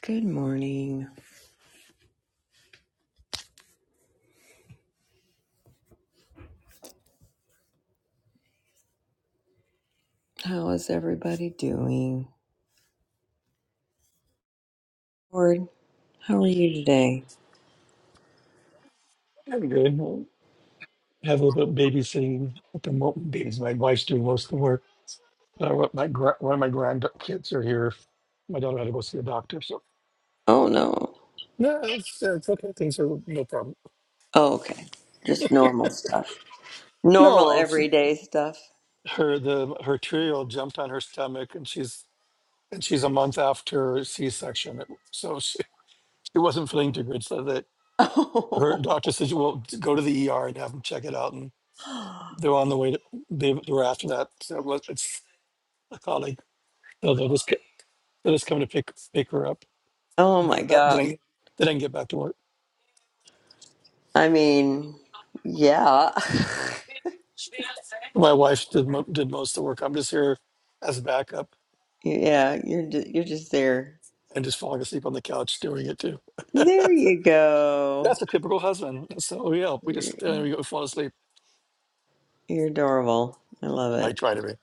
Good morning. How is everybody doing? Lord, how are you today? I'm good. we have a little bit of babysitting at the moment. Babies. My wife's doing most of the work. Uh, what my gra- one of my grandkids are here. My daughter had to go see a doctor, so Oh no. no, it's, it's okay. Things are no problem. Oh, okay. Just normal stuff. No, Normal well, it's- everyday stuff. her the her two-year-old jumped on her stomach, and she's and she's a month after C-section, so she, she wasn't feeling too good. So that her doctor said, "Well, go to the ER and have them check it out." And Oh. they're on the way to they, they were after that. So it was- it's a colleague. They just come to pick pick her up. Oh Then I my get back. Then I, God. then I can get back to work. I mean, yeah. My wife did mo- did most of the work. I'm just here as a backup Yeah, you're ju- you're just there. and just falling asleep on the couch doing it too. There you go. That's a typical husband. That's the, oh yeah, we just You're, sit there and we go fall asleep. you're adorable. I love I it. try to be.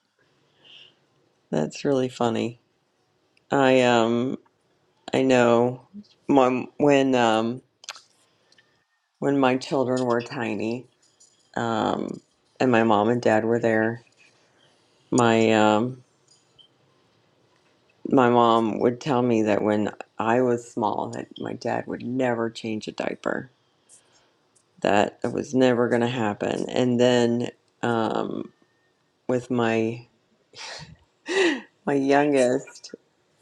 That's really funny. I um I know my when um when my children were tiny, um, and my mom and dad were there, my um, my mom would tell me that when I was small, that my dad would never change a diaper. That it was never going to happen. And then um, with my my youngest,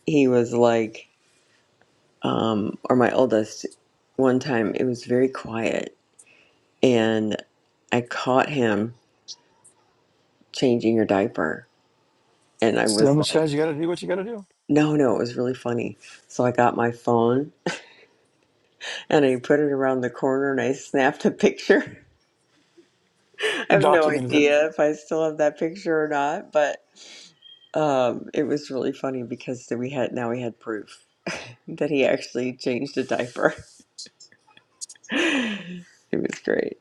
he was like, um, or my oldest. One time, it was very quiet, and I caught him changing your diaper, and I So was much like. as you got to do what you got to do. No, no, it was really funny. So I got my phone and I put it around the corner and I snapped a picture. I have no Documented it. idea if I still have that picture or not, but um, it was really funny because we had now we had proof that he actually changed a diaper. It was great.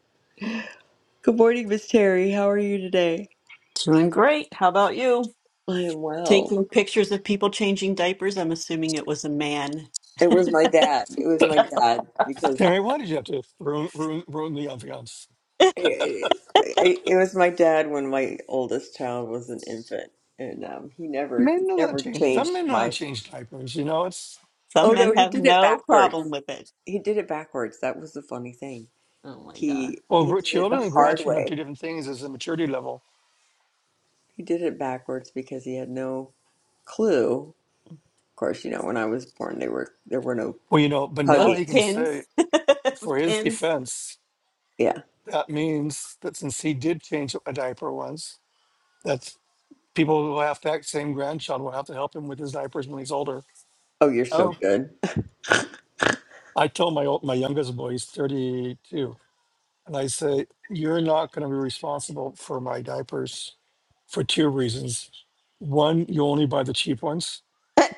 Good morning, Miss Terry. How are you today? Doing great. How about you? I am well. Taking pictures of people changing diapers. I'm assuming it was a man. It was my dad. It was my dad because Terry, why did you have to ruin ruin, ruin the ambiance? It, it, it was my dad when my oldest child was an infant, and um, he never Men know that never change. Some changed men know how to my. change diapers. You know, it's Oh Some no, men he have did it no backwards. problem with it. He did it backwards. That was the funny thing. Oh my God. He well, he gr- did it children the and hard grandchildren are way. two different things as a maturity level. He did it backwards because he had no clue. Of course, you know when I was born, they were there were no Well, you know, but It now was he can huggies. say, pins. for his pins. defense, Yeah. That means that since he did change a diaper once, that people who have that same grandchild will have to help him with his diapers when he's older. Oh, you're so Oh. good. I told my old, my youngest boy, he's 32, and I say, you're not going to be responsible for my diapers for two reasons. One, you only buy the cheap ones,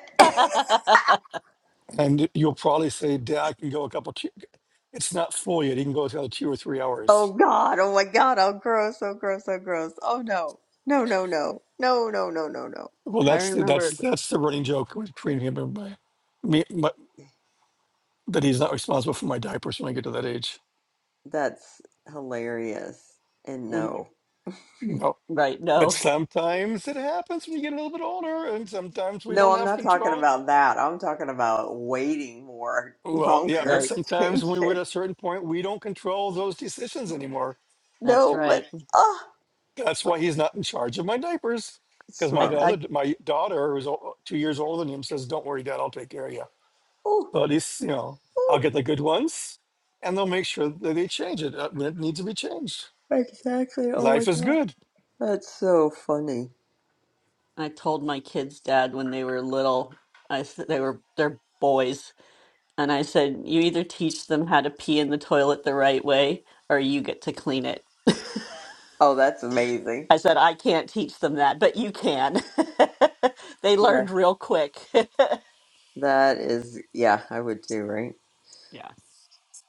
I and you'll probably say, Dad, I can go a couple. Che- it's not full yet. He can go another two or three hours. Oh God! Oh my God! Oh gross! Oh gross! Oh gross! Oh no! No! No! No! No! No! No! No! No! Well, that's the, that's remember that's the running joke between him and my me. my. that he's not responsible for my diapers when I get to that age. That's hilarious. And when, no, You know, right. but No, sometimes it happens when you get a little bit older, and sometimes we no, don't I'm have not talking control. about that. I'm talking about waiting more Well, yeah, but longer. right. sometimes Change when we're at it. a certain point, we don't control those decisions anymore. That's No, but right. ah, That's why he's not in charge of my diapers. Because my I, smart. I, other, my daughter, who's o- two years older than him, says, "Don't worry, Dad, I'll take care of you." Oh, So at least you know I'll oh, get the good ones, and they'll make sure that they change it uh, when it needs to be changed. exactly. Oh my Life is God, good. that's so funny. I told my kids' dad when they were little, I, s- they were, they're boys. And I said, you either teach them how to pee in the toilet the right way or you get to clean it. Oh, that's amazing. I said, I can't teach them that, but you can. they learned That real quick. that is, yeah, I would too, right? yeah.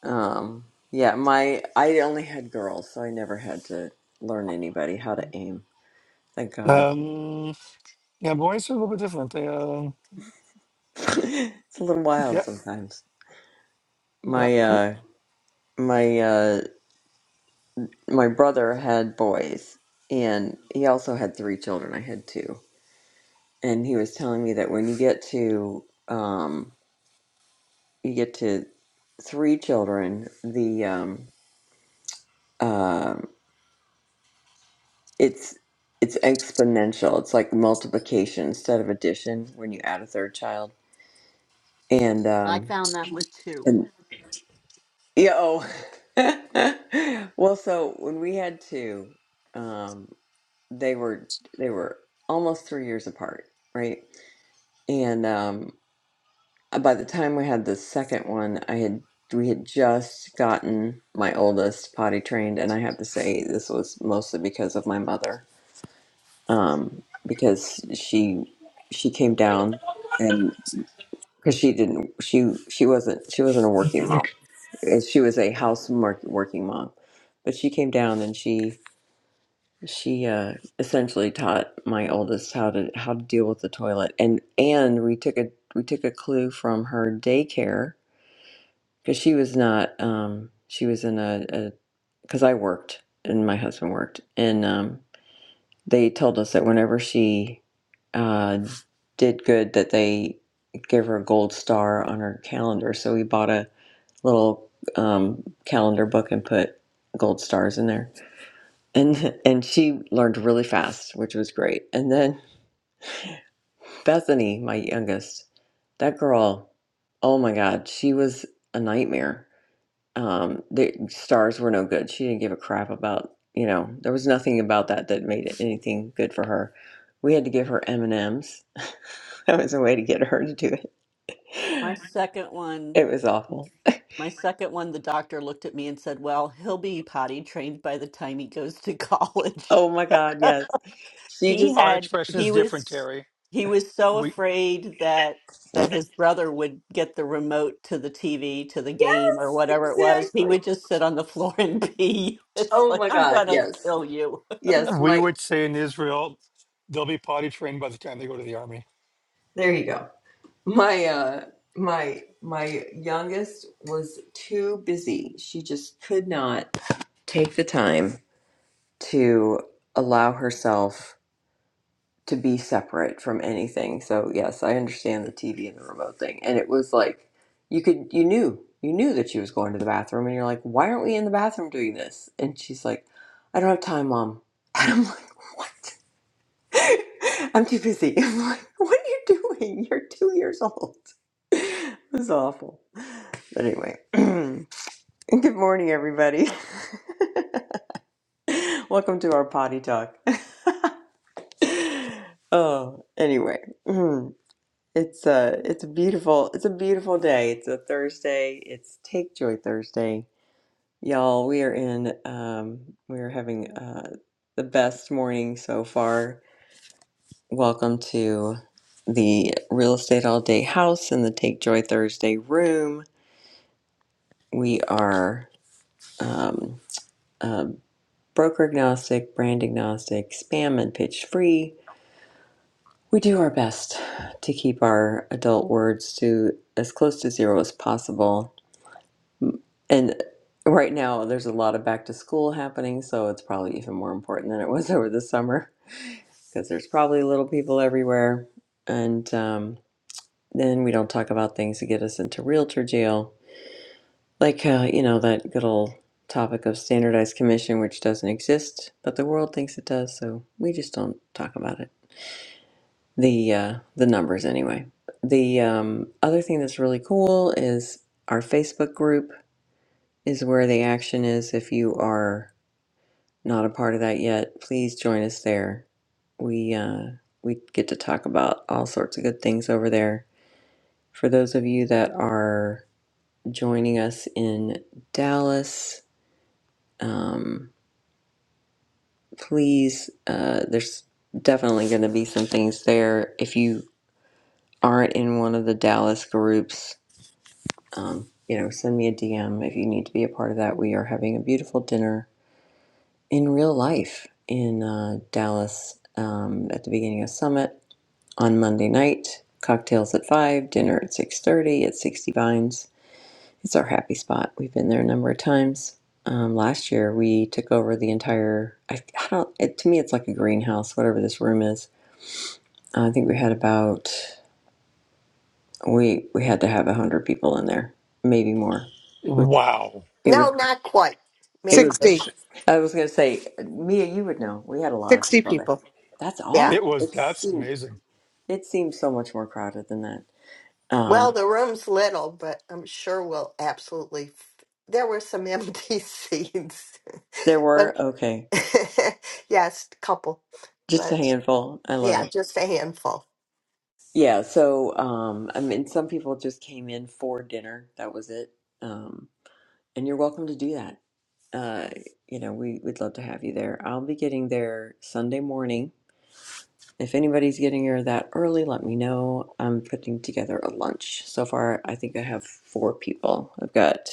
Um, yeah, my I only had girls, so I never had to learn anybody how to aim. Thank God. Um, yeah, boys are a little bit different. They, uh, It's a little wild Yeah, sometimes. yeah. my uh my uh my brother had boys and he also had three children i had two and he was telling me that when you get to um you get to three children the um um it's it's exponential it's like multiplication instead of addition when you add a third child and I um found that with two. and yeah oh well so when we had two um they were they were almost three years apart, right? And um, uh, by the time we had the second one, I had we had just gotten my oldest potty trained, and I have to say this was mostly because of my mother, um, because she she came down and because she didn't she she wasn't she wasn't a working mom, Uh, she was a house mark- working mom, but she came down and she she uh, essentially taught my oldest how to how to deal with the toilet, and and we took a we took a clue from her daycare because she was not um, she was in a because I worked and my husband worked, and um, they told us that whenever she uh, did good, that they give her a gold star on her calendar. So we bought a little um, calendar book and put gold stars in there and and she learned really fast, which was great. And then Bethany, my youngest, that girl, oh my God, she was a nightmare. Um, the stars were no good. She didn't give a crap about you know there was nothing about that that made it anything good for her. We had to give her M and M's. That was a way to get her to do it. My second one, It was awful. my second one, the doctor looked at me and said, "Well, he'll be potty trained by the time he goes to college." Oh my God, yes. She He just Our had expression is he different, was Terry. he was so We afraid that yes, that his brother would get the remote to the TV to the game or whatever it was. He exactly. would just sit on the floor and pee. It's Oh like, my I'm God, gonna yes, kill you. yes. we My would say in Israel, they'll be potty trained by the time they go to the army. there you go. My uh my my youngest was too busy. She just could not take the time to allow herself to be separate from anything. So yes, I understand the TV and the remote thing. And it was like you could you knew you knew that she was going to the bathroom and you're like, "Why aren't we in the bathroom doing this?" And she's like, "I don't have time, mom." And I'm like, "What?" I'm too busy. I'm like, what are you doing? You're two years old. It was awful. But anyway, good morning, everybody. Welcome to our potty talk. oh, anyway, mm, it's a it's a beautiful it's a beautiful day. It's a Thursday. It's Take Joy Thursday, y'all. We are in. Um, we are having uh, the best morning so far Welcome to the Real Estate All Day House in the Take Joy Thursday room. We are um, uh, broker agnostic, brand agnostic, spam and pitch free. We do our best to keep our adult words to as close to zero as possible. And right now, there's a lot of back to school happening, so it's probably even more important than it was over the summer because there's probably little people everywhere. And um, Then we don't talk about things that get us into realtor jail, like, uh, you know, that good old topic of standardized commission, which doesn't exist, but the world thinks it does, so we just don't talk about it. The, uh, the numbers, anyway. The um, other thing that's really cool is our Facebook group is where the action is. If you are not a part of that yet, please join us there. We, uh, we get to talk about all sorts of good things over there. For those of you that are joining us in Dallas. Um, please, uh, there's definitely going to be some things there. If you aren't in one of the Dallas groups, um, you know, send me a DM if you need to be a part of that. We are having a beautiful dinner in real life in uh, Dallas um, at the beginning of Summit on Monday night. Cocktails at five, dinner at six thirty at Sixty Vines It's our happy spot. We've been there a number of times. Um, last year, we took over the entire. I, I don't. It, to me, it's like a greenhouse, whatever this room is. Uh, I think we had about. We we had to have a hundred people in there, maybe more. Wow. It was. No, not quite. It Maybe was. they 60, I was gonna say, Mia, you would know. We had a lot of 60 people there. people. That's Yeah. all. It was It that's seemed. amazing. It seemed so much more crowded than that. Well, Um, the room's little, but I'm sure we'll absolutely. f- There were some empty seats, there were but okay, yes, a couple. just a But handful. I love it. yeah, just a handful. Yeah, so um I mean some people just came in for dinner. That was it. Um and you're welcome to do that. Uh you know, we would love to have you there. I'll be getting there Sunday morning. If anybody's getting here that early, let me know. I'm putting together a lunch. So far, I think I have four people. I've got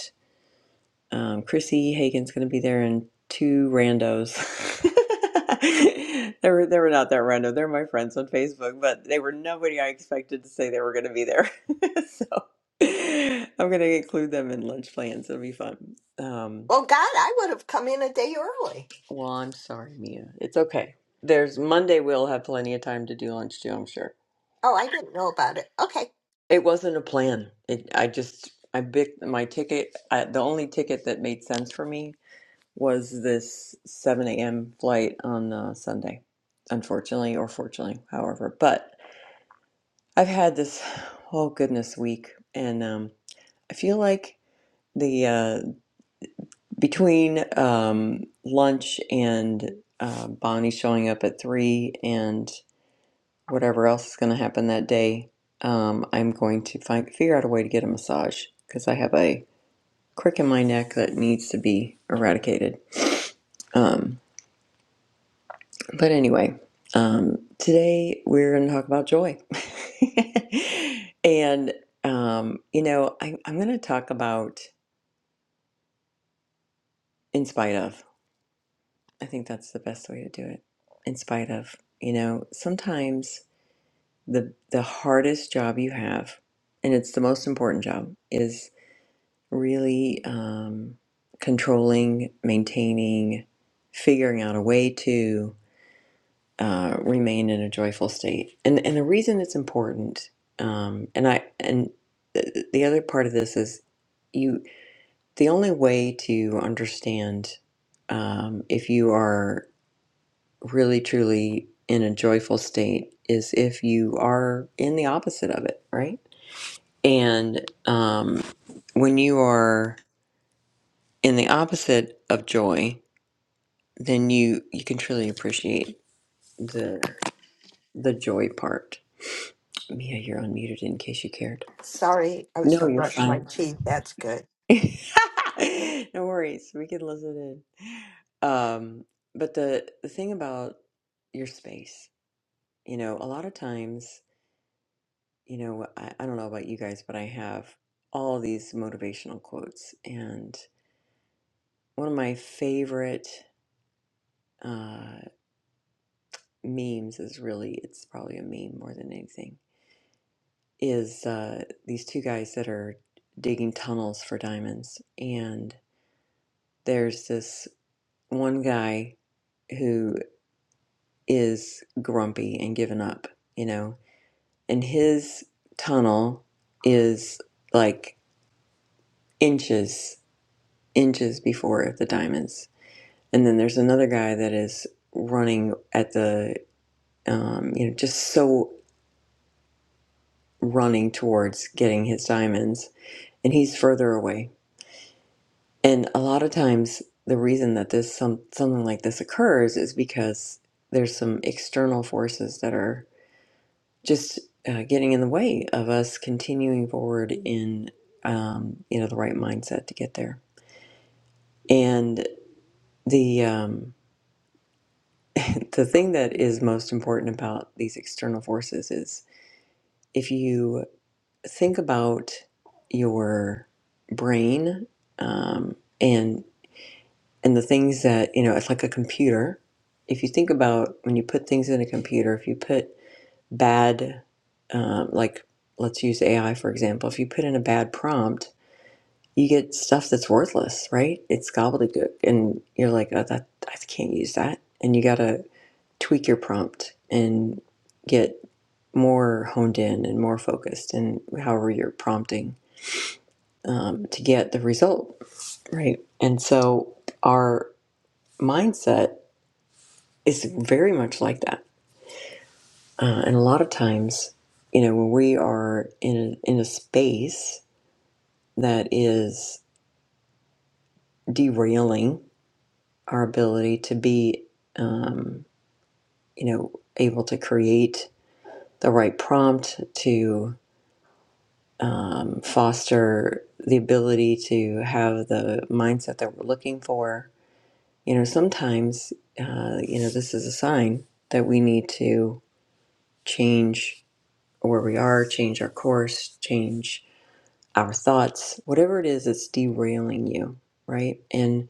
um, Chrissy Hagen's going to be there and two randos. they were they were not that random. They're my friends on Facebook, but they were nobody I expected to say they were going to be there. so I'm going to include them in lunch plans. It'll be fun. Um, Well, God, I would have come in a day early. well, I'm sorry, Mia. It's okay. There's Monday. We'll have plenty of time to do lunch too. I'm sure. Oh, I didn't know about it. Okay. It wasn't a plan. It I just I picked my ticket. I, the only ticket that made sense for me was this 7 a.m. flight on uh, Sunday, unfortunately or fortunately, however. But I've had this oh goodness week, and um, I feel like the uh, between um, lunch and uh, Bonnie showing up at three and whatever else is going to happen that day, um, I'm going to find figure out a way to get a massage because I have a crick in my neck that needs to be eradicated. Um, But anyway, um, today we're going to talk about joy. and, um, you know, I, I'm going to talk about in spite of. I think that's the best way to do it. In spite of, you know, sometimes the, the hardest job you have, and it's the most important job, is really um, controlling, maintaining, figuring out a way to. uh, remain in a joyful state. And and the reason it's important, um, and I and the, the other part of this is you. The only way to understand um, if you are really truly in a joyful state is if you are in the opposite of it, right? And um, when you are in the opposite of joy, then you you can truly appreciate the the joy part Mia, you're unmuted in case you cared. Sorry, I was No, going to you're brush my fine. teeth. That's good. no worries. We can listen in. Um, but the, the thing about your space, you know, a lot of times, you know, I, I don't know about you guys, but I have all these motivational quotes. And one of my favorite uh, memes is really, it's probably a meme more than anything, is uh, these two guys that are digging tunnels for diamonds. there's this one guy who is grumpy and given up, you know, and his tunnel is like inches, inches before the diamonds. And then there's another guy that is running at the, um, you know, just so running towards getting his diamonds, and he's further away. And a lot of times, the reason that this some something like this occurs is because there's some external forces that are just uh, getting in the way of us continuing forward in um, you know the right mindset to get there. And the um, the thing that is most important about these external forces is if you think about your brain um, and and the things that you know it's like a computer. If you think about when you put things in a computer, if you put bad um, like let's use AI for example, if you put in a bad prompt you get stuff that's worthless, right? It's gobbledygook, and you're like, oh, that I can't use that, and you gotta tweak your prompt and get more honed in and more focused, and however you're prompting um, to get the result, right? And so our mindset is very much like that, uh, and a lot of times, you know, when we are in a, in a space that is derailing our ability to be. Um, you know, able to create the right prompt to um, foster the ability to have the mindset that we're looking for. You know, sometimes, uh, you know, this is a sign that we need to change where we are, change our course, change our thoughts, whatever it is that's derailing you, right? And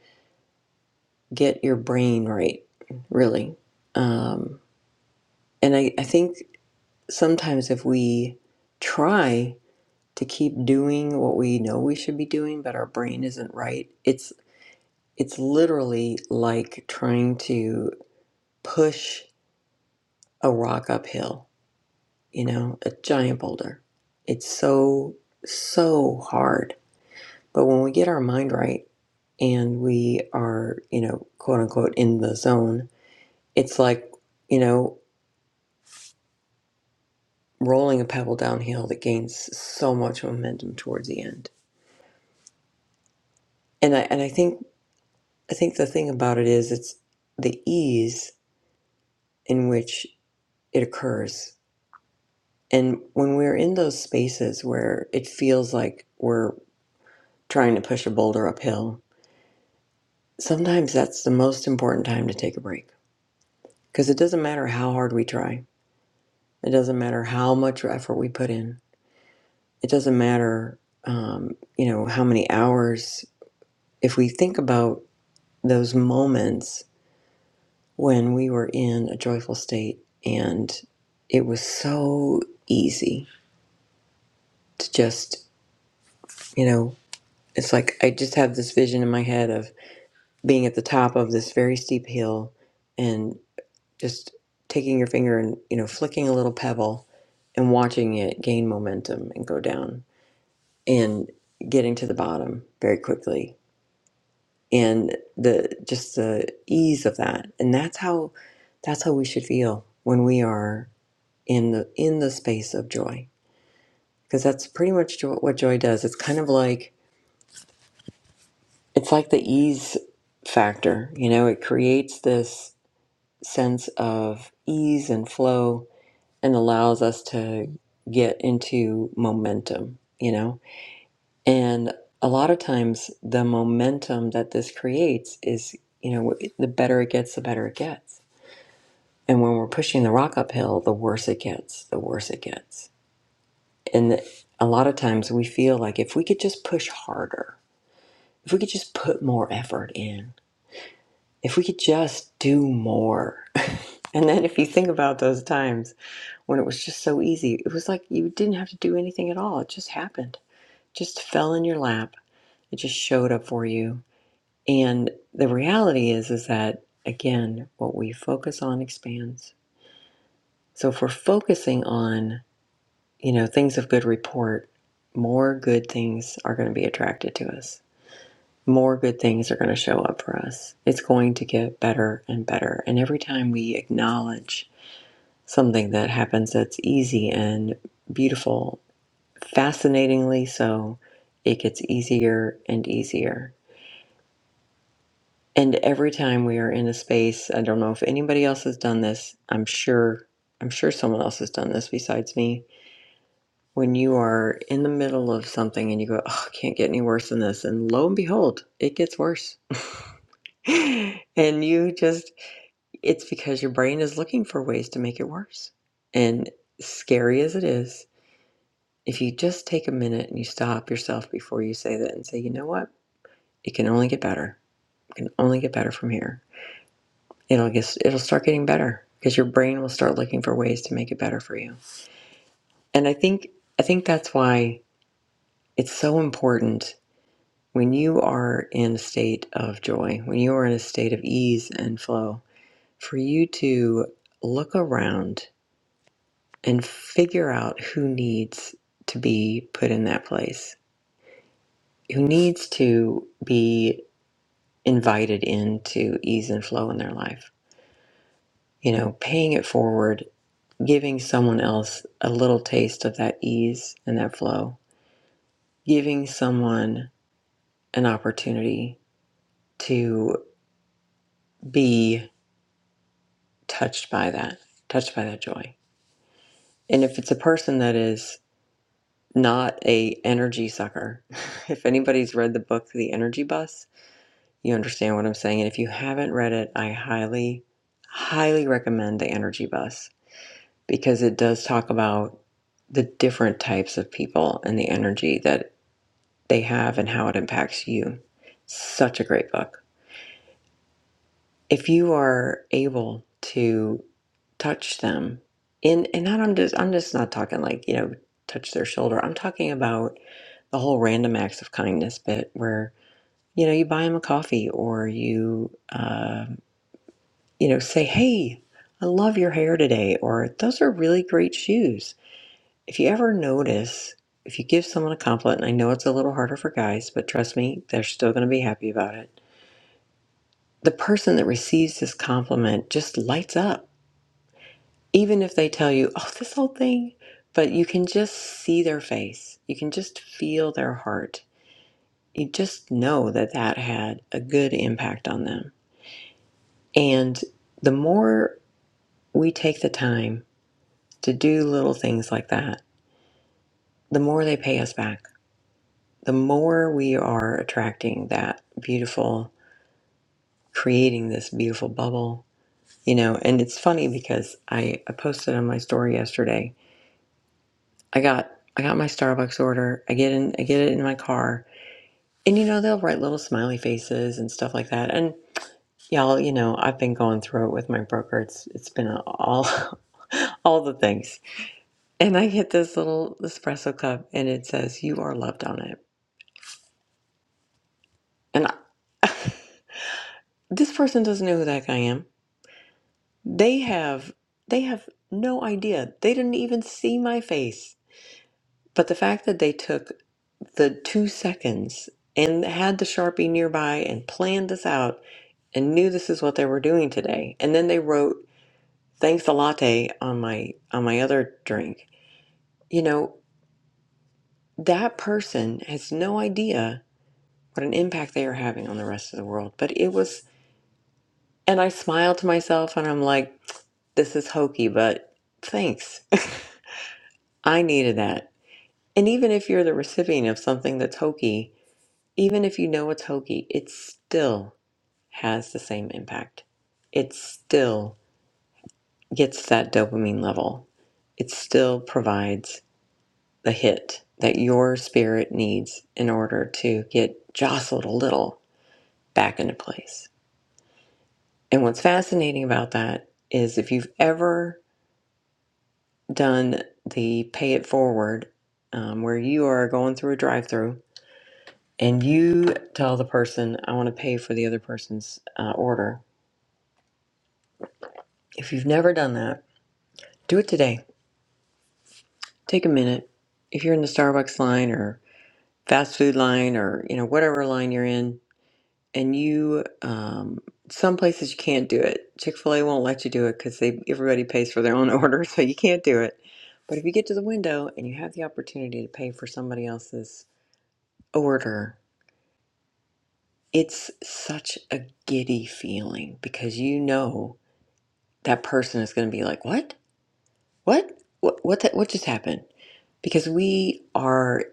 get your brain right, really. Um, and I, I think sometimes if we try to keep doing what we know we should be doing but our brain isn't right it's it's literally like trying to push a rock uphill you know a giant boulder it's so so hard but when we get our mind right and we are you know quote unquote in the zone it's like you know rolling a pebble downhill that gains so much momentum towards the end and i and i think I think the thing about it is it's the ease in which it occurs. And when we're in those spaces where it feels like we're trying to push a boulder uphill, sometimes that's the most important time to take a break. Because it doesn't matter how hard we try, it doesn't matter how much effort we put in, it doesn't matter, um, you know, how many hours. If we think about those moments when we were in a joyful state and it was so easy to just you know it's like i just have this vision in my head of being at the top of this very steep hill and just taking your finger and you know flicking a little pebble and watching it gain momentum and go down and getting to the bottom very quickly and the just the ease of that and that's how that's how we should feel when we are in the in the space of joy because that's pretty much jo- what joy does it's kind of like it's like the ease factor you know it creates this sense of ease and flow and allows us to get into momentum you know and a lot of times the momentum that this creates is you know the better it gets the better it gets and when we're pushing the rock uphill the worse it gets the worse it gets And a lot of times we feel like if we could just push harder, if we could just put more effort in, if we could just do more. And then if you think about those times when it was just so easy, it was like you didn't have to do anything at all. It just happened. It just fell in your lap. It just showed up for you. And the reality is is that again, what we focus on expands. So if we're focusing on, you know, things of good report, more good things are going to be attracted to us more good things are going to show up for us. It's going to get better and better. And every time we acknowledge something that happens that's easy and beautiful, fascinatingly so, it gets easier and easier. And every time we are in a space, I don't know if anybody else has done this. I'm sure I'm sure someone else has done this besides me. When you are in the middle of something and you go, "Oh, I can't get any worse than this." And lo and behold, it gets worse. and you just It's because your brain is looking for ways to make it worse. And scary as it is, if you just take a minute and you stop yourself before you say that and say, you know what? It can only get better. It can only get better from here. It'll get, it'll start getting better because your brain will start looking for ways to make it better for you. And I think I think that's why it's so important when you are in a state of joy, when you are in a state of ease and flow, for you to look around and figure out who needs to be put in that place, who needs to be invited into ease and flow in their life. You know, paying it forward, giving someone else a little taste of that ease and that flow, giving someone an opportunity to be touched by that, touched by that joy. And if it's a person that is not a energy sucker, if anybody's read the book The Energy Bus, You understand what I'm saying? And if you haven't read it, I highly, highly recommend The Energy Bus because it does talk about the different types of people and the energy that they have and how it impacts you. Such a great book. If you are able to touch them in and not I'm just I'm just not talking like, you know, touch their shoulder. I'm talking about the whole random acts of kindness bit where, you know, you buy them a coffee or you uh you know, say, hey, I love your hair today, or those are really great shoes. If you ever notice, if you give someone a compliment, and I know it's a little harder for guys, but trust me, they're still going to be happy about it. The person that receives this compliment just lights up, even if they tell you, oh, this whole thing, but you can just see their face. You can just feel their heart. You just know that that had a good impact on them. And the more we take the time to do little things like that, the more they pay us back, the more we are attracting that beautiful, creating this beautiful bubble, you know. And it's funny because I, I posted on my story yesterday. I got I got my Starbucks order. I get in I get it in my car, and you know they'll write little smiley faces and stuff like that. And y'all, you know I've been going through it with my broker. It's it's been all all the things. And I get this little espresso cup, and it says "You are loved" on it. and. this person doesn't know who that guy am. They have they have no idea. They didn't even see my face. But the fact that they took the two seconds and had the Sharpie nearby and planned this out and knew this is what they were doing today. And then they wrote thanks a latte on my on my other drink. You know, that person has no idea what an impact they are having on the rest of the world. But it was and I smiled to myself and I'm like, this is hokey, but thanks I needed that. And even if you're the recipient of something that's hokey, even if you know it's hokey, it still has the same impact. It still gets that dopamine level. It still provides the hit that your spirit needs in order to get jostled a little back into place. And what's fascinating about that is if you've ever done the pay it forward, um, where you are going through a drive through and you tell the person, I want to pay for the other person's uh, order. If you've never done that, do it today. Take a minute. If you're in the Starbucks line or fast food line or you know whatever line you're in, and you um, some places you can't do it. Chick Fil A won't let you do it because they everybody pays for their own order, so you can't do it. But if you get to the window and you have the opportunity to pay for somebody else's order, it's such a giddy feeling because you know that person is going to be like, "What? What? What? What? the- what just happened?" Because we are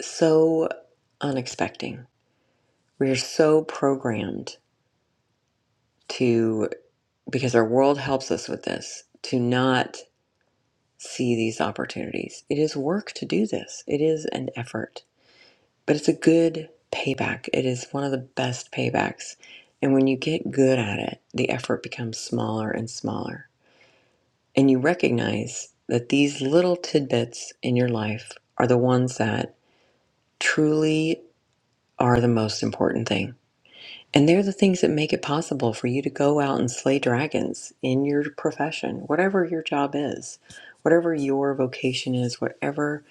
so unexpecting. We are so programmed to because our world helps us with this to not see these opportunities. It is work to do this. It is an effort, but it's a good payback. It is one of the best paybacks. And when you get good at it, the effort becomes smaller and smaller and you recognize that these little tidbits in your life are the ones that truly are the most important thing. And they're the things that make it possible for you to go out and slay dragons in your profession, whatever your job is, whatever your vocation is, whatever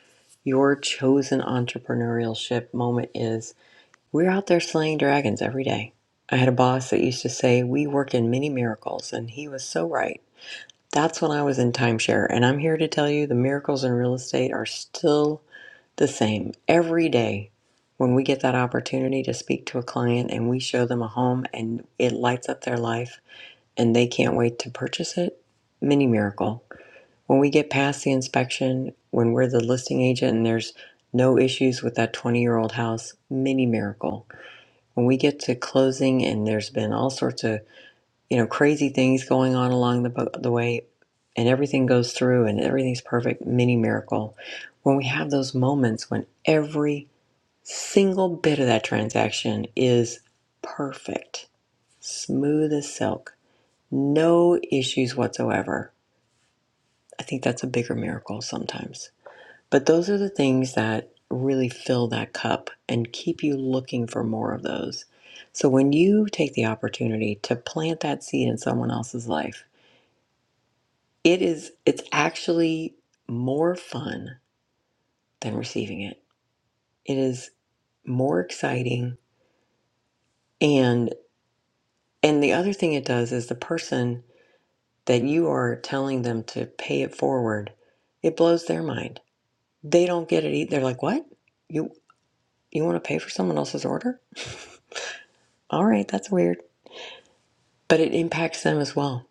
your chosen entrepreneurship moment is. We're out there slaying dragons every day. I had a boss that used to say, We work in many miracles, and he was so right that's when I was in timeshare, and I'm here to tell you the miracles in real estate are still the same. Every day, when we get that opportunity to speak to a client and we show them a home and it lights up their life and they can't wait to purchase it, mini miracle. When we get past the inspection, when we're the listing agent and there's no issues with that 20 year old house, mini miracle. When we get to closing and there's been all sorts of you know, crazy things going on along the, the way, and everything goes through and everything's perfect, mini miracle. When we have those moments when every single bit of that transaction is perfect, smooth as silk, no issues whatsoever, I think that's a bigger miracle sometimes. But those are the things that really fill that cup and keep you looking for more of those. So when you take the opportunity to plant that seed in someone else's life, it is it's actually more fun than receiving it it is more exciting and and the other thing it does is the person that you are telling them to pay it forward it blows their mind they don't get it either they're like what you you want to pay for someone else's order all right that's weird but it impacts them as well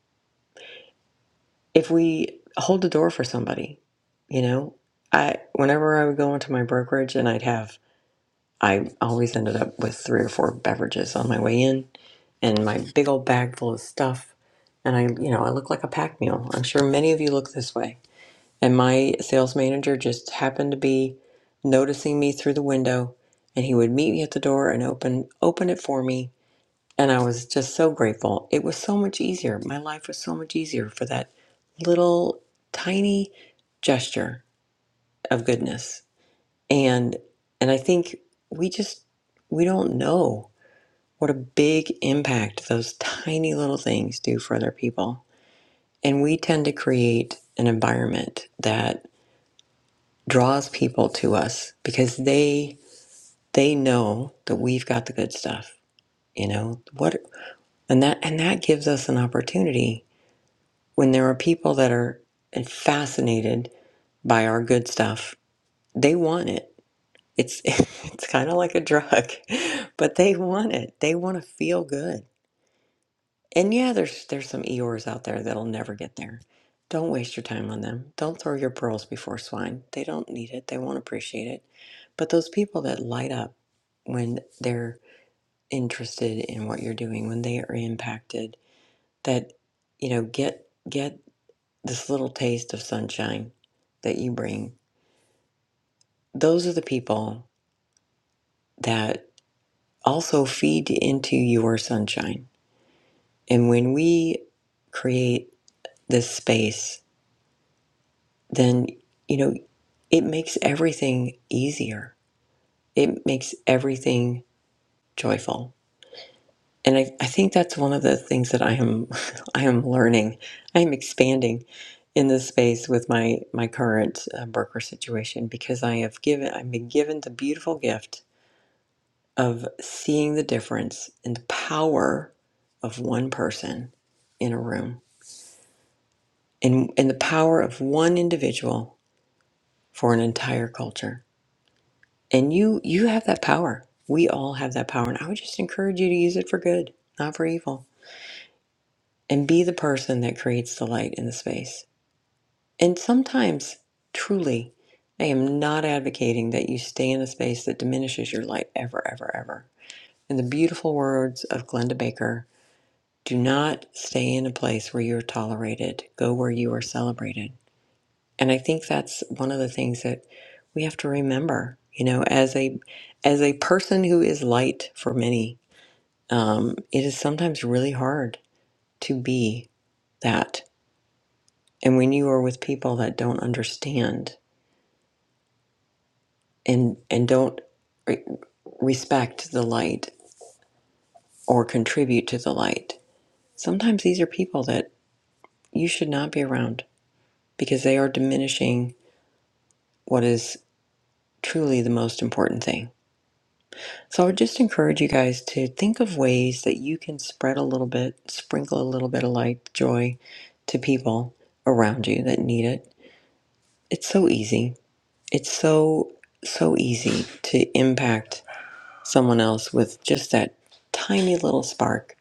if we hold the door for somebody you know i whenever i would go into my brokerage and i'd have I always ended up with three or four beverages on my way in and my big old bag full of stuff. And I, you know, I look like a pack mule. I'm sure many of you look this way. And my sales manager just happened to be noticing me through the window and he would meet me at the door and open open it for me. And I was just so grateful. It was so much easier. My life was so much easier for that little tiny gesture of goodness. And and I think we just we don't know what a big impact those tiny little things do for other people. And we tend to create an environment that draws people to us because they they know that we've got the good stuff, you know. What and that and that gives us an opportunity when there are people that are fascinated by our good stuff. They want it. It's it's kind of like a drug, but they want it. They want to feel good And yeah, there's there's some Eeyores out there that'll never get there. Don't waste your time on them. Don't throw your pearls before swine. They don't need it. They won't appreciate it. But those people that light up when they're interested in what you're doing, when they are impacted, that you know, get get this little taste of sunshine that you bring. Those are the people that also feed into your sunshine. And when we create this space then you know it makes everything easier it makes everything joyful and I, I think that's one of the things that i am i am learning i am expanding in this space with my my current uh, worker situation because i have given i've been given the beautiful gift of seeing the difference in the power of one person in a room and, and the power of one individual for an entire culture And you you have that power. We all have that power. And I would just encourage you to use it for good, not for evil. And be the person that creates the light in the space. And sometimes, truly, I am not advocating that you stay in a space that diminishes your light ever, ever, ever. In the beautiful words of Glenda Baker, do not stay in a place where you are tolerated. Go where you are celebrated. And I think that's one of the things that we have to remember, you know, as a as a person who is light for many, um, it is sometimes really hard to be that. And when you are with people that don't understand and and don't re- respect the light or contribute to the light, sometimes these are people that you should not be around because they are diminishing what is truly the most important thing So I would just encourage you guys to think of ways that you can spread a little bit, sprinkle a little bit of light, joy to people around you that need it. It's so easy. It's so, so easy to impact someone else with just that tiny little spark.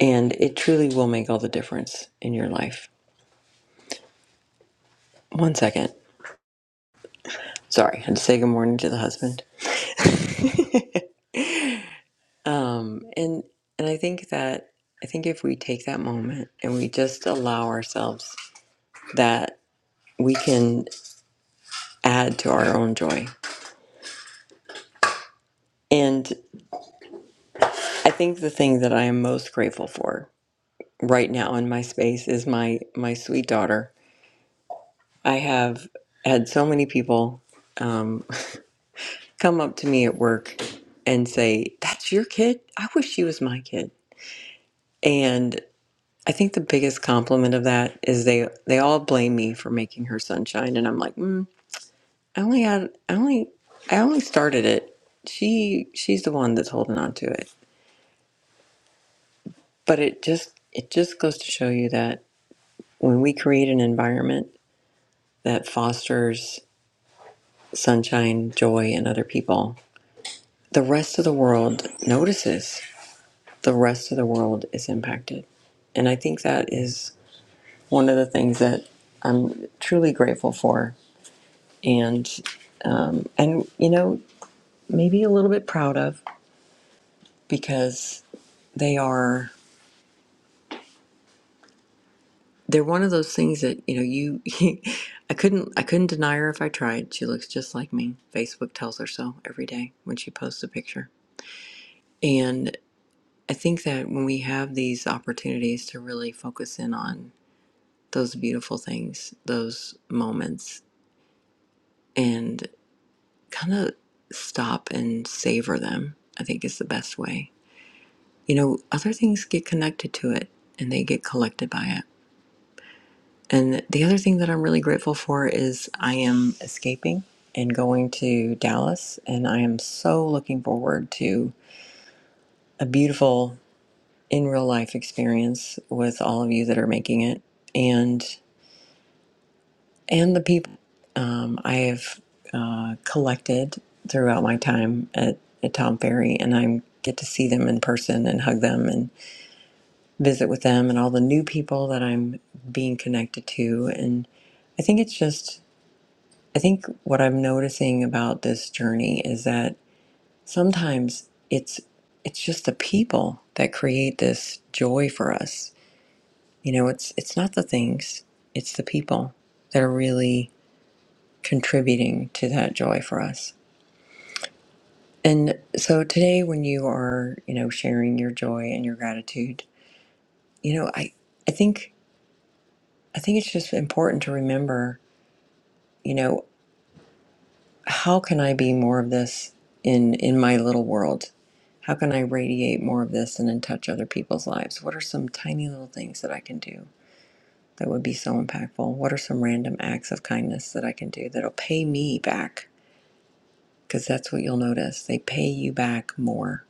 And it truly will make all the difference in your life. One second. Sorry, I had to say good morning to the husband. Um, and and I think that I think if we take that moment and we just allow ourselves that we can add to our own joy. And I think the thing that I am most grateful for right now in my space is my my sweet daughter. I have had so many people um, come up to me at work and say, "That's your kid? I wish she was my kid." And I think the biggest compliment of that is they they all blame me for making her sunshine, and I'm like, mm, I only had I only I only started it. She she's the one that's holding on to it But it just it just goes to show you that when we create an environment that fosters sunshine, joy in other people, the rest of the world notices. The rest of the world is impacted. And I think that is one of the things that I'm truly grateful for and and you know, maybe a little bit proud of because they are they're one of those things that you know you i couldn't i couldn't deny her if i tried she looks just like me facebook tells her so every day when she posts a picture and i think that when we have these opportunities to really focus in on those beautiful things those moments and kind of stop and savor them i think is the best way you know other things get connected to it and they get collected by it And the other thing that I'm really grateful for is I am escaping and going to Dallas. And I am so looking forward to a beautiful in real life experience with all of you that are making it and and the people um, I have uh, collected throughout my time at, at Tom Ferry. And I'm get to see them in person and hug them and visit with them and all the new people that I'm being connected to. And I think it's just I think what I'm noticing about this journey is that sometimes it's it's just the people that create this joy for us. You know, it's it's not the things, it's the people that are really contributing to that joy for us. And so today when you are, you know, sharing your joy and your gratitude, you know, I I think I think it's just important to remember, you know, how can I be more of this in in my little world? How can I radiate more of this and then touch other people's lives? What are some tiny little things that I can do that would be so impactful? What are some random acts of kindness that I can do that'll pay me back? Because that's what you'll notice. They pay you back more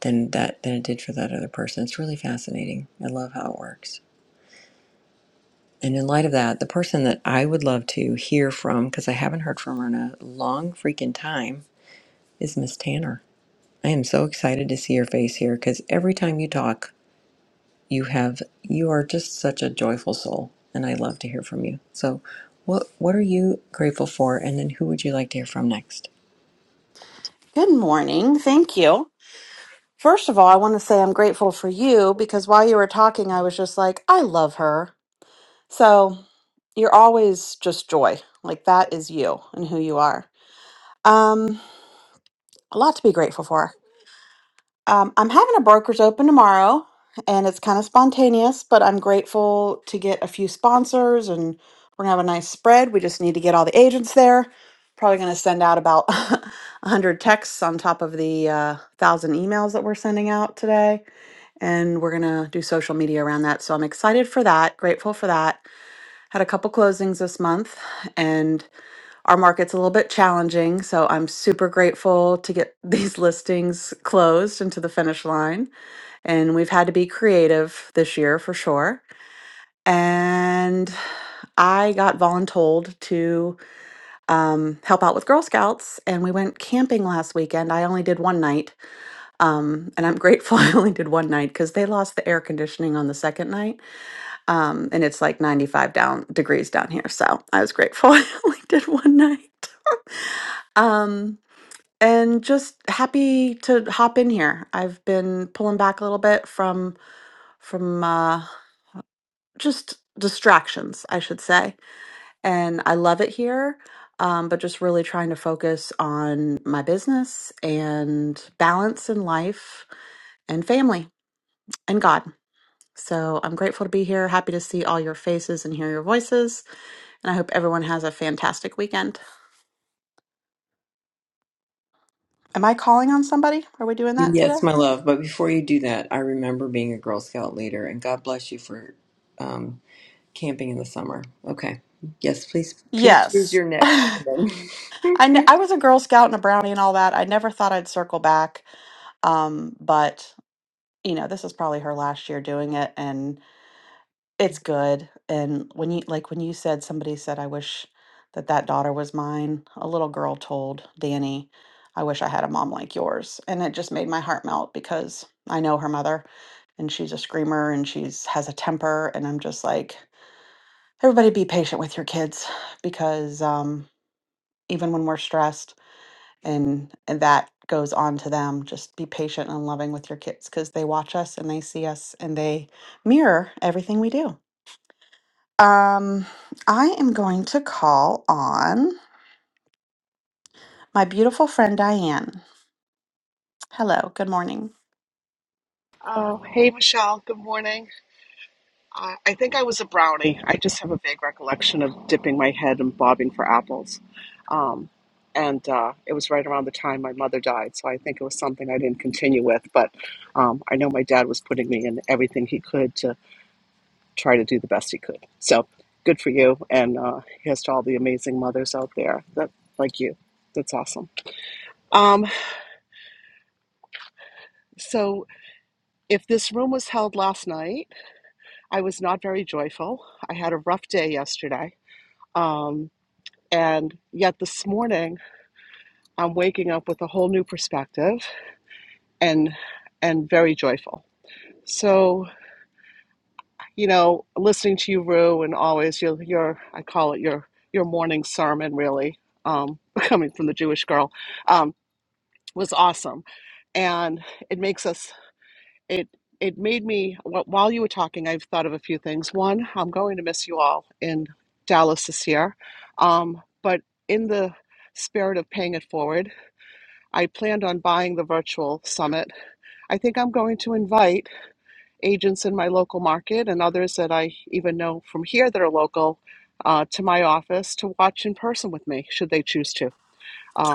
than that than it did for that other person. It's really fascinating. I love how it works. And in light of that, the person that I would love to hear from, because I haven't heard from her in a long freaking time, is Miss Tanner. I am so excited to see your face here because every time you talk, you have you are just such a joyful soul, and I love to hear from you. So, what what are you grateful for, and then who would you like to hear from next? Good morning. Thank you. First of all, I want to say I'm grateful for you because while you were talking, I was just like, I love her. So you're always just joy. Like that is you and who you are. Um, a lot to be grateful for. Um, I'm having a broker's open tomorrow, and it's kind of spontaneous, but I'm grateful to get a few sponsors, and we're gonna have a nice spread. We just need to get all the agents there. Probably gonna send out about 100 texts on top of the uh, thousand emails that we're sending out today, and we're gonna do social media around that. So I'm excited for that. Grateful for that. Had a couple closings this month, and our market's a little bit challenging, so I'm super grateful to get these listings closed into the finish line and we've had to be creative this year for sure. And I got voluntold to um, help out with Girl Scouts, and we went camping last weekend. I only did one night, um, and I'm grateful I only did one night because they lost the air conditioning on the second night, um, and it's like 95 down degrees down here. So I was grateful I only did one night. um, and just happy to hop in here. I've been pulling back a little bit from from. uh, just distractions, I should say. And I love it here, um, but just really trying to focus on my business and balance in life and family and God. So I'm grateful to be here. Happy to see all your faces and hear your voices. And I hope everyone has a fantastic weekend. Am I calling on somebody? Are we doing that today? Yes, my love. But before you do that, I remember being a Girl Scout leader, and God bless you for um, camping in the summer. Okay. Yes, please, please choose Yes. your next I, human. kn- I was a Girl Scout and a Brownie and all that. I never thought I'd circle back. Um, but you know, this is probably her last year doing it and it's good. And when you like when you said somebody said I wish that that daughter was mine, a little girl told Danny, I wish I had a mom like yours. And it just made my heart melt because I know her mother and she's a screamer and she's has a temper and I'm just like everybody be patient with your kids because um even when we're stressed and and that goes on to them just be patient and loving with your kids because they watch us and they see us and they mirror everything we do um i am going to call on my beautiful friend diane hello good morning Oh, hey, Michelle. Good morning. Uh, I think I was a brownie. I just have a vague recollection of dipping my head and bobbing for apples. Um, and uh, it was right around the time my mother died, so I think it was something I didn't continue with. But um, I know my dad was putting me in everything he could to try to do the best he could. So good for you, and uh, here's to all the amazing mothers out there that like you. That's awesome. Um, so if this room was held last night. I was not very joyful. I had a rough day yesterday. Um, and yet this morning I'm waking up with a whole new perspective and and very joyful. So, you know, listening to you, Rue, and always your your I call it your your morning sermon really, um, coming from the Jewish girl, um, was awesome. And it makes us it it made me wh- while you were talking i've thought of a few things one i'm going to miss you all in dallas this year um, but in the spirit of paying it forward i planned on buying the virtual summit i think i'm going to invite agents in my local market and others that i even know from here that are local uh, to my office to watch in person with me should they choose to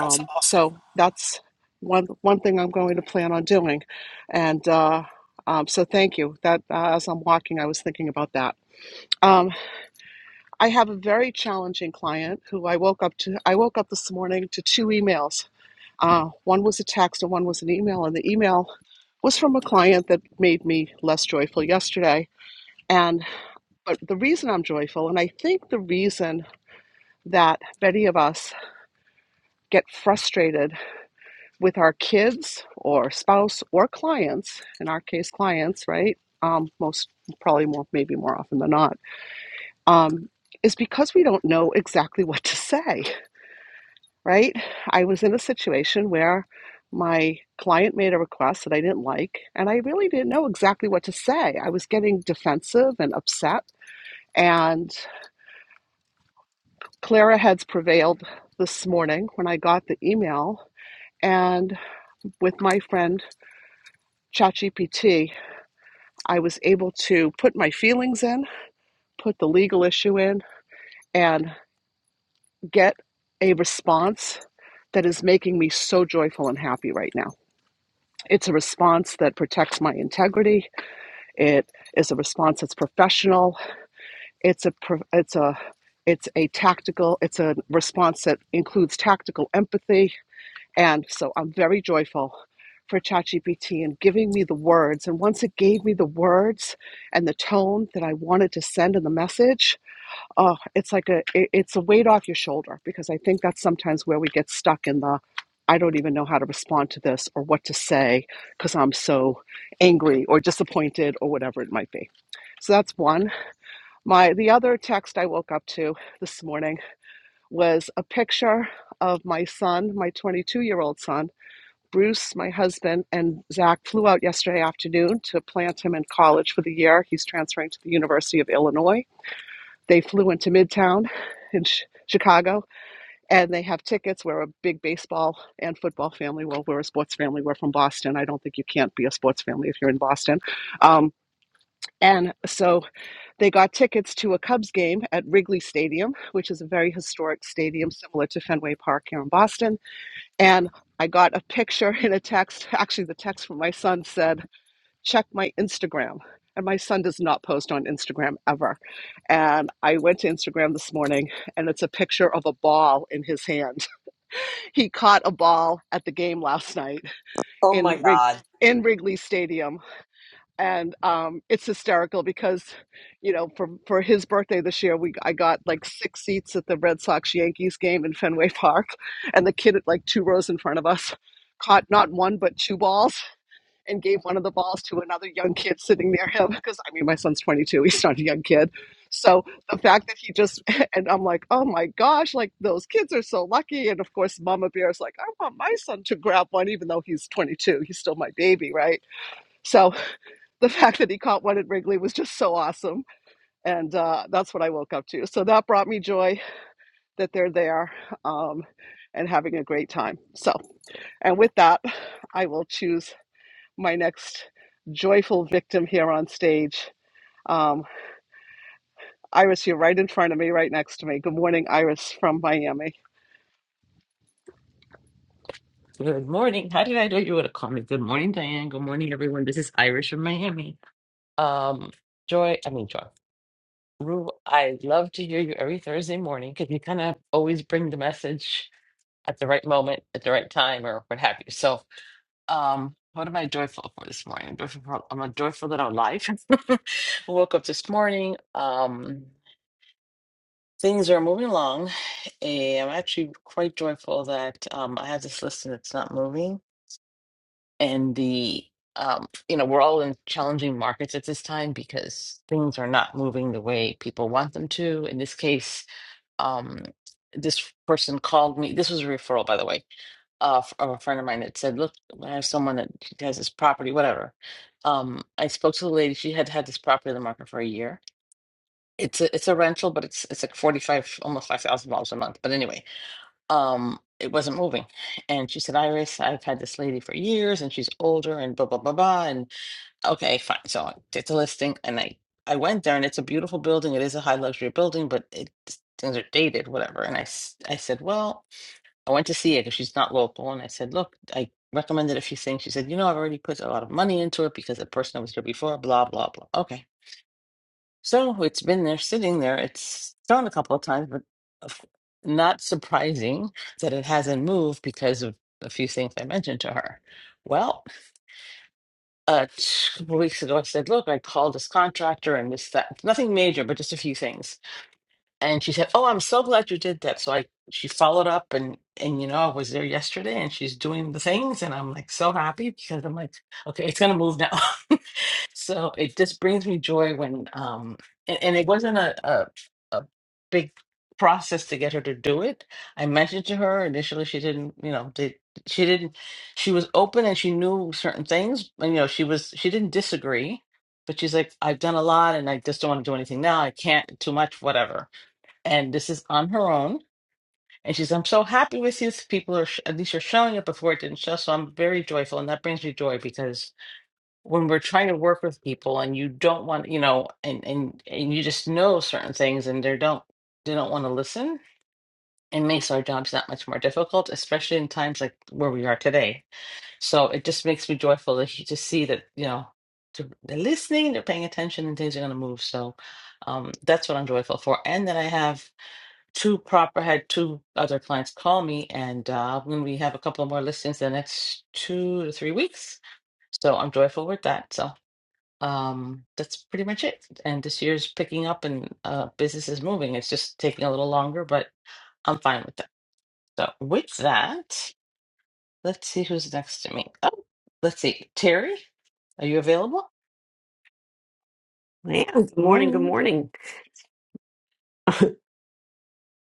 That's awesome. so that's one one thing I'm going to plan on doing. And uh, um, so thank you. That uh, as I'm walking, I was thinking about that. Um, I have a very challenging client who I woke up to. I woke up this morning to two emails. Uh, one was a text and one was an email. And the email was from a client that made me less joyful yesterday. And but the reason I'm joyful, and I think the reason that many of us get frustrated with our kids or spouse or clients, in our case, clients, right? Um, most probably more, maybe more often than not, um, is because we don't know exactly what to say, right? I was in a situation where my client made a request that I didn't like, and I really didn't know exactly what to say. I was getting defensive and upset, and Clara heads prevailed this morning when I got the email, and with my friend ChatGPT I was able to put my feelings in, put the legal issue in, and get a response that is making me so joyful and happy right now. It's a response that protects my integrity. It is a response that's professional. It's a it's a it's a tactical. It's a response that includes tactical empathy, and so I'm very joyful for ChatGPT and giving me the words. And once it gave me the words and the tone that I wanted to send in the message, oh it's like a it- it's a weight off your shoulder because i think that's sometimes where we get stuck in the i don't even know how to respond to this or what to say because i'm so angry or disappointed or whatever it might be so that's one my the other text i woke up to this morning was a picture of my son my 22 year old son bruce my husband and zach flew out yesterday afternoon to plant him in college for the year he's transferring to the university of illinois they flew into Midtown in Ch- Chicago, and they have tickets. We're a big baseball and football family. Well, we're a sports family. We're from Boston. I don't think you can't be a sports family if you're in Boston. Um, and so they got tickets to a Cubs game at Wrigley Stadium, which is a very historic stadium similar to Fenway Park here in Boston. And I got a picture in a text. Actually, the text from my son said, check my Instagram. And my son does not post on Instagram ever. And I went to Instagram this morning and it's a picture of a ball in his hand. He caught a ball at the game last night oh in my Wrig- God. in Wrigley Stadium. And um, it's hysterical because, you know, for, for his birthday this year, we I got like six seats at the Red Sox Yankees game in Fenway Park. And the kid, at like two rows in front of us, caught not one, but two balls and gave one of the balls to another young kid sitting near him because I mean my son's 22 he's not a young kid so the fact that he just and I'm like oh my gosh like those kids are so lucky and of course mama bear is like I want my son to grab one even though he's 22 he's still my baby right so the fact that he caught one at Wrigley was just so awesome and uh, that's what I woke up to so that brought me joy that they're there um, and having a great time so and with that I will choose my next joyful victim here on stage. Um, Iris, you're right in front of me, right next to me. Good morning, Iris from Miami. Good morning. How did I know you would have called me? Good morning, Diane. Good morning, everyone. This is Irish from Miami. Um, Joy, I mean Joy. Rue, I love to hear you every Thursday morning because you kind of always bring the message at the right moment, at the right time, or what have you. So, um, what am I joyful for this morning? I'm joyful, for, I'm joyful that I'm alive. I woke up this morning. Um, things are moving along. And I'm actually quite joyful that um, I have this list and it's not moving. and the um, you know we're all in challenging markets at this time because things are not moving the way people want them to. In this case, um, this person called me. This was a referral, by the way, uh, f- of a friend of mine that said, "Look, I have someone that has this property, whatever." Um, I spoke to the lady. She had had this property on the market for a year. It's a it's a rental, but it's it's like forty five, almost five thousand dollars a month. But anyway, um it wasn't moving and she said iris i've had this lady for years and she's older and blah blah blah blah and okay fine so i did the listing and i i went there and it's a beautiful building it is a high luxury building but it things are dated whatever and i s- i said well i went to see it because she's not local and i said look i recommended a few things she said you know i've already put a lot of money into it because the person that was here before blah blah blah okay so it's been there sitting there. It's thrown a couple of times, but of- not surprising that it hasn't moved because of a few things I mentioned to her. Well, a couple weeks ago, I said, Look, I called this contractor and this, that, nothing major, but just a few things. And she said, Oh, I'm so glad you did that. So I, she followed up and, and you know, I was there yesterday and she's doing the things. And I'm like so happy because I'm like, okay, it's going to move now. So it just brings me joy when, um, and, and it wasn't a, a a big process to get her to do it. I mentioned to her initially she didn't, you know, did she didn't she was open and she knew certain things, and you know, she was she didn't disagree, but she's like, I've done a lot and I just don't want to do anything now. I can't too much, whatever. And this is on her own. And she's, I'm so happy with you. People are, sh- at least you're showing it before it didn't show. So I'm very joyful. And that brings me joy because when we're trying to work with people and you don't want you know and and and you just know certain things and they don't they don't want to listen it makes our jobs that much more difficult especially in times like where we are today so it just makes me joyful to, he- to see that you know to, they're listening they're paying attention and things are going to move so um, that's what i'm joyful for and that i have two proper had two other clients call me and uh, i'm have a couple more listings the next two to three weeks so i'm joyful with that so um, that's pretty much it. And this year's picking up and uh, business is moving. It's just taking a little longer, but I'm fine with that. So, with that, let's see who's next to me. Oh, let's see. Terry, are you available? Man, good Good morning. Good morning. morning.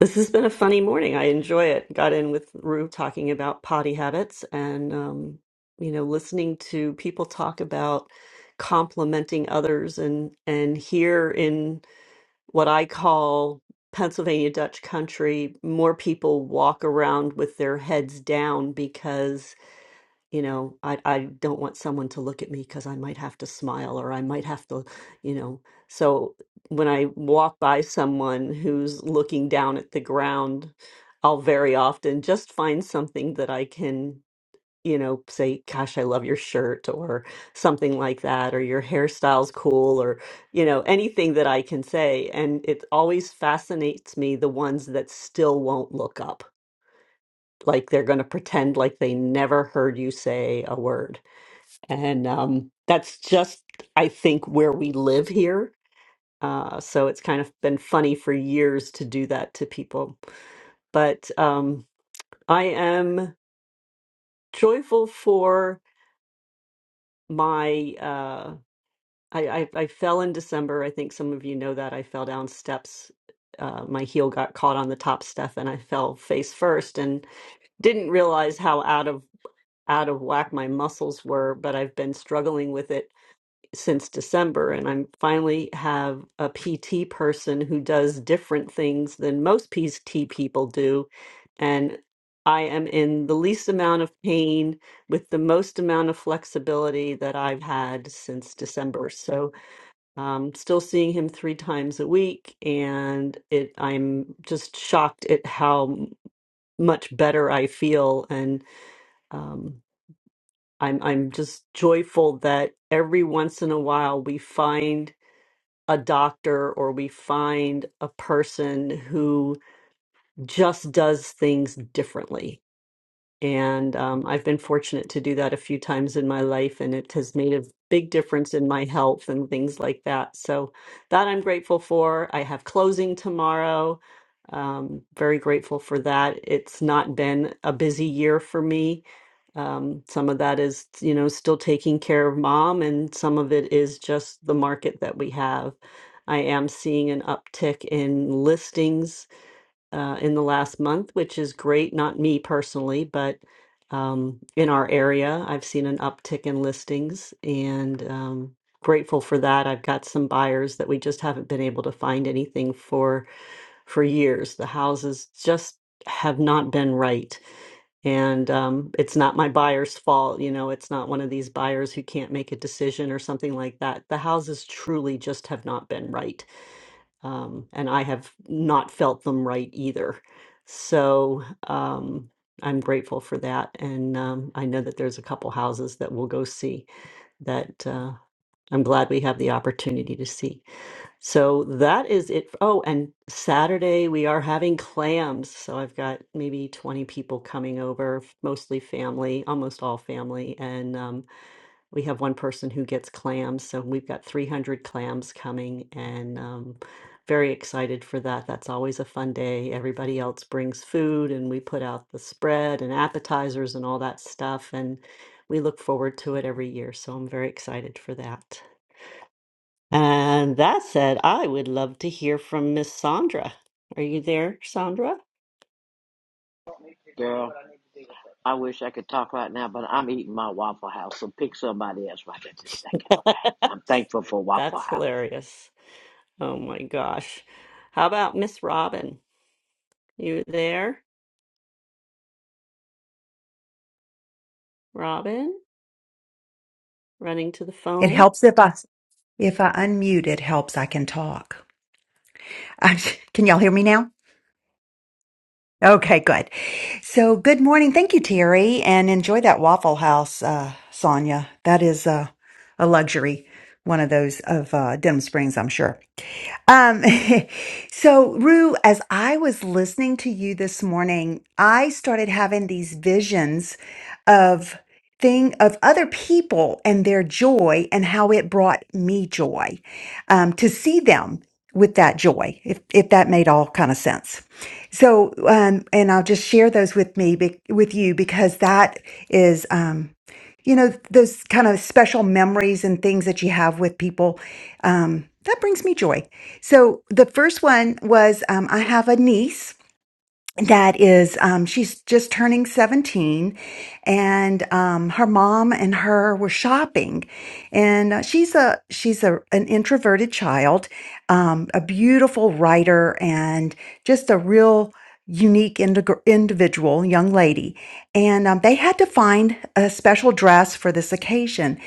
This has been a funny morning. I enjoy it. Got in with Rue talking about potty habits and, um, you know, listening to people talk about complimenting others and and here in what I call Pennsylvania Dutch country, more people walk around with their heads down because. you know i i don't want someone to look at me cuz i might have to smile or i might have to you know so when i walk by someone who's looking down at the ground i'll very often just find something that i can you know say gosh i love your shirt or something like that or your hairstyle's cool or you know anything that i can say and it always fascinates me the ones that still won't look up like they're going to pretend like they never heard you say a word and um, that's just, I think, where we live here. Uh, so it's kind of been funny for years to do that to people. But um, I am joyful for my. Uh, I, I, I fell in December. I think some of you know that I fell down steps. Uh, my heel got caught on the top step, and I fell face first, and didn't realize how out of out of whack my muscles were. But I've been struggling with it since December, and I'm finally have a PT person who does different things than most PT people do, and I am in the least amount of pain with the most amount of flexibility that I've had since December. So, um, still seeing him three times a week, and it I'm just shocked at how m- much better I feel and um, I'm I'm just joyful that every once in a while we find a doctor or we find a person who just does things differently. And um, I've been fortunate to do that a few times in my life, and it has made a big difference in my health and things like that. So, that I'm grateful for. I have closing tomorrow. Um, very grateful for that. It's not been a busy year for me um, some of that is, you know, still taking care of mom, and some of it is just the market that we have. I am seeing an uptick in listings uh, in the last month, which is great. Not me personally, but um, in our area, I've seen an uptick in listings and um, grateful for that. I've got some buyers that we just haven't been able to find anything for for years. The houses just have not been right and um, it's not my buyer's fault. You know, it's not one of these buyers who can't make a decision or something like that. The houses truly just have not been right, um, and I have not felt them right either. So um, I'm grateful for that, and um, I know that there's a couple houses that we'll go see that uh, I'm glad we have the opportunity to see. So that is it. Oh, and Saturday we are having clams. So I've got maybe 20 people coming over, mostly family, almost all family. And um, we have one person who gets clams. So we've got 300 clams coming and um, very excited for that. That's always a fun day. Everybody else brings food and we put out the spread and appetizers and all that stuff. And we look forward to it every year. So I'm very excited for that. And that said, I would love to hear from Miss Sandra. Are you there, Sandra? Girl, I wish I could talk right now, but I'm eating my Waffle House, so pick somebody else right at this second, okay? I'm thankful for Waffle That's House. hilarious. Oh my gosh. How about Miss Robin? You there, Robin? Running to the It phone. helps if I if I unmute, it helps I can talk. I'm, can y'all hear me now? Okay, good. So, good morning. Thank you, Terry, and enjoy that Waffle House, uh, Sonia. That is uh, a luxury. One of those of uh, Denham Springs, I'm sure. Um, so, Rue, as I was listening to you this morning, I started having these visions of thing of other people and their joy and how it brought me joy um, to see them with that joy, if if that made all kind of sense. So, um, and I'll just share those with me be, with you because that is. Um, you know those kind of special memories and things that you have with people um, that brings me joy so the first one was um, I have a niece that is um, she's just turning 17 and um, her mom and her were shopping and uh, she's a she's a an introverted child um, a beautiful writer and just a real unique indig- individual young lady and um, they had to find a special dress for this occasion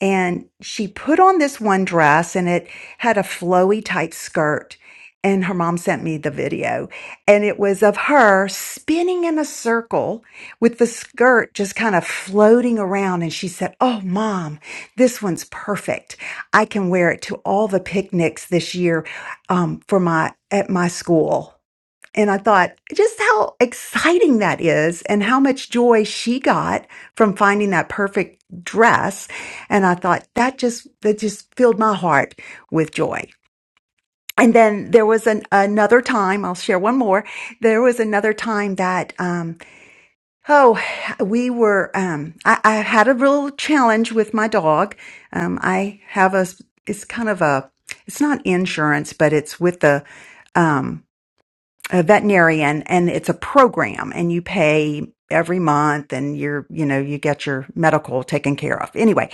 and she put on this one dress and it had a flowy type skirt and her mom sent me the video and it was of her spinning in a circle with the skirt just kind of floating around and she said oh mom this one's perfect i can wear it to all the picnics this year um, for my at my school and i thought just how exciting that is and how much joy she got from finding that perfect dress and i thought that just that just filled my heart with joy and then there was an, another time i'll share one more there was another time that um oh we were um i, I had a real challenge with my dog um i have a. it's kind of a it's not insurance but it's with the um a veterinarian and it's a program and you pay every month and you're you know you get your medical taken care of anyway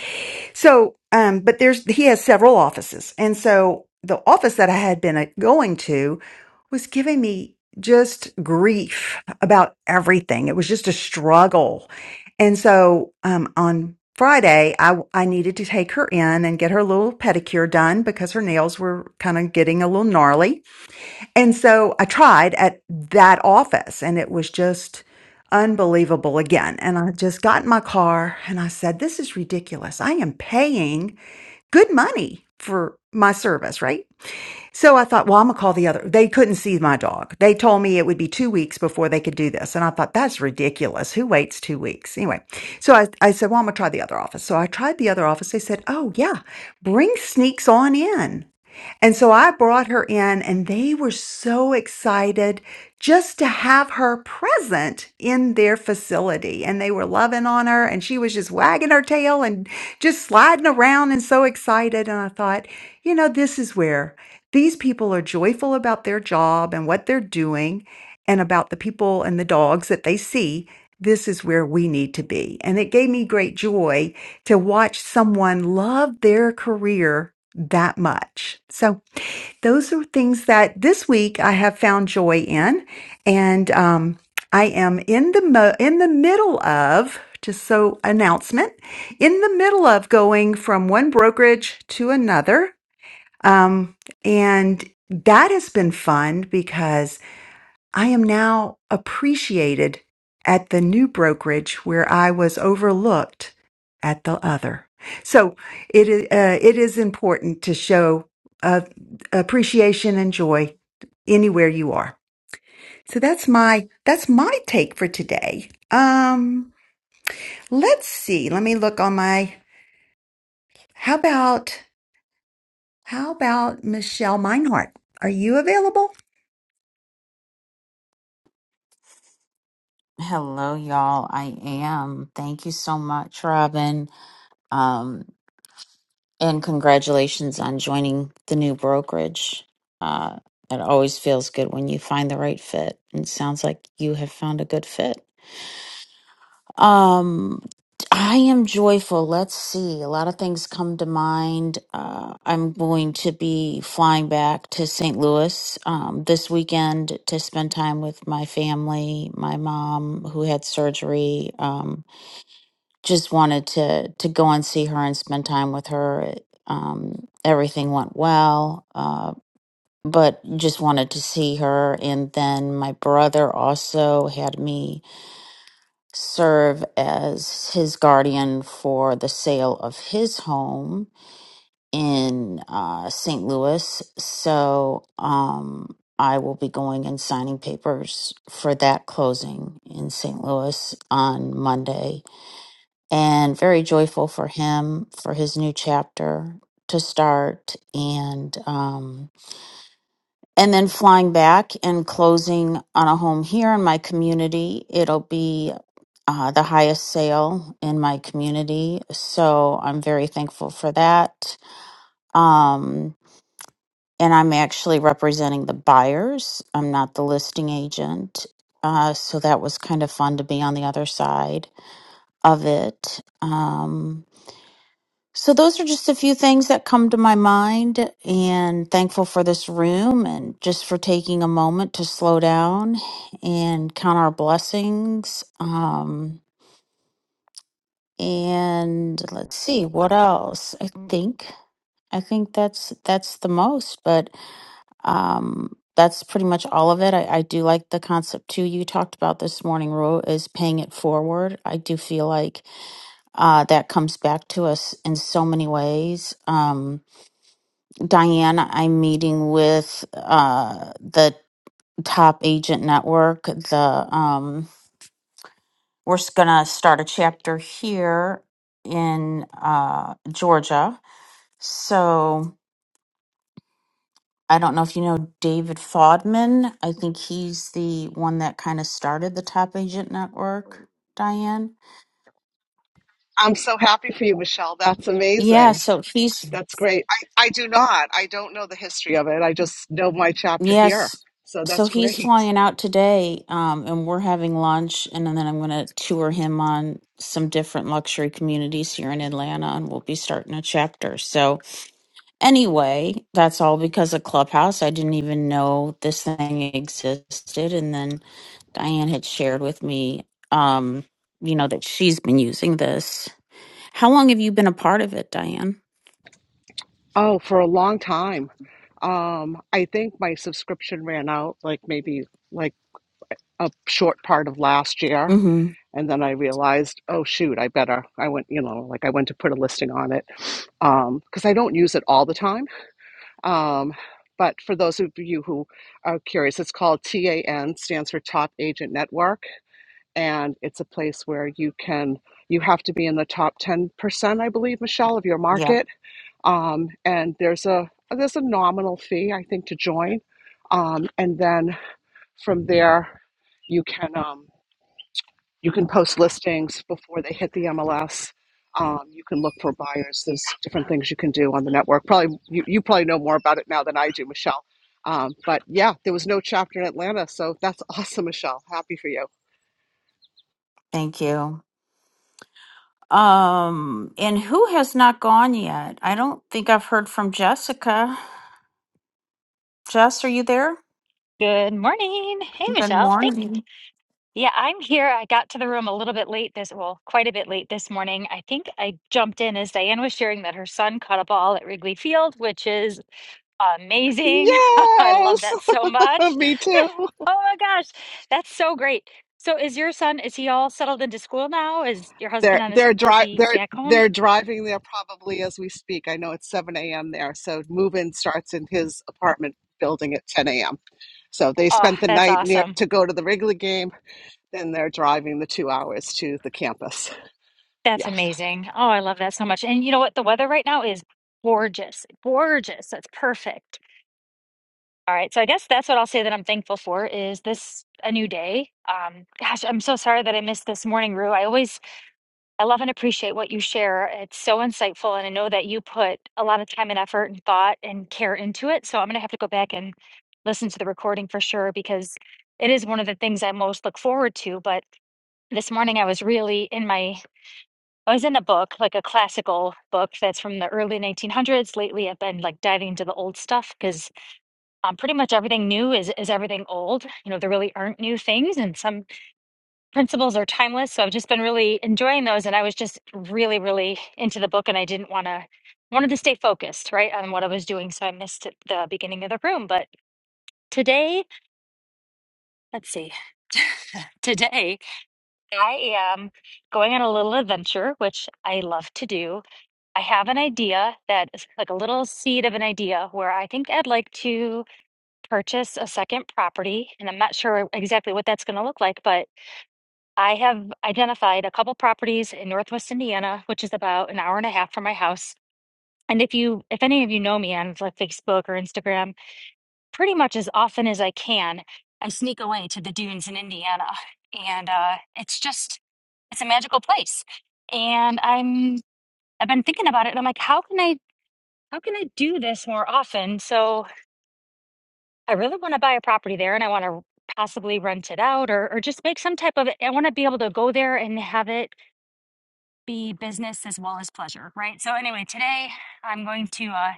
so, um, but there's he has several offices, and so the office that I had been uh, going to was giving me just grief about everything. It was just a struggle, and so um, on Friday, I I needed to take her in and get her little pedicure done because her nails were kind of getting a little gnarly. And so I tried at that office and it was just unbelievable again. And I just got in my car and I said, This is ridiculous. I am paying good money for my service, right? So I thought, well, I'm gonna call the other. They couldn't see my dog. They told me it would be two weeks before they could do this. And I thought, that's ridiculous. Who waits two weeks? Anyway, so I, I said, well, I'm gonna try the other office. So I tried the other office. They said, oh, yeah, bring sneaks on in. And so I brought her in, and they were so excited just to have her present in their facility. And they were loving on her, and she was just wagging her tail and just sliding around and so excited. And I thought, you know, this is where these people are joyful about their job and what they're doing and about the people and the dogs that they see. This is where we need to be. And it gave me great joy to watch someone love their career that much. So those are things that this week I have found joy in, and um, I am in the mo- in the middle of just so announcement in the middle of going from one brokerage to another, um, and that has been fun because I am now appreciated at the new brokerage where I was overlooked at the other. So it is, uh, it is important to show uh, appreciation and joy anywhere you are. So that's my that's my take for today. Um, let's see. Let me look on my. How about how about Michelle Meinhardt? Are you available? Hello, y'all. I am. Thank you so much, Robin. Um, and congratulations on joining the new brokerage. Uh, it always feels good when you find the right fit. And it sounds like you have found a good fit. Um, I am joyful. Let's see. A lot of things come to mind. Uh, I'm going to be flying back to St. Louis um, this weekend to spend time with my family, my mom, who had surgery. Um, just wanted to to go and see her and spend time with her. It, Um, everything went well, uh, but just wanted to see her. And then my brother also had me serve as his guardian for the sale of his home in uh, St. Louis. So um, I will be going and signing papers for that closing in St. Louis on Monday and very joyful for him for his new chapter to start and um and then flying back and closing on a home here in my community it'll be uh, the highest sale in my community so i'm very thankful for that um and i'm actually representing the buyers i'm not the listing agent uh, so that was kind of fun to be on the other side of it. Um, So those are just a few things that come to my mind and thankful for this room and just for taking a moment to slow down and count our blessings. Um and let's see what else. I think I think that's that's the most, but um that's pretty much all of it. I, I do like the concept too you talked about this morning, Ro, is paying it forward. I do feel like uh, that comes back to us in so many ways. Um, Diane, I'm meeting with uh, the top agent network. The um, we're s- gonna start a chapter here in uh, Georgia. So I don't know if you know David Fodman. I think he's the one that kind of started the top agent network. Diane, I'm so happy for you, Michelle. That's yeah. amazing. So he's That's great. I, I do not. I don't know the history of it. I just know my chapter here. Yes. So So that's he's great. flying out today, um, and we're having lunch, and then I'm going to tour him on some different luxury communities here in Atlanta, and we'll be starting a chapter. So, anyway, that's all because of Clubhouse. I didn't even know this thing existed. And then Diane had shared with me, um, you know, that she's been using this. How long have you been a part of it, Diane? Oh, for a long time. Um, I think my subscription ran out like maybe like a short part of last year Mm-hmm. and then I realized, oh shoot, I better. I went, you know, like I went to put a listing on it um, because I don't use it all the time. Um, but for those of you who are curious, it's called TAN, stands for Top Agent Network, and it's a place where you can you have to be in the top ten percent, I believe, Michelle, of your Yep. market. Um, and there's a there's a nominal fee, I think, to join, um, and then from there you can. Um, you can post listings before they hit the MLS. Um, you can look for buyers. There's different things you can do on the network. Probably you, you probably know more about it now than I do, Michelle. Um, but yeah, there was no chapter in Atlanta, so that's awesome, Michelle. Happy for you. Thank you. Um, and who has not gone yet? I don't think I've heard from Jessica. Jess, are you there? Good morning. Hey, Good Michelle. Thank morning. yeah, I'm here. I got to the room a little bit late this, well, quite a bit late this morning. I think I jumped in as Diane was sharing that her son caught a ball at Wrigley Field, which is amazing. I love Yes, that so much. me too. Oh my gosh, that's so great. So is your son, is he all settled into school now? Is your They're husband on his, they're is dri he they're back home? they're driving there probably as we speak. I know it's 7 a.m. there, so move-in starts in his apartment building at 10 a.m. So they Oh, spent the that's night near awesome. to go to the Wrigley game, then they're driving the two hours to the campus. That's Yes. amazing. Oh, I love that so much. And you know what? The weather right now is gorgeous. Gorgeous. That's perfect. All right, so I guess that's what I'll say that I'm thankful for is this a new day. Um, gosh, I'm so sorry that I missed this morning, Rue. I always I love and appreciate what you share. It's so insightful, and I know that you put a lot of time and effort and thought and care into it. So I'm gonna have to go back and listen to the recording for sure because it is one of the things I most look forward to. But this morning I was really in my I was in a book, like a classical book that's from the early 1900s. Lately, I've been like diving into the old stuff because um, pretty much everything new is is everything old. You know, there really aren't new things, and some principles are timeless. So I've just been really enjoying those, and I was just really, really into the book, and I didn't want to wanted to stay focused, right, on what I was doing. So I missed it- the beginning of the room, but today, let's see. Today, I am going on a little adventure, which I love to do. I have an idea that is like a little seed of an idea where I think I'd like to. purchase a second property, and I'm not sure exactly what that's going to look like, but I have identified a couple properties in Northwest Indiana, which is about an hour and a half from my house. And if you, if any of you know me on like Facebook or Instagram, pretty much as often as I can, I sneak away to the dunes in Indiana, and uh, it's just it's a magical place. And I'm I've been thinking about it, and I'm like, how can I how can I do this more often? So I really want to buy a property there and I want to possibly rent it out or, or just make some type of, I want to be able to go there and have it be business as well as pleasure, right? So, anyway, today I'm going to uh,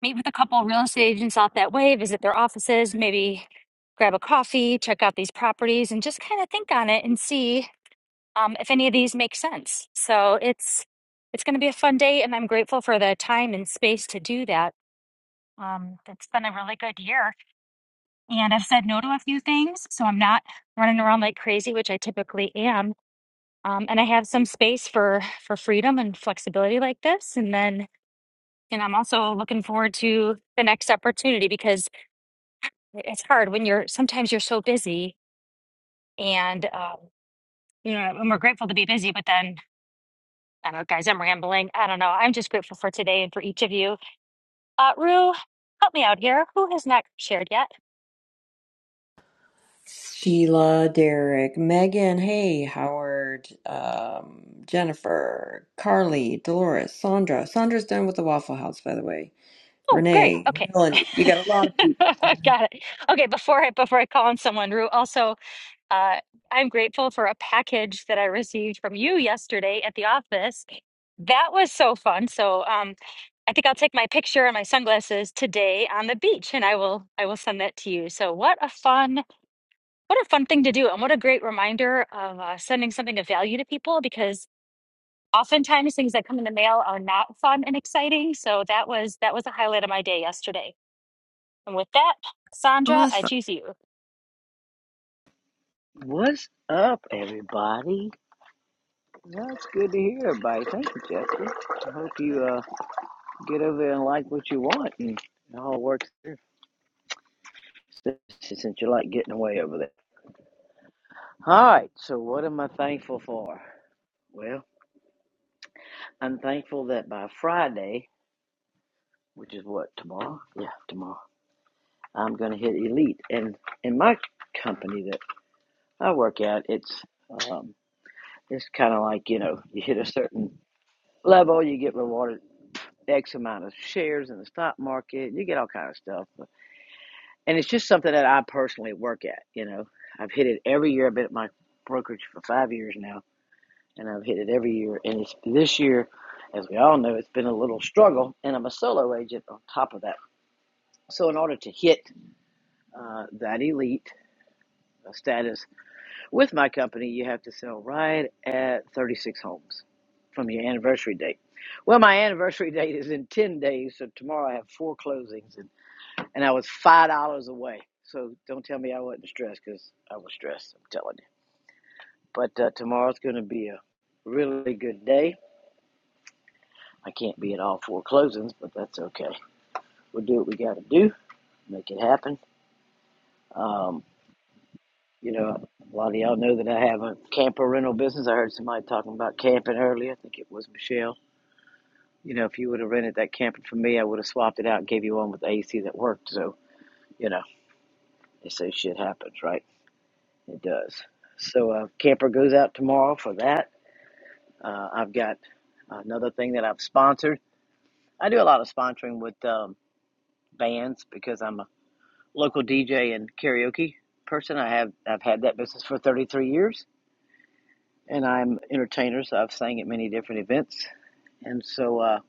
meet with a couple real estate agents off that way, visit their offices, maybe grab a coffee, check out these properties, and just kind of think on it and see um, if any of these make sense. So, it's it's going to be a fun day, and I'm grateful for the time and space to do that. Um, it's been a really good year and I've said no to a few things, so I'm not running around like crazy, which I typically am. Um, and I have some space for for freedom and flexibility like this. And then, and I'm also looking forward to the next opportunity because it's hard when you're sometimes you're so busy, and um, you know, and we're grateful to be busy, but then. I don't know, guys, I'm rambling. I don't know. I'm just grateful for today and for each of you. Uh, Rue, help me out here. Who has not shared yet? Sheila, Derek, Megan, hey, Howard, um, Jennifer, Carly, Dolores, Sandra. Sandra's done with the Waffle House, by the way. Oh, great. Renee, Okay. Melanie. You got a lot of people. Got it. Okay, before I before I call on someone, Rue, also uh, I'm grateful for a package that I received from you yesterday at the office. That was so fun. So um I think I'll take my picture and my sunglasses today on the beach and I will I will send that to you. So what a fun what a fun thing to do and what a great reminder of uh, sending something of value to people because oftentimes things that come in the mail are not fun and exciting. So that was that was a highlight of my day yesterday. And with that, Sandra, I Awesome. choose you. What's up, everybody? That's good to hear, everybody. Thank you, Jessica. I hope you uh, get over there and like what you want, and it all works through since you like getting away over there. All right, so what am I thankful for? Well, I'm thankful that by Friday, which is what, tomorrow? Yeah, tomorrow. I'm going to hit elite. And in my company that I work at, it's um, it's kind of like you know you hit a certain level, you get rewarded X amount of shares in the stock market, you get all kind of stuff. And it's just something that I personally work at. You know, I've hit it every year. I've been at my brokerage for five years now, and I've hit it every year. And it's this year, as we all know, it's been a little struggle, and I'm a solo agent on top of that. So in order to hit uh, that elite uh, status With my company, you have to sell right at 36 homes from your anniversary date. Well, my anniversary date is in 10 days, so tomorrow I have four closings, and, and I was $5 away. So don't tell me I wasn't stressed because I was stressed, I'm telling you. But uh, tomorrow's going to be a really good day. I can't be at all four closings, but that's okay. We'll do what we got to do, make it happen. Um, you know, a lot of y'all know that I have a camper rental business. I heard somebody talking about camping earlier. I think it was Michelle You know, if you would have rented that camper from me, I would have swapped it out and gave you one with AC that worked. So, you know, they say shit happens, right? It does. So, uh, camper goes out tomorrow for that. Uh, I've got another thing that I've sponsored. I do a lot of sponsoring with um, bands because I'm a local DJ and karaoke person. I have I've had that business for 33 years, and I'm an entertainer, so I've sang at many different events. And so uh,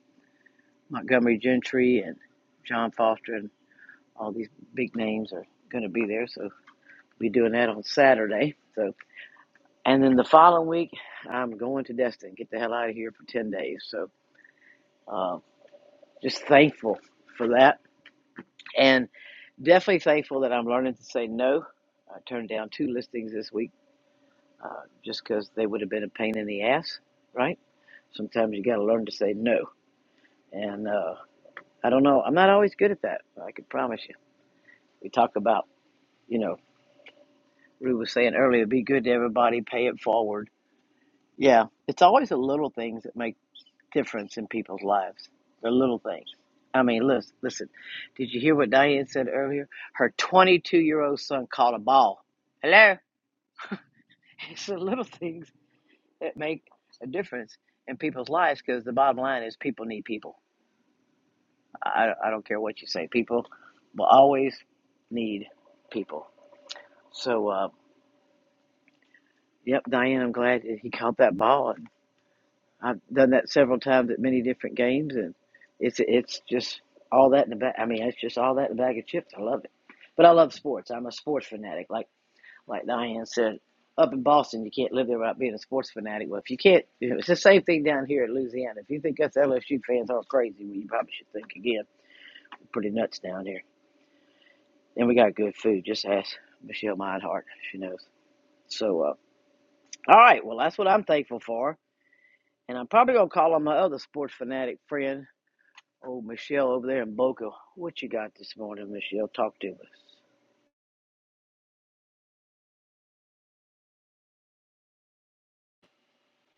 Montgomery Gentry and John Foster and All these big names are going to be there, so we're doing that on Saturday. So, and then the following week, I'm going to Destin. Get the hell out of here for ten days. So, uh, just thankful for that, and definitely thankful that I'm learning to say no. I turned down two listings this week uh, just because they would have been a pain in the ass, right? Sometimes you got to learn to say no, and uh, I don't know. I'm not always good at that. I can promise you. We talk about, you know, Rue was saying earlier, be good to everybody, pay it forward Yeah, it's always the little things that make difference in people's lives. The little things. I mean, listen, listen. Did you hear what Diane said earlier? Her 22-year-old son caught a ball. Hello. It's the little things that make a difference in people's lives because the bottom line is people need people. I, I don't care what you say. People will always need people. So, uh, yep, Diane, I'm glad that he caught that ball. I've done that several times at many different games, and it's it's just all that in the bag. I mean, it's just all that in the bag of chips. I love it, but I love sports. I'm a sports fanatic. Like like Diane said, up in Boston, you can't live there without being a sports fanatic. Well, if you can't, you know, it's the same thing down here in Louisiana. If you think us LSU fans are crazy, well, you probably should think again. We're Pretty nuts down here, and we got good food. Just ask Michelle Meinhardt; she knows. So, uh, all right, well, that's what I'm thankful for, and I'm probably gonna call on my other sports fanatic friend Oh, Michelle over there in Boca, what you got this morning, Michelle? Talk to us.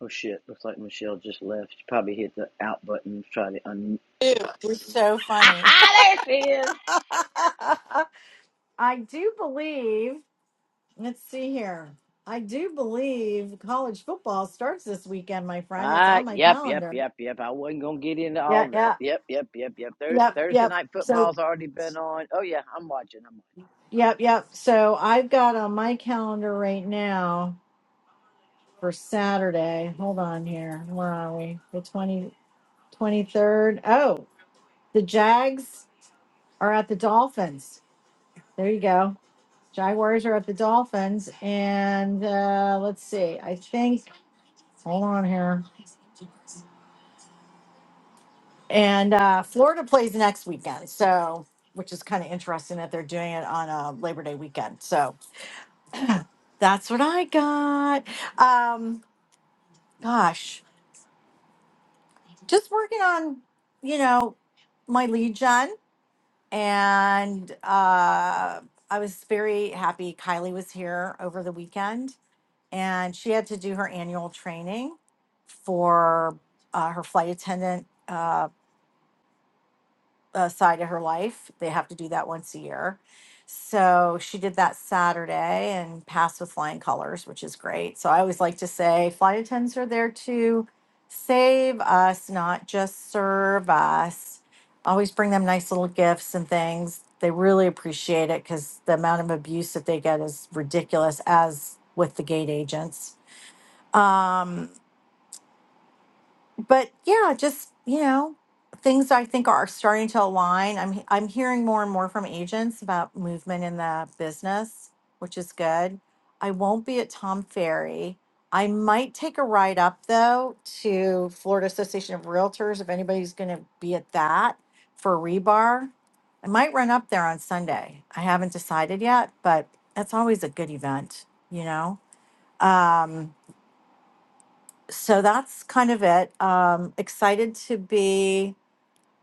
Oh shit, looks like Michelle just left. She probably hit the out button to try to unmute. You're so ha! funny. ha, there she is. I do believe, let's see here. I do believe college football starts this weekend, my friend. It's Ah, on my yep, yep, calendar. yep, yep. I wasn't gonna get into all Yeah, that. yeah, Yep, yep, yep, yep. Thur- yep, Thursday yep. night So, football's already been on. Oh yeah, I'm watching. I'm watching. yep, yep. So I've got on my calendar right now for Saturday. Hold on here. Where are we? The twenty twenty third. Oh, the Jags are at the Dolphins. There you go. Jaguars are at the Dolphins, and uh, let's see. I think. Hold on here. And uh, Florida plays next weekend, so which is kind of interesting that they're doing it on a Labor Day weekend. So that's what I got. Um, gosh, just working on you know my lead gen, and uh, I was very happy Kylie was here over the weekend and she had to do her annual training for uh, her flight attendant uh, uh, side of her life. They have to do that once a year. So she did that Saturday and passed with flying colors, which is great. So I always like to say flight attendants are there to save us, not just serve us. Always bring them nice little gifts and things. They really appreciate it because the amount of abuse that they get is ridiculous, as with the gate agents um but yeah just you know things i think are starting to align i'm i'm hearing more and more from agents about movement in the business which is good i won't be at tom ferry i might take a ride up though to florida association of realtors if anybody's going to be at that for rebar i might run up there on sunday i haven't decided yet but that's always a good event you know um so that's kind of it. Um, excited to be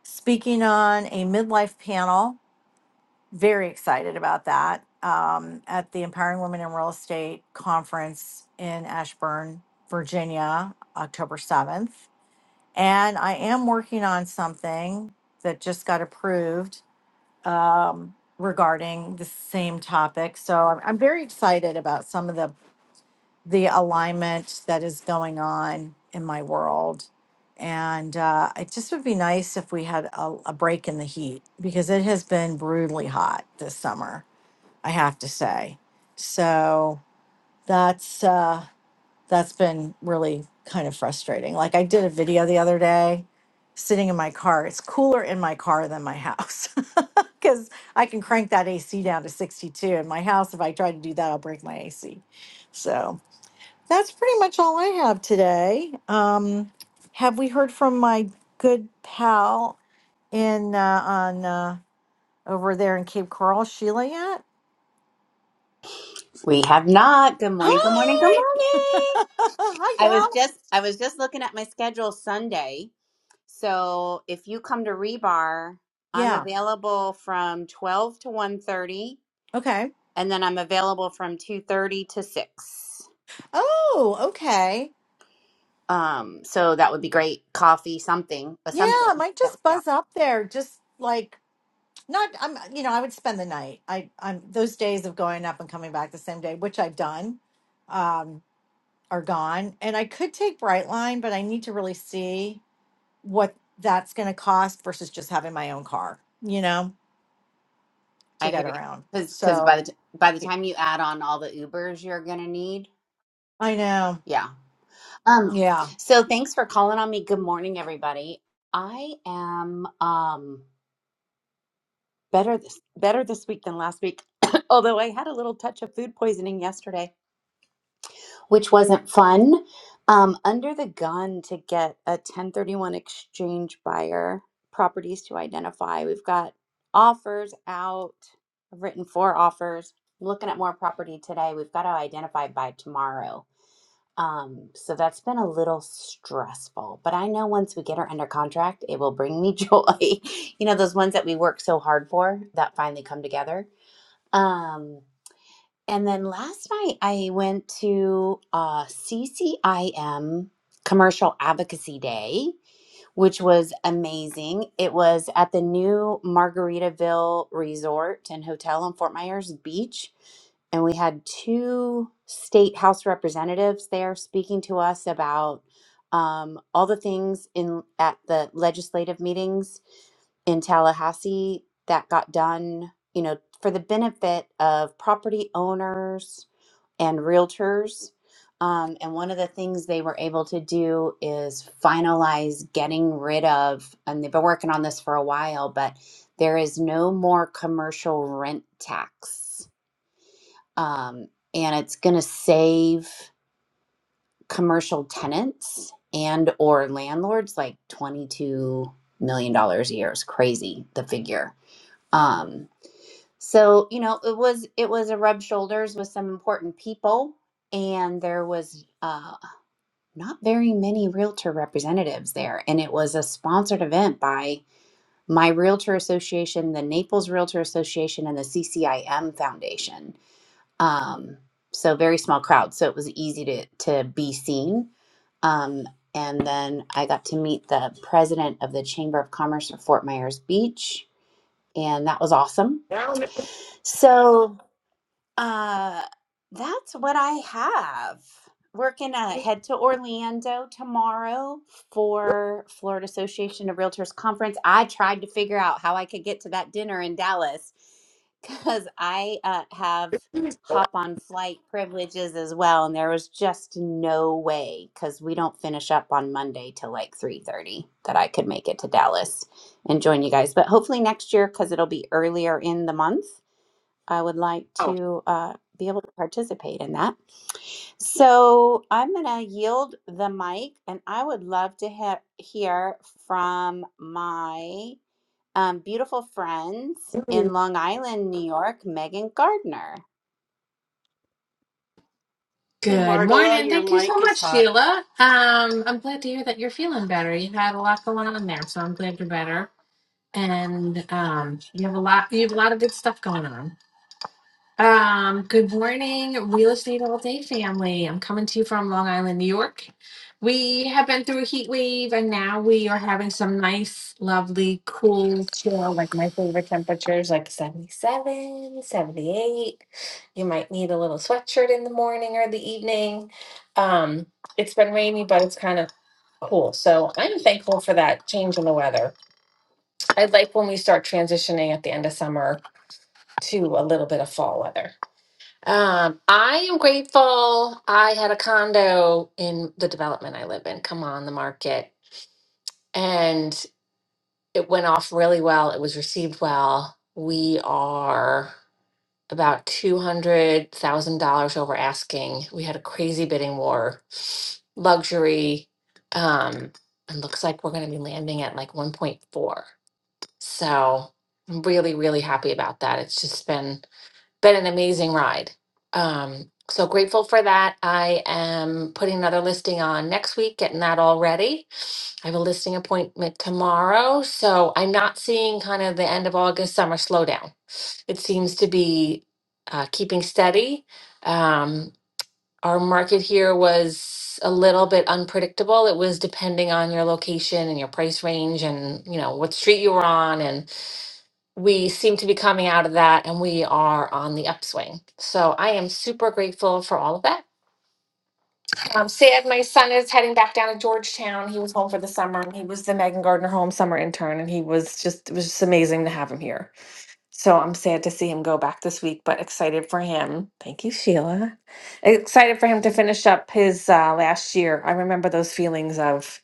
speaking on a midlife panel. Very excited about that um, at the Empowering Women in Real Estate Conference in Ashburn, Virginia, October 7th. And I am working on something that just got approved um, regarding the same topic. So I'm, I'm very excited about some of the the alignment that is going on in my world. And uh, it just would be nice if we had a, a break in the heat because it has been brutally hot this summer, I have to say. So that's uh, that's been really kind of frustrating. Like I did a video the other day sitting in my car. It's cooler in my car than my house because I can crank that AC down to 62 in my house. If I try to do that, I'll break my AC. So that's pretty much all I have today. Um, have we heard from my good pal in uh, on uh, over there in Cape Coral, Sheila yet? We have not. Good morning. Good morning. Good Hi, morning. hi, I was gal. just I was just looking at my schedule Sunday. So if you come to Rebar, I'm Yeah. available from 12 to one thirty, Okay. and then I'm available from 2:30 to 6. Oh, okay. Um so that would be great. Coffee, something, but Yeah, something. I might That would just be awesome. buzz up there. Just like not. I'm. You know, I would spend the night. I. I'm those days of going up and coming back the same day, which I've done, um, are gone. And I could take Brightline, but I need to really see. what that's going to cost versus just having my own car, you know, to I hear get you. around. Cuz cuz by the So t- by the yeah, time you add on all the Ubers you're going to need, I know. yeah. Um, Yeah. so thanks for calling on me. Good morning, everybody. I am um better this better this week than last week, although I had a little touch of food poisoning yesterday, which wasn't fun. Um, under the gun to get a 1031 exchange buyer properties to identify. We've got offers out. I've written four offers. I'm looking at more property today. We've got to identify by tomorrow Um, so that's been a little stressful, but I know once we get her under contract, it will bring me joy. You know, those ones that we work so hard for that finally come together. Um, and then last night I went to uh CCIM Commercial Advocacy Day which was amazing. It was at the new Margaritaville Resort and Hotel in Fort Myers Beach. And we had two state house representatives there speaking to us about um, all the things in at the legislative meetings in Tallahassee that got done, you know, for the benefit of property owners and realtors. Um, and one of the things they were able to do is finalize getting rid of, and they've been working on this for a while, but there is no more commercial rent tax. Um, and it's going to save commercial tenants and or landlords like 22 million dollars a year It's crazy the figure um so you know it was it was a rub shoulders with some important people and there was um, not very many realtor representatives there. And it was a sponsored event by my Realtor Association, the Naples Realtor Association, and the CCIM Foundation. Um, so very small crowd. So it was easy to, to be seen. Um, and then I got to meet the president of the Chamber of Commerce for Fort Myers Beach. And that was awesome. Down So uh, that's what I have. Working uh, head to Orlando tomorrow for Florida Association of Realtors conference. I tried to figure out how I could get to that dinner in Dallas because I uh, have there. hop on flight privileges as well, and there was just no way because we don't finish up on Monday till like three thirty that I could make it to Dallas and join you guys. But hopefully next year because it'll be earlier in the month I would like Oh, to uh, be able to participate in that. So I'm going to yield the mic, and I would love to ha- hear from my um, beautiful friends in mm, Long Island, New York, Megan Gardner. Hey, Good Margola, morning. your Thank you so mic is much, hot. Sheila. Um, I'm glad to hear that you're feeling better. You had a lot going on there, so I'm glad you're better. And um, you have a lot. You have a lot of good stuff going on. Um, good morning, real estate all day family. I'm coming to you from Long Island, New York. We have been through a heat wave and now we are having some nice, lovely, cool, chill, like my favorite temperatures, like 77, 78. You might need a little sweatshirt in the morning or the evening. Um, it's been rainy, but it's kind of cool. So I'm thankful for that change in the weather. I like when we start transitioning at the end of summer to a little bit of fall weather. Um, I am grateful I had a condo in the development I live in, come on the market, and it went off really well. It was received well. We are about $200,000 over asking. We had a crazy bidding war, luxury, um, and looks like we're going to be landing at like 1.4. So I'm really, really happy about that. It's just been been an amazing ride. Um, so grateful for that. I am putting another listing on next week, getting that all ready. I have a listing appointment tomorrow. So I'm not seeing kind of the end of August summer slowdown. It seems to be uh, keeping steady. Um, our market here was a little bit unpredictable. It was depending on your location and your price range and, you know, what street you were on and we seem to be coming out of that and we are on the upswing. So I am super grateful for all of that. I'm sad my son is heading back down to Georgetown. He was home for the summer and he was the Megan Gardner Home Summer Intern and he was just, it was just amazing to have him here. So I'm sad to see him go back this week, but excited for him. Thank you, Sheila. Excited for him to finish up his uh, last year. I remember those feelings of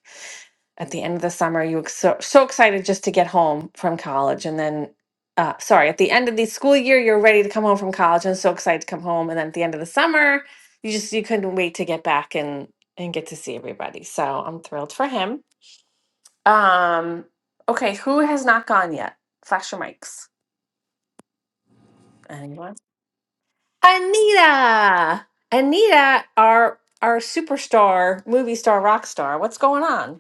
at the end of the summer, you were so, so excited just to get home from college. And then, uh, sorry, at the end of the school year, you're ready to come home from college and so excited to come home. And then at the end of the summer, you just, you couldn't wait to get back and, and get to see everybody. So I'm thrilled for him. Um, okay. Who has not gone yet? Flash your mics. Anyone? Anita, Anita, our our superstar, movie star, rock star. What's going on?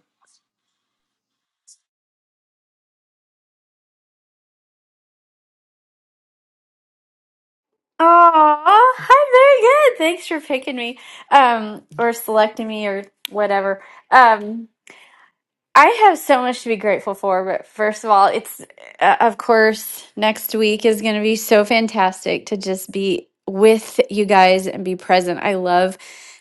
Oh, I'm very good. Thanks for picking me, um, or selecting me, or whatever. Um, I have so much to be grateful for. But first of all, it's uh, of course next week is going to be so fantastic to just be with you guys and be present. I love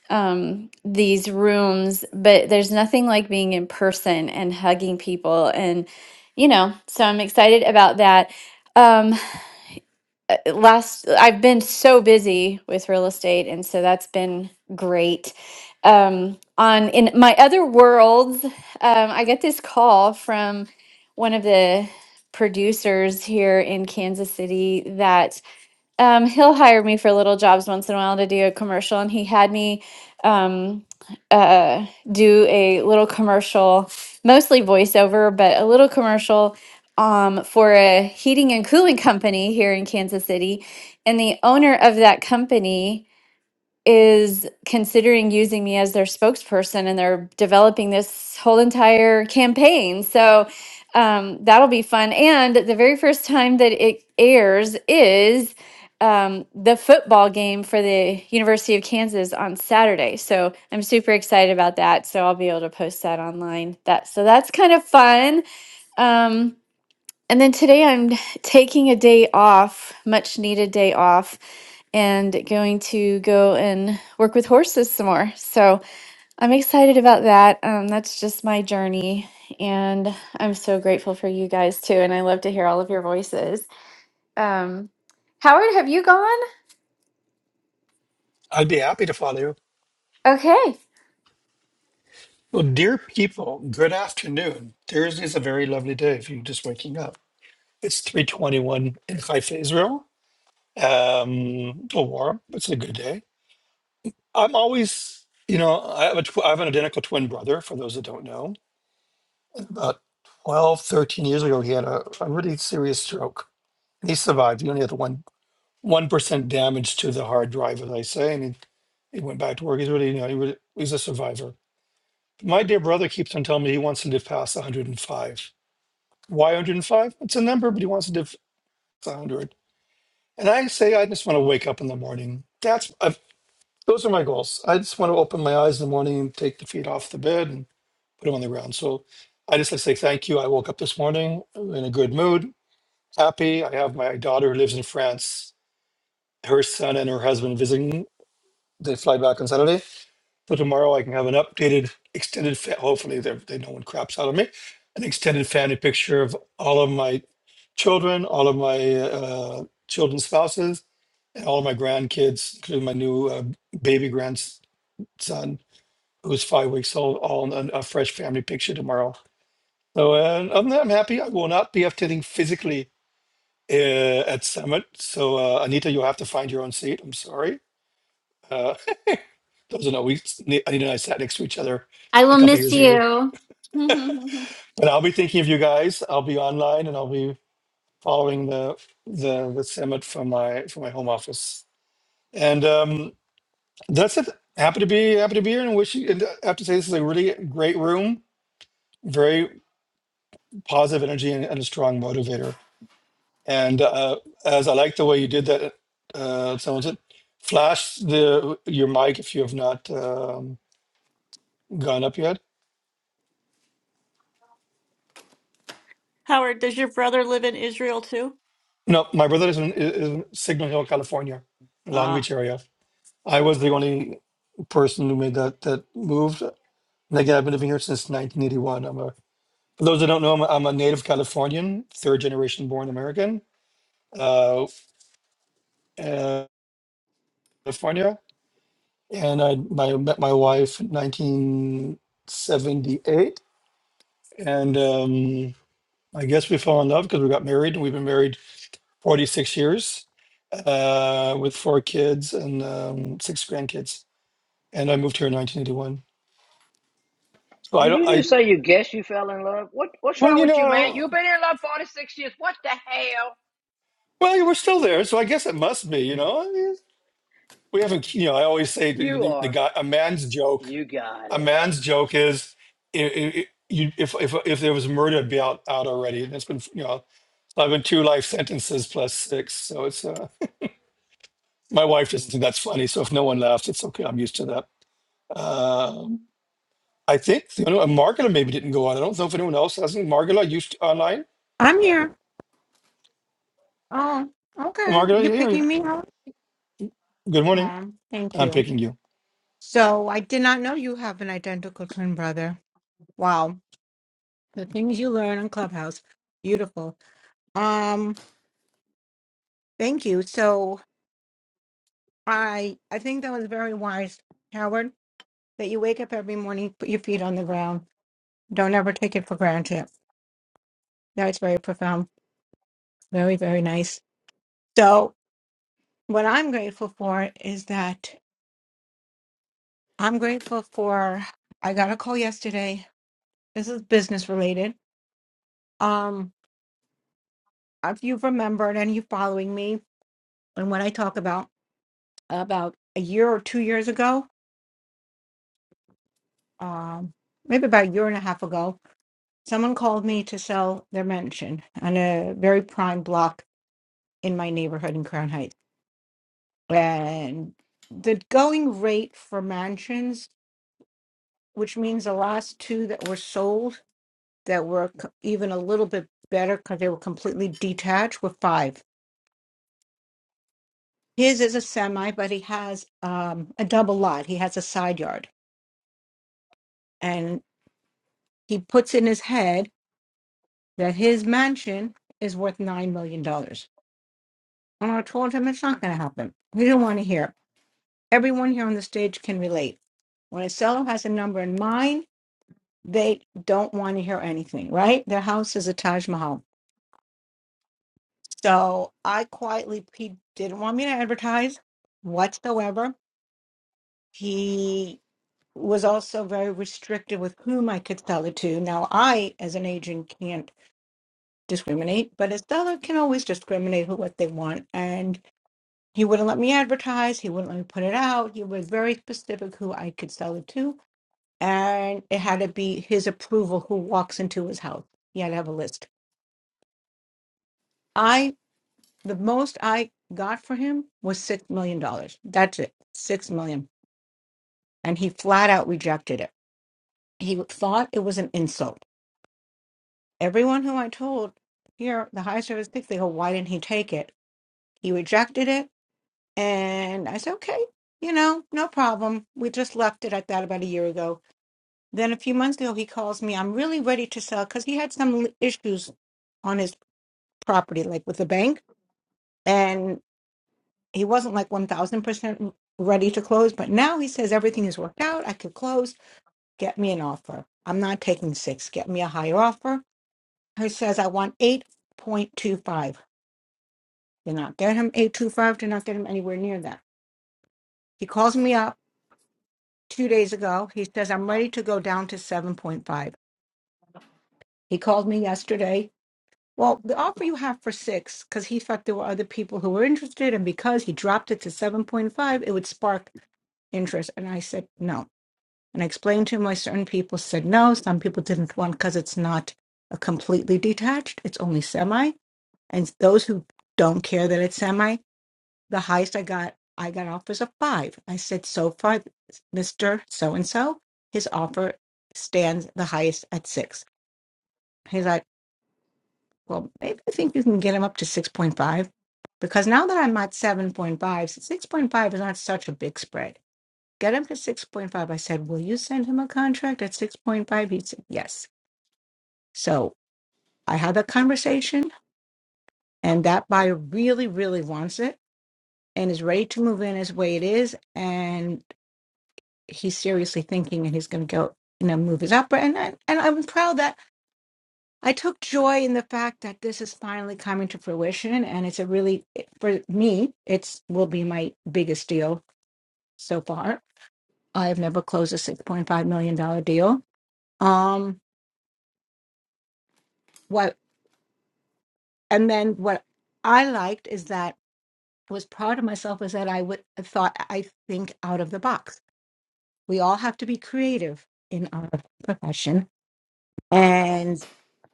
um, these rooms, but there's nothing like being in person and hugging people, and you know. So I'm excited about that. Um, uh, last I've been so busy with real estate and so that's been great. Um on in my other worlds, um I get this call from one of the producers here in Kansas City that um, he'll hire me for little jobs once in a while to do a commercial, and he had me um, uh, do a little commercial, mostly voiceover, but a little commercial um, for a heating and cooling company here in Kansas City. And the owner of that company is considering using me as their spokesperson and they're developing this whole entire campaign. So um, that'll be fun. And the very first time that it airs is um, the football game for the University of Kansas on Saturday. So I'm super excited about that. So I'll be able to post that online. That so that's kind of fun. Um, and then today I'm taking a day off, much needed day off, and going to go and work with horses some more. So I'm excited about that. Um, that's just my journey. And I'm so grateful for you guys too. And I love to hear all of your voices. Um, Howard, have you gone? I'd be happy to follow you. Okay. Well, dear people, good afternoon. Thursday's a very lovely day if you're just waking up. It's 321 in Haifa, Israel. Um, a warm, it's a good day. I'm always, you know, I have, a tw- I have an identical twin brother, for those that don't know. about 12, 13 years ago, he had a, a really serious stroke. And he survived. He only had the one one percent damage to the hard drive, as I say, and he, he went back to work. He's really, you know, he was, he's a survivor. My dear brother keeps on telling me he wants to live past 105. Why 105? It's a number, but he wants to live past 100. And I say I just want to wake up in the morning. That's i those are my goals. I just want to open my eyes in the morning and take the feet off the bed and put them on the ground. So I just like to say thank you. I woke up this morning in a good mood. happy. I have my daughter who lives in France, her son and her husband visiting. They fly back on Saturday. So tomorrow I can have an updated, extended, fa- hopefully they they know when crap's out of me, an extended family picture of all of my children, all of my uh, children's spouses, and all of my grandkids, including my new uh, baby grandson who's five weeks old, all in a a fresh family picture tomorrow. So uh, other than that, I'm happy. I will not be updating physically uh, at Summit. So uh, Anita, you'll have to find your own seat. I'm sorry. Uh, those are no, we Anita and I sat next to each other a couple years ago. But I'll be thinking of you guys. I'll be online and I'll be following the the, the summit from my from my home office. And um, that's it. Happy to be happy to be here and wish you. And I have to say this is a really great room. Very positive energy and, and a strong motivator And uh, as I like the way you did that, uh, someone said, flash the your mic if you have not um, gone up yet. Howard, does your brother live in Israel too? No, my brother is in, is in Signal Hill, California, Long Ah. Beach area. I was the only person who made that that moved. And again, I've been living here since 1981. I'm a for those that don't know, I'm a, I'm a native Californian, third generation born American, uh, uh, California, and I my, met my wife in 1978 And um, I guess we fell in love because we got married. We've been married 46 years uh, with four kids and um, six grandkids. And I moved here in 1981. So I Did don't, you I, just say you guess you fell in love? What What's well, wrong you with you, man? You've know, been in love 46 years. What the hell? well, we're still there. So I guess it must be, you know, I mean, we haven't, you know, I always say the, You the, the are. guy, a man's joke, You got a it. man's joke is i i you, if, if, if there was murder, it'd be out, out already. And it's been, you know, so I've been two life sentences plus six. So it's, uh, My wife doesn't think that's funny, so if no one laughed, it's okay. I'm used to that. Um, I think you know, Margula maybe didn't go on. I don't know if anyone else hasn't. Margula, you st- online? I'm here. Oh, okay. Margula, You're here you. here? picking me up? Good morning. Oh, thank I'm you. picking you. So I did not know you have an identical twin brother. Wow. The things you learn on Clubhouse. Beautiful. Um, thank you. So I I think that was very wise, Howard, that you wake up every morning, put your feet on the ground. Don't ever take it for granted. That's very profound. Very, very nice. So what I'm grateful for is that I'm grateful for I got a call yesterday. This is business related. Um if you've remembered and you following me and what I talk about about a year or two years ago, um maybe about a year and a half ago, someone called me to sell their mansion on a very prime block in my neighborhood in Crown Heights. And the going rate for mansions, which means the last two that were sold that were c- even a little bit better because they were completely detached were five. His is a semi, but he has um, a double lot. He has a side yard, and he puts in his head that his mansion is worth nine million dollars. And I told him it's not going to happen. He didn't want to hear. it. Everyone here on the stage can relate. When a seller has a number in mind, they don't want to hear anything. Right? Their house is a Taj Mahal So I quietly, he didn't want me to advertise whatsoever. He was also very restricted with whom I could sell it to. Now, I, as an agent, can't discriminate, but a seller can always discriminate who what they want. And he wouldn't let me advertise. He wouldn't let me put it out. He was very specific who I could sell it to. And it had to be his approval who walks into his house. He had to have a list. I. the most I got for him was six million dollars. That's it, six million. And he flat out rejected it. He thought it was an insult. Everyone who I told here, the high service pick, they go, why didn't he take it? He rejected it, and I said, okay, you know, no problem. We just left it at that about a year ago. Then a few months ago, he calls me. I'm really ready to sell because he had some l- issues on his property, like with the bank, and. he wasn't like 1000% ready to close but now he says everything is worked out i could close get me an offer i'm not taking six get me a higher offer he says i want 8.25 did not get him 825 did not get him anywhere near that he calls me up two days ago he says i'm ready to go down to 7.5 he called me yesterday well the offer you have for six because he thought there were other people who were interested and because he dropped it to 7.5 it would spark interest and i said no And I explained to him why certain people said no. Some people didn't want because it's not a completely detached, it's only semi. And those who don't care that it's semi, the highest I got, I got offers of five. I said, so far, Mr. So and so, his offer stands the highest at six. He's like, well, maybe I think you can get him up to 6.5 because now that I'm at seven point five, six point five is not such a big spread Get him to 6.5. I said, Will you send him a contract at 6.5? He said, Yes. So I had that conversation, and that buyer really, really wants it and is ready to move in as way it is. And he's seriously thinking and he's going to go, you know, move his upper. And, I, and I'm proud that I took joy in the fact that this is finally coming to fruition. And it's a really, for me, it's will be my biggest deal so far. I have never closed a $6.5 million dollar deal. Um, what and then what I liked is that I was proud of myself is that I would I thought I think out of the box. We all have to be creative in our profession. And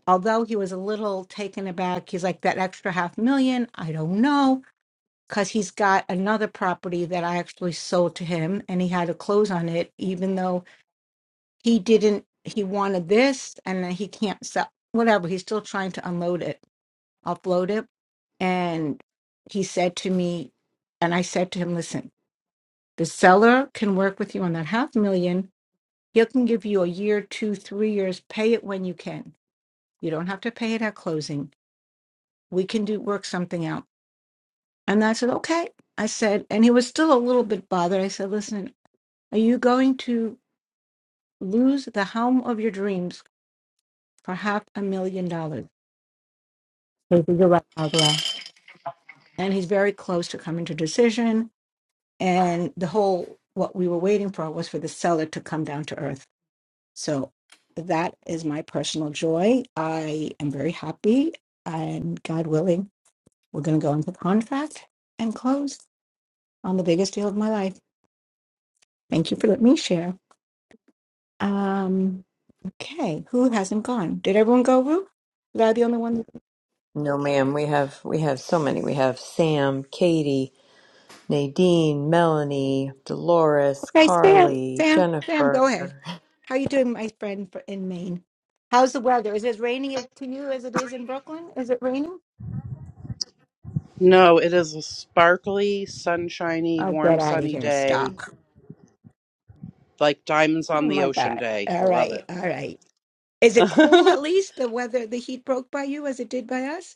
although he was a little taken aback, he's like that extra half million. I don't know because he's got another property that I actually sold to him, and he had to close on it, even though he didn't. He wanted this, and then he can't sell. Whatever. He's still trying to unload it upload it. And he said to me, and I said to him, listen, the seller can work with you on that half million. He can give you a year, two, three years. Pay it when you can. You don't have to pay it at closing. We can do work something out. And I said, okay. I said, and he was still a little bit bothered. I said, listen, are you going to lose the home of your dreams for half a million dollars? He said, "You're right, Margola." And he's very close to coming to decision and the whole what we were waiting for was for the seller to come down to earth so that is my personal joy i am very happy and god willing we're going to go into contract and close on the biggest deal of my life thank you for letting me share um okay who hasn't gone did everyone go Rue? was i the only one No, ma'am. We have we have so many. We have Sam, Katie, Nadine, Melanie, Dolores, okay sam Carly, sam sam go ahead Jennifer. how you doing my friend for, in maine how's the weather is it raining to you as it is in brooklyn is it raining No, it is a sparkly, sunshiny, I'll warm, get out of sunny here. day, Stop. like diamonds on Oh the my ocean God. day. I All love it. right. All right. Is it cool at least the weather, the heat broke by you as it did by us?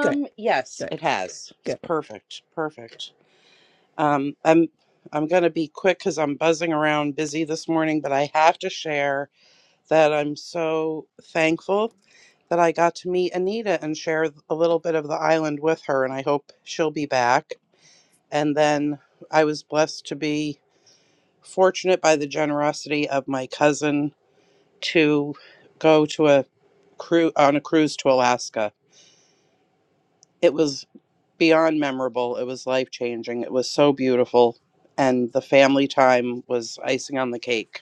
Good, yes, good, it has. It's good. perfect. Perfect. Um, I'm I'm gonna be quick because I'm buzzing around busy this morning, but I have to share that I'm so thankful that I got to meet Anita and share a little bit of the island with her, and I hope she'll be back. And then I was blessed to be fortunate by the generosity of my cousin to go to a cruise on a cruise to Alaska. It was beyond memorable. It was life changing. It was so beautiful, and the family time was icing on the cake.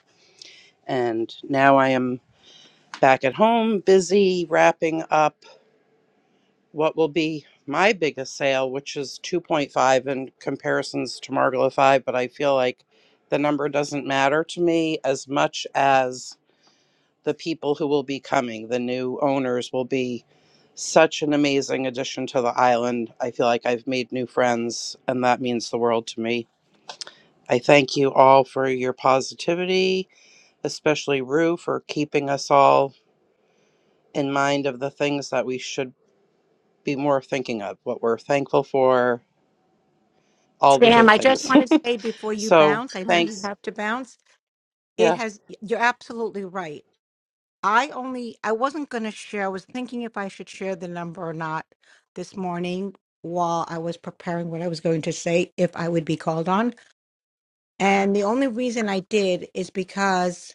And now I am back at home, busy wrapping up what will be my biggest sale, which is 2.5 in comparisons to Margola 5, but I feel like the number doesn't matter to me as much as the people who will be coming, the new owners, will be such an amazing addition to the island. I feel like I've made new friends, and that means the world to me. I thank you all for your positivity, especially Rue for keeping us all in mind of the things that we should be more thinking of, what we're thankful for, all the Sam, good I just things. want to say before you so bounce, I know you thanks. have to bounce. It Yeah, has, you're absolutely right. I only, I wasn't going to share, I was thinking if I should share the number or not this morning while I was preparing what I was going to say, if I would be called on. And the only reason I did is because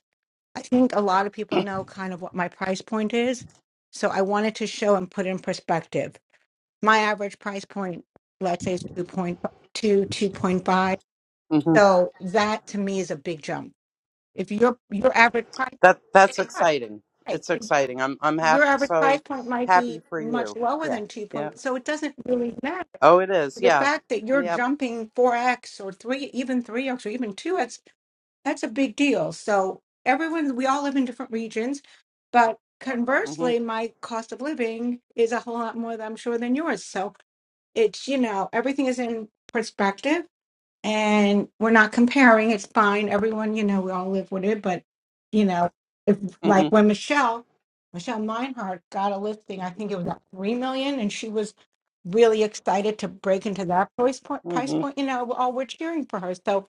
I think a lot of people know kind of what my price point is. So I wanted to show and put in perspective. My average price point, let's say, is 2.2, hmm So that to me is a big jump. If your your average price, that that's right, exciting. right. It's exciting. I'm I'm ha- your average price so point might happy be for much you. lower Yeah. than 2. Yeah. Point, so it doesn't really matter. Oh, it is. The Yeah. fact that you're Yep. jumping 4x or 3, even 3x or even 2x That's a big deal. So everyone, we all live in different regions, but hmm conversely, my cost of living is a whole lot more, than I'm sure, than yours. So it's, you know, everything is in perspective and we're not comparing. It's fine. Everyone, you know, we all live with it. But you know, if hmm like when Michelle, Michelle Meinhardt got a listing, I think it was at three million, and she was really excited to break into that price point. Price hmm point, you know, all we're cheering for her. So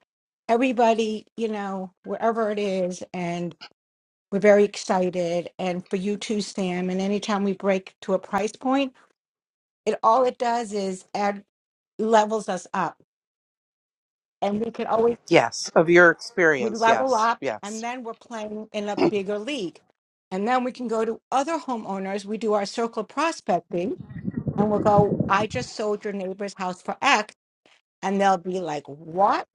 everybody, you know, wherever it is, and we're very excited. And for you too, Sam. And anytime we break to a price point, it all it does is add levels us up. And we can always Yes. Of your we experience. level Yes. up and Yes. then we're playing in a bigger league and then we can go to other homeowners we do our circle prospecting and we'll go i just sold your neighbor's house for x and they'll be like what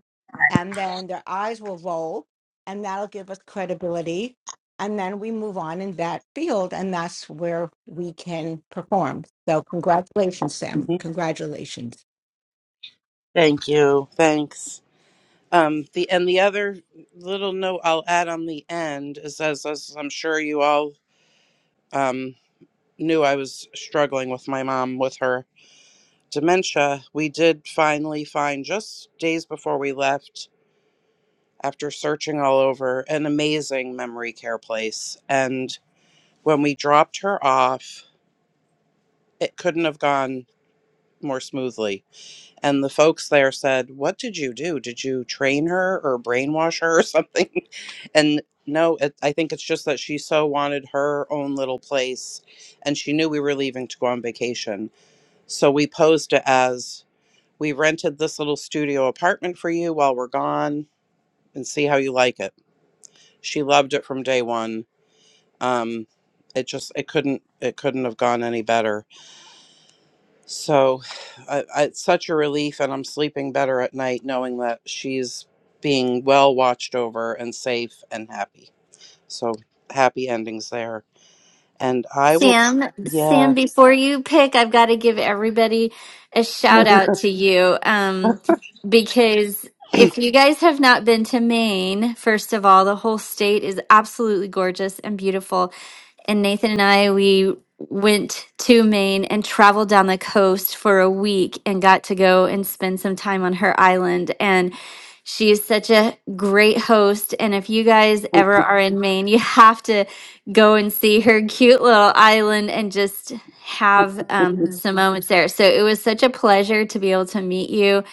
and then their eyes will roll and that'll give us credibility and then we move on in that field and that's where we can perform so congratulations sam hmm congratulations Thank you. Thanks. Um, the and the other little note I'll add on the end is as, as I'm sure you all um, knew I was struggling with my mom with her dementia. We did finally find just days before we left, after searching all over, an amazing memory care place. And when we dropped her off, it couldn't have gone more smoothly. And the folks there said, What did you do? Did you train her or brainwash her or something? And no, it, I think it's just that she so wanted her own little place and she knew we were leaving to go on vacation. So we posed it as we rented this little studio apartment for you while we're gone and see how you like it. She loved it from day one. Um, it just it couldn't it couldn't have gone any better So I, I, it's such a relief, and I'm sleeping better at night knowing that she's being well watched over and safe and happy. So happy endings there. And I will, Sam, yeah. Sam, before you pick, I've got to give everybody a shout out to you. Um, because if you guys have not been to Maine, first of all, the whole state is absolutely gorgeous and beautiful and Nathan and I we went to Maine and traveled down the coast for a week and got to go and spend some time on her island and she is such a great host and if you guys ever are in Maine you have to go and see her cute little island and just have um, some moments there. So it was such a pleasure to be able to meet you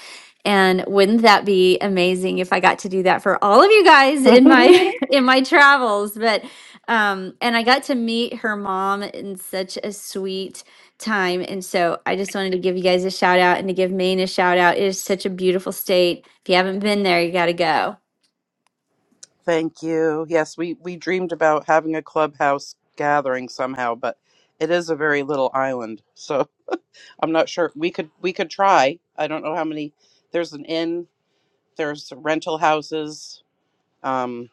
and wouldn't that be amazing if I got to do that for all of you guys in my in my travels but um, and I got to meet her mom in such a sweet time. And so I just wanted to give you guys a shout out and to give Maine a shout out. It is such a beautiful state. If you haven't been there, you got to go. Thank you. Yes, we, we dreamed about having a clubhouse gathering somehow, but it is a very little island. So I'm not sure we could we could try. I don't know how many there's an inn, there's rental houses, um,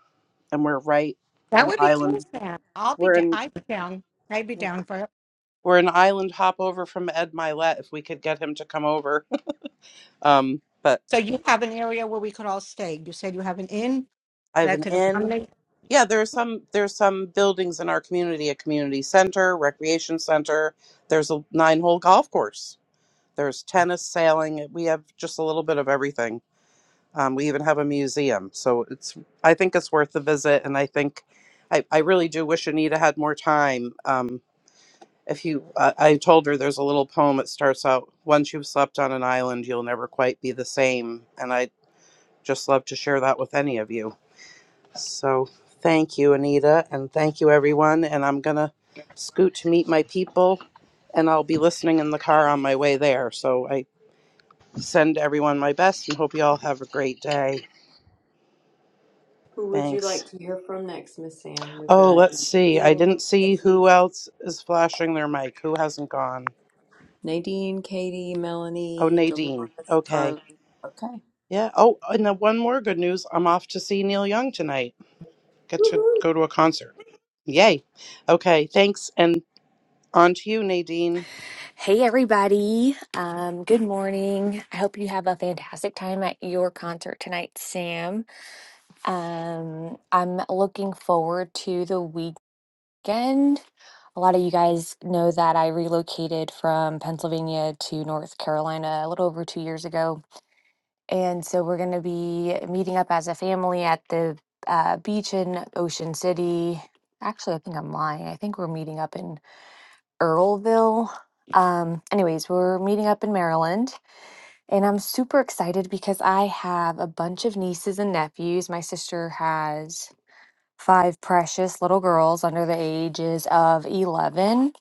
and we're right that an would be island cool sam i'll be We're down in i'd be down i'd be down for we're an island hop over from Ed Milet if we could get him to come over. Um, but So you have an area where we could all stay. You said you have an inn I have that an could inn. accommodate. Yeah, there are some there's some buildings in our community, a community center, recreation center. There's a nine hole golf course. There's tennis, sailing. We have just a little bit of everything. Um, we even have a museum. So it's I think it's worth the visit and I think I, I really do wish Anita had more time. Um, if you I i told her there's a little poem that starts out once you've slept on an island you'll never quite be the same and i just love to share that with any of you so thank you anita and thank you everyone and i'm gonna scoot to meet my people and i'll be listening in the car on my way there so i send everyone my best and hope you all have a great day Who would you thanks like to hear from next, Miss Sam? We've oh got let's see i Nadine, didn't see Katie. who else is flashing their mic who hasn't gone Nadine, Katie, oh Melanie, Dolores, nadine okay Carly. Okay. Yeah. Oh, and then one more good news. I'm off to see Neil Young tonight. Get to Woohoo. go to a concert. Yay. Okay. Thanks. And on to you, Nadine. Hey, everybody. Um, good morning. I hope you have a fantastic time at your concert tonight, Sam. Um, I'm looking forward to the weekend. A lot of you guys know that I relocated from Pennsylvania to North Carolina a little over two years ago. And so we're going to be meeting up as a family at the uh, beach in Ocean City. Actually, I think I'm lying. I think we're meeting up in Earlville. Um, anyways, we're meeting up in Maryland, and I'm super excited because I have a bunch of nieces and nephews. My sister has five precious little girls under the ages of 11,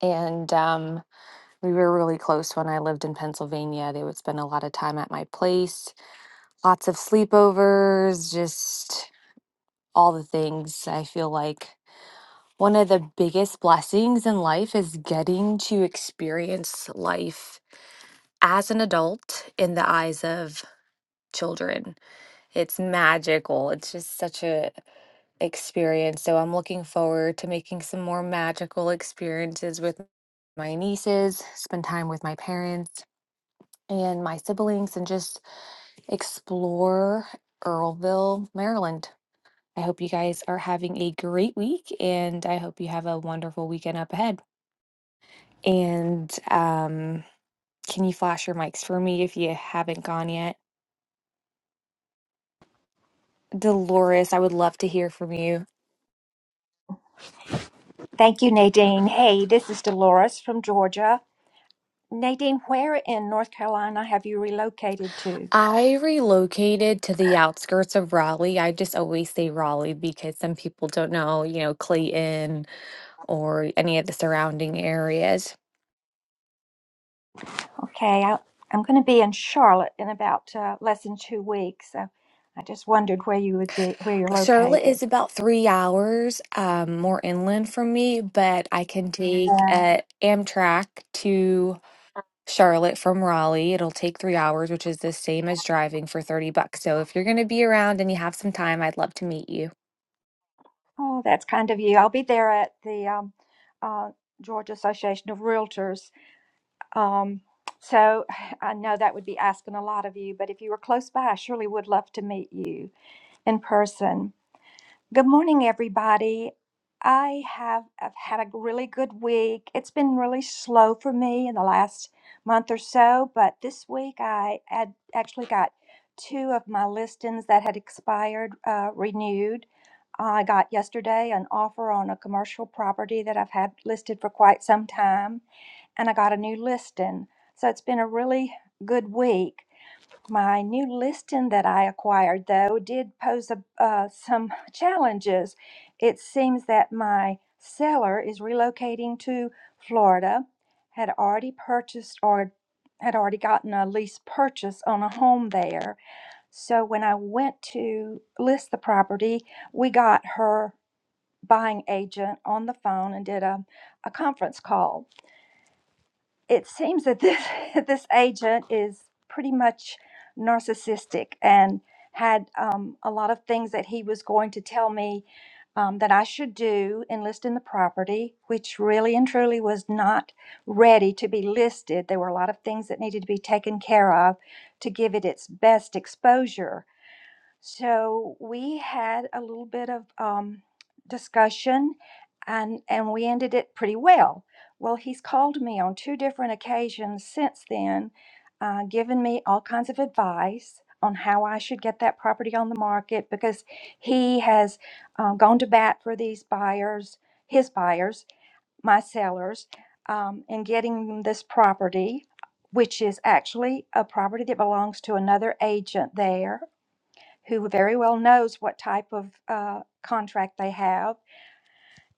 and um, we were really close when I lived in Pennsylvania. They would spend a lot of time at my place, lots of sleepovers, just all the things. I feel like one of the biggest blessings in life is getting to experience life as an adult in the eyes of children. It's magical. It's just such a experience. So I'm looking forward to making some more magical experiences with my nieces, spend time with my parents and my siblings and just explore Earlville, Maryland. I hope you guys are having a great week and I hope you have a wonderful weekend up ahead. And um can you flash your mics for me if you haven't gone yet? Dolores, I would love to hear from you. Thank you, Nadine. Hey, this is Dolores from Georgia. Nadine, where in North Carolina have you relocated to? I relocated to the outskirts of Raleigh. I just always say Raleigh because some people don't know, you know, Clayton or any of the surrounding areas. Okay, I, I'm going to be in Charlotte in about uh, less than two weeks. So I just wondered where you would be, where you're Charlotte is located. about three hours um, more inland from me, but I can take Yeah. uh, Amtrak to Charlotte from Raleigh. It'll take three hours, which is the same as driving for 30 bucks. So if you're going to be around and you have some time, I'd love to meet you. Oh, that's kind of you. I'll be there at the um, uh, Georgia Association of Realtors. Um, so I know that would be asking a lot of you, but if you were close by, I surely would love to meet you in person. Good morning, everybody. I have I've had a really good week. It's been really slow for me in the last month or so, but this week I had actually got two of my listings that had expired uh, renewed. I got yesterday an offer on a commercial property that I've had listed for quite some time, and I got a new listing. So it's been a really good week. My new listing that I acquired, though, did pose a, uh, some challenges. It seems that my seller is relocating to Florida, had already purchased or had already gotten a lease purchase on a home there. So when I went to list the property, we got her buying agent on the phone and did a, a conference call it seems that this this agent is pretty much narcissistic and had um, a lot of things that he was going to tell me um, that I should do in listing the property, which really and truly was not ready to be listed. There were a lot of things that needed to be taken care of to give it its best exposure. So we had a little bit of um, discussion, and and we ended it pretty well. Well, he's called me on two different occasions since then, uh, given me all kinds of advice on how I should get that property on the market because he has um, gone to bat for these buyers, his buyers, my sellers, um, in getting them this property, which is actually a property that belongs to another agent there who very well knows what type of uh, contract they have.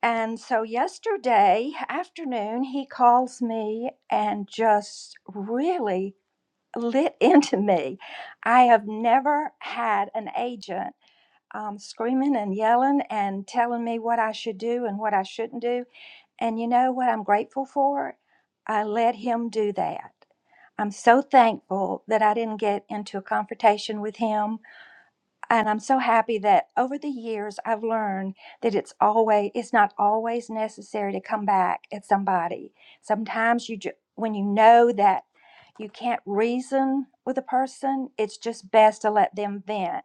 And so yesterday afternoon, he calls me and just really lit into me. I have never had an agent um, screaming and yelling and telling me what I should do and what I shouldn't do. And you know what I'm grateful for? I let him do that. I'm so thankful that I didn't get into a confrontation with him and I'm so happy that over the years I've learned that it's always it's not always necessary to come back at somebody. Sometimes you ju- when you know that you can't reason with a person, it's just best to let them vent.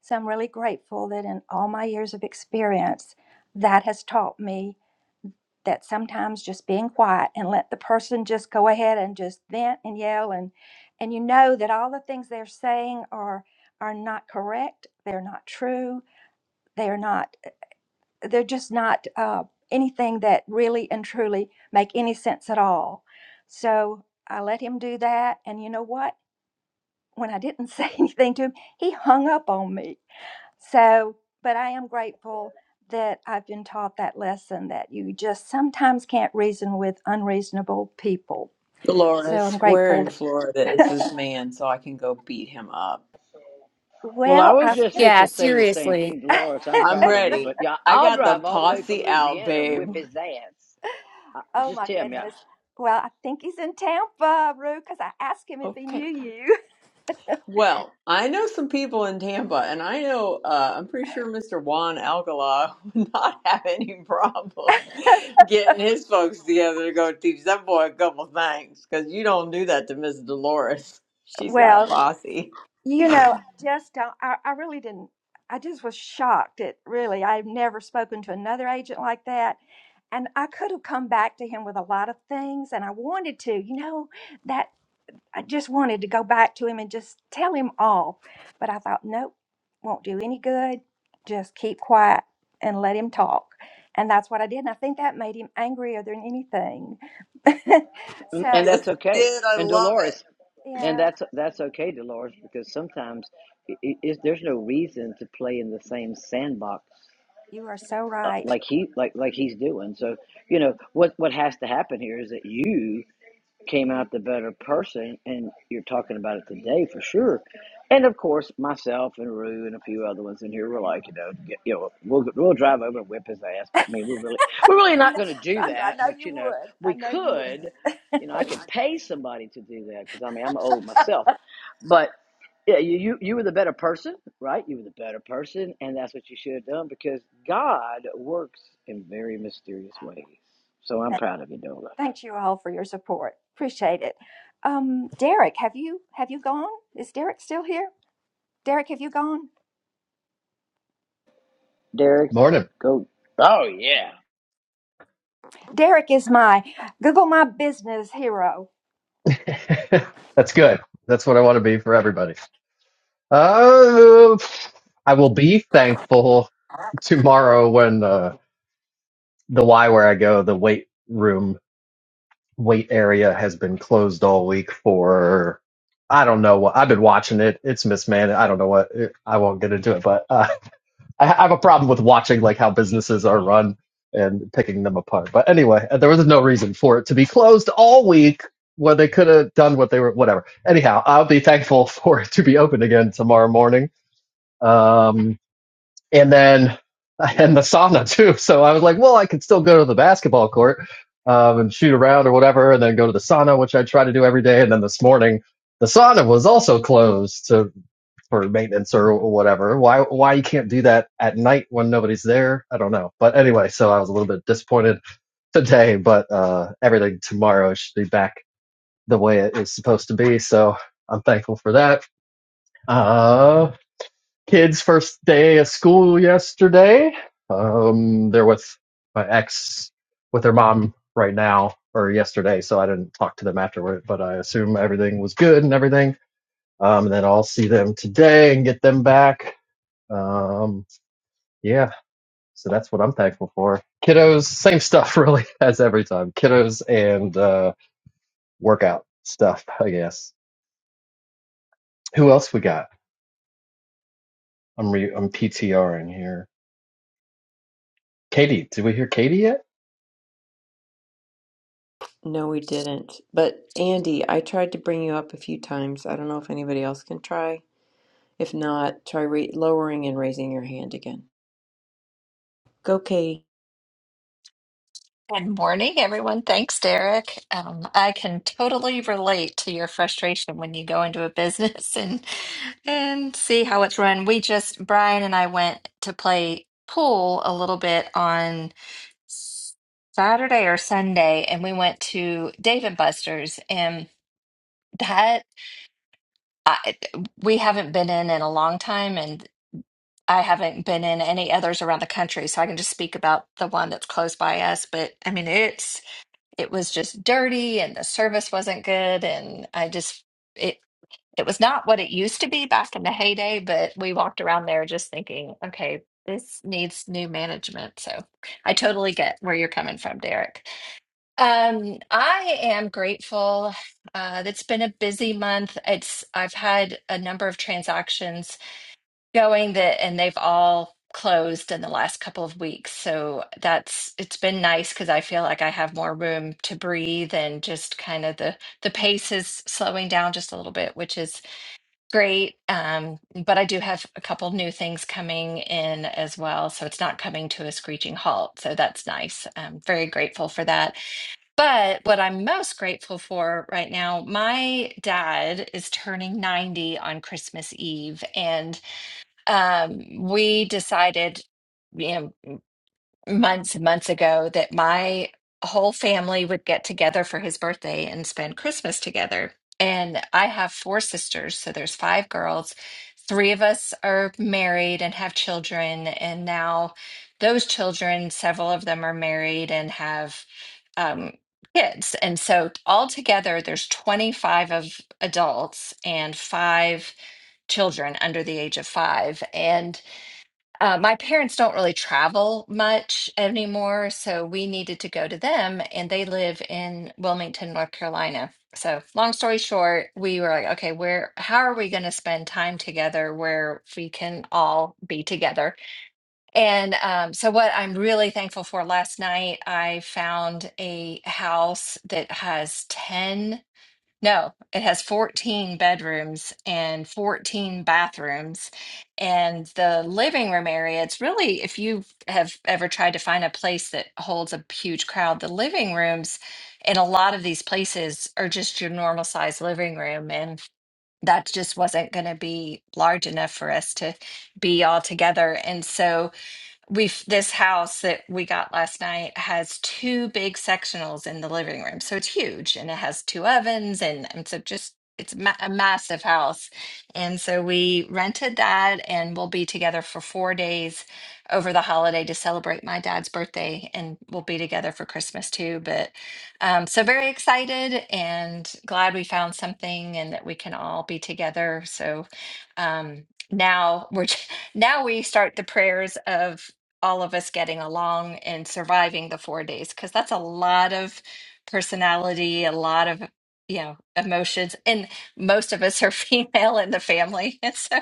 So I'm really grateful that in all my years of experience, that has taught me that sometimes just being quiet and let the person just go ahead and just vent and yell and and you know that all the things they're saying are are not correct they're not true they're not they're just not uh, anything that really and truly make any sense at all so i let him do that and you know what when i didn't say anything to him he hung up on me so, but I am grateful that I've been taught that lesson that you just sometimes can't reason with unreasonable people. So I'm Dolores, where grateful. in Florida is this man so I can go beat him up? Well, I well, was I, just Yeah, fixing to say the same seriously. thing, Dolores. I'm I'm proud of you, ready. but yeah, I I'll got the drive all the way from posse out, Louisiana, and whip babe. his ass. I, oh just my tell me, I, goodness. Well, I think he's in Tampa, Rue, because I asked him if he Okay. knew you. Well, I know some people in Tampa, and I know uh, I'm pretty sure Mr. Juan Alcala would not have any problem getting his folks together to go teach that boy a couple things because you don't do that to Miss Dolores. She's got a Well, posse. you know, I just don't, I, I really didn't, I just was shocked. It really, I've never spoken to another agent like that. And I could have come back to him with a lot of things, and I wanted to, you know, that I just wanted to go back to him and just tell him all. But I thought, nope, won't do any good. Just keep quiet and let him talk. And that's what I did. And I think that made him angrier than anything. so, and that's Yes, it okay. did. I And love it. Dolores, and yeah, that's that's okay, Dolores, because sometimes i i it, there's no reason to play in the same sandbox you are so uh, right. like he like like he's doing. So you know what what has to happen here is that you came out the better person, and you're talking about it today for sure. And of course, myself and Rue and a few other ones in here were like, you know, get, you know, we'll we'll drive over and whip his ass. But I mean, we're really we're really I not know, going to do Sandra, I that. know But you you know, would. we I know you would. could. You know, I could pay somebody to do that because I mean, I'm old myself. But yeah, you, you you were the better person, right? You were the better person, and that's what you should have done because God works in very mysterious ways. So I'm proud of you, Dola. Thanks you all for your support. Appreciate it. Um, Derek, have you have you gone? Is Derek still here? Derek, have you gone? Derek, Morning. go. Oh yeah. Derek is my Google My Business hero That's good. That's what I want to be for everybody. Uh, I will be thankful tomorrow when uh, the Y where I go, the weight room, weight area has been closed all week for, I don't know what, I've been watching it. It's mismanaged. I don't know what, I won't get into it, but uh, I have a problem with watching like how businesses are run and picking them apart. But anyway, uh, there was no reason for it to be closed all week when they could have done what they were. Whatever. Anyhow, I'll be thankful for it to be open again tomorrow morning. Um, and then and the sauna too. So I was like, well, I could still go to the basketball court um, and shoot around or whatever, and then go to the sauna, which I try to do every day. And then this morning, the sauna was also closed. So for maintenance or whatever. Why why you can't do that at night when nobody's there? I don't know. But anyway, so I was a little bit disappointed today, but uh, everything tomorrow should be back the way it is supposed to be. So I'm thankful for that. Uh, kids' first day of school yesterday. Um, they're with my ex with their mom right now or yesterday, so I didn't talk to them afterward. But I assume everything was good and everything. Um, and then I'll see them today and get them back um, yeah, so that's what I'm thankful for. Kiddos, same stuff really as every time. Kiddos and uh, workout stuff, I guess. Who else we got? I'm re- I'm PTRing here. Katie, did we hear Katie yet? No, we didn't. But Andy, I tried to bring you up a few times. I don't know if anybody else can try. If not, try ra lowering and raising your hand again. Go, Katie. Good morning, everyone. Thanks, Derek. Um, I can totally relate to your frustration when you go into a business and and see how it's run. We just Brian and I went to play pool a little bit on Saturday or Sunday, and we went to Dave and Buster's, and that I, we haven't been in in a long time, and I haven't been in any others around the country, so I can just speak about the one that's close by us. But I mean, it's it was just dirty and the service wasn't good and I just it it was not what it used to be back in the heyday, but we walked around there just thinking, okay, this needs new management. So I totally get where you're coming from, Derek. Um, I am grateful. Uh, it's been a busy month. It's I've had a number of transactions going that and they've all closed in the last couple of weeks so that's it's been nice because i feel like i have more room to breathe and just kind of the the pace is slowing down just a little bit which is great um, but i do have a couple new things coming in as well so it's not coming to a screeching halt so that's nice i'm very grateful for that but what i'm most grateful for right now my dad is turning 90 on christmas eve and um, we decided, you know, months and months ago that my whole family would get together for his birthday and spend Christmas together. And I have four sisters, so there's five girls. Three of us are married and have children, and now those children, several of them are married and have um, kids. And so altogether, there's 25 of adults and five children under the age of five. And uh, my parents don't really travel much anymore, so we needed to go to them, and they live in Wilmington, North Carolina. So, long story short, we were like, okay, where, how are we going to spend time together where we can all be together? And um, so, what I'm really thankful for last night, I found a house that has 10 no, it has 14 bedrooms and 14 bathrooms. And the living room area, it's really, if you have ever tried to find a place that holds a huge crowd, the living rooms in a lot of these places are just your normal size living room. And that just wasn't going to be large enough for us to be all together. And so we've this house that we got last night has two big sectionals in the living room so it's huge and it has two ovens and, and so just it's ma- a massive house and so we rented that and we'll be together for four days over the holiday to celebrate my dad's birthday and we'll be together for christmas too but um, so very excited and glad we found something and that we can all be together so um, now we're now we start the prayers of all of us getting along and surviving the four days because that's a lot of personality, a lot of you know emotions, and most of us are female in the family, and so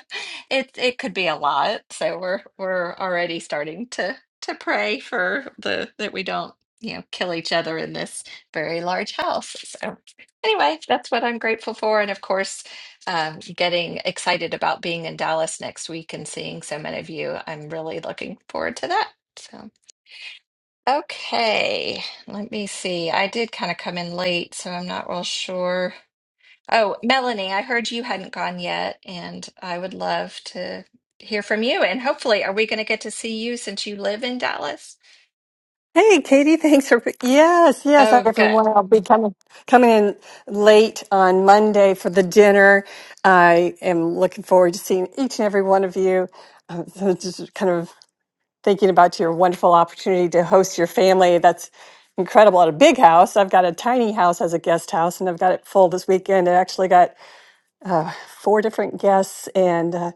it it could be a lot. So we're we're already starting to to pray for the that we don't you know kill each other in this very large house. So anyway, that's what I'm grateful for, and of course um, getting excited about being in Dallas next week and seeing so many of you. I'm really looking forward to that. So, okay, let me see. I did kind of come in late, so I'm not real sure. Oh, Melanie, I heard you hadn't gone yet, and I would love to hear from you. And hopefully, are we going to get to see you since you live in Dallas? Hey, Katie, thanks for yes, yes, Oh, good. everyone. I'll be coming coming in late on Monday for the dinner. I am looking forward to seeing each and every one of you. Um, so just kind of thinking about your wonderful opportunity to host your family. That's incredible at a big house. I've got a tiny house as a guest house, and I've got it full this weekend. I actually got four different guests and uh,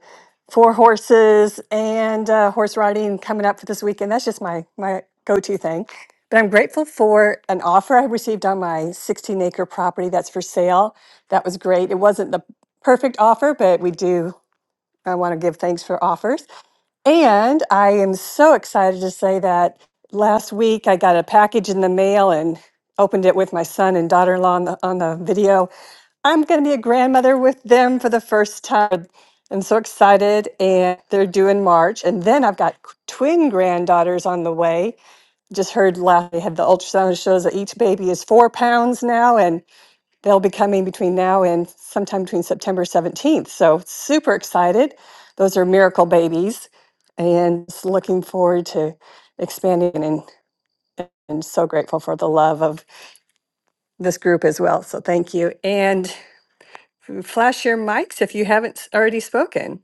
four horses and uh, horse riding coming up for this weekend. That's just my my go-to thing. But I'm grateful for an offer I received on my 16 acre property that's for sale. That was great. It wasn't the perfect offer, but we do. I want to give thanks for offers. And I am so excited to say that last week I got a package in the mail and opened it with my son and daughter-in-law on the, on the video I'm going to be a grandmother with them for the first time. I'm so excited, and they're due in March. And then I've got twin granddaughters on the way. Just heard last they had the ultrasound that shows that each baby is four pounds now, and they'll be coming between now and sometime between September 17th. So super excited. Those are miracle babies, and just looking forward to expanding and. And so grateful for the love of this group as well. So thank you. And F- Flash your mics if you haven't s- already spoken.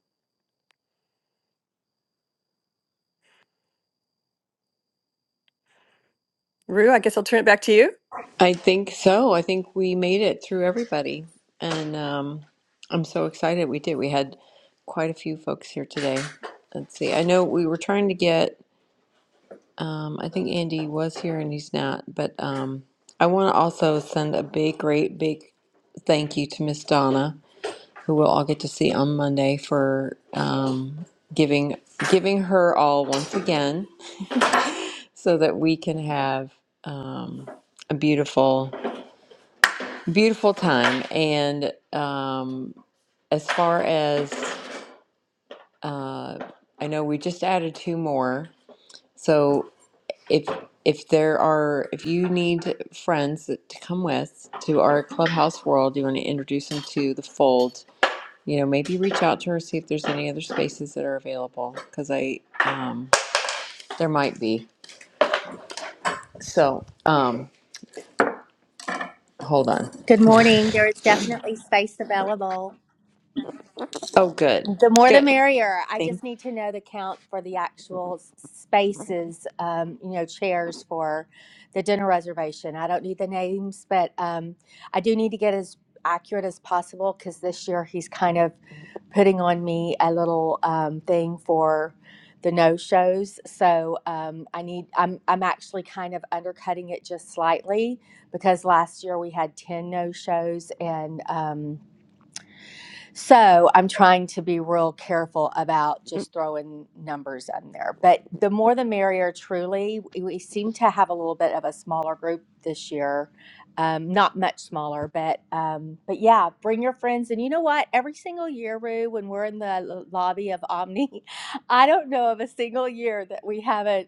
Rue, I guess I'll turn it back to you. I think so. I think we made it through everybody. And um, I'm so excited we did. We had quite a few folks here today. Let's see. I know we were trying to get, um, I think Andy was here and he's not, but um, I want to also send a big, great, big thank you to Miss Donna. who we'll all get to see on Monday for um, giving giving her all once again, so that we can have um, a beautiful beautiful time. And um, as far as uh, I know, we just added two more. So if if there are if you need friends to come with to our clubhouse world, you want to introduce them to the fold you know, maybe reach out to her, see if there's any other spaces that are available, because I, um, there might be. So, um, hold on. Good morning. There is definitely space available. Oh, good, The more the good. merrier. I Thank, just need to know the count for the actual s- spaces, um, you know, chairs for the dinner reservation. I don't need the names, but um, I do need to get as accurate as possible because this year he's kind of putting on me a little um, thing for the no shows. So um, I need, I'm, I'm actually kind of undercutting it just slightly because last year we had 10 no shows and, um, so I'm trying to be real careful about just throwing numbers in there. But the more the merrier, truly. We we seem to have a little bit of a smaller group this year. Um, not much smaller, but um, but yeah, bring your friends. And you know what? Every single year, Rue, when we're in the lo- lobby of Omni, I don't know of a single year that we haven't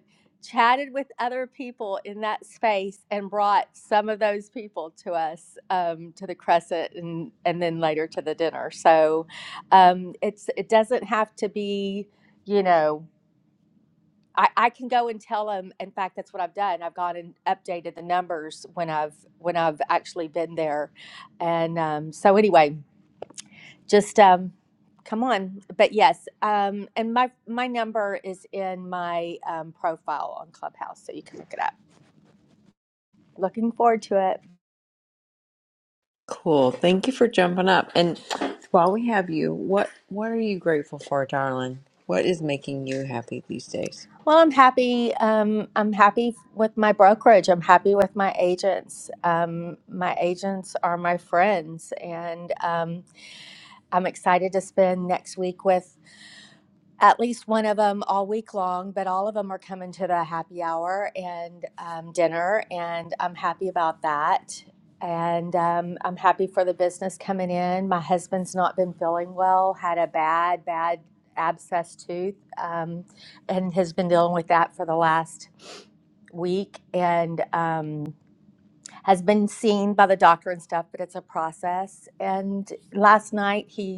chatted with other people in that space and brought some of those people to us um, to the crescent and and then later to the dinner so um, it's it doesn't have to be you know I, I can go and tell them in fact that's what i've done i've gone and updated the numbers when i've when i've actually been there and um, so anyway just um, come on but yes um, and my my number is in my um, profile on clubhouse so you can look it up Looking forward to it. cool. Thank you for jumping up. And while we have you, what what are you grateful for, darling? What is making you happy these days? Well, I'm happy. Um, I'm happy with my brokerage. I'm happy with my agents. Um, my agents are my friends, and um, I'm excited to spend next week with at least one of them all week long, but all of them are coming to the happy hour and um, dinner, and I'm happy about that. And um, I'm happy for the business coming in. My husband's not been feeling well, had a bad, bad abscess tooth, um, and has been dealing with that for the last week and um, has been seen by the doctor and stuff, but it's a process. And last night he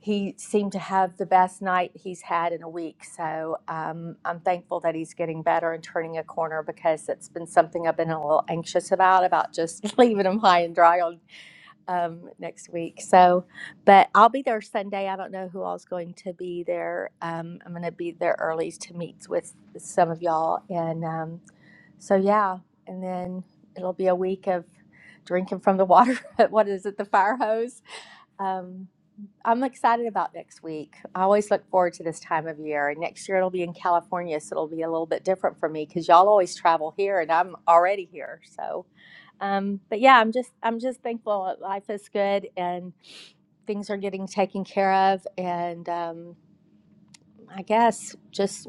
he seemed to have the best night he's had in a week. So um, I'm thankful that he's getting better and turning a corner because it's been something I've been a little anxious about, about just leaving him high and dry on um, next week. So, but I'll be there Sunday. I don't know who all's going to be there. Um, I'm going to be there early to meet with some of y'all. And um, so, yeah. And then it'll be a week of drinking from the water. what is it? The fire hose. Um, I'm excited about next week. I always look forward to this time of year. next year it'll be in California, so it'll be a little bit different for me because y'all always travel here, and I'm already here. So, um, but yeah, I'm just I'm just thankful that life is good and things are getting taken care of, and um, I guess just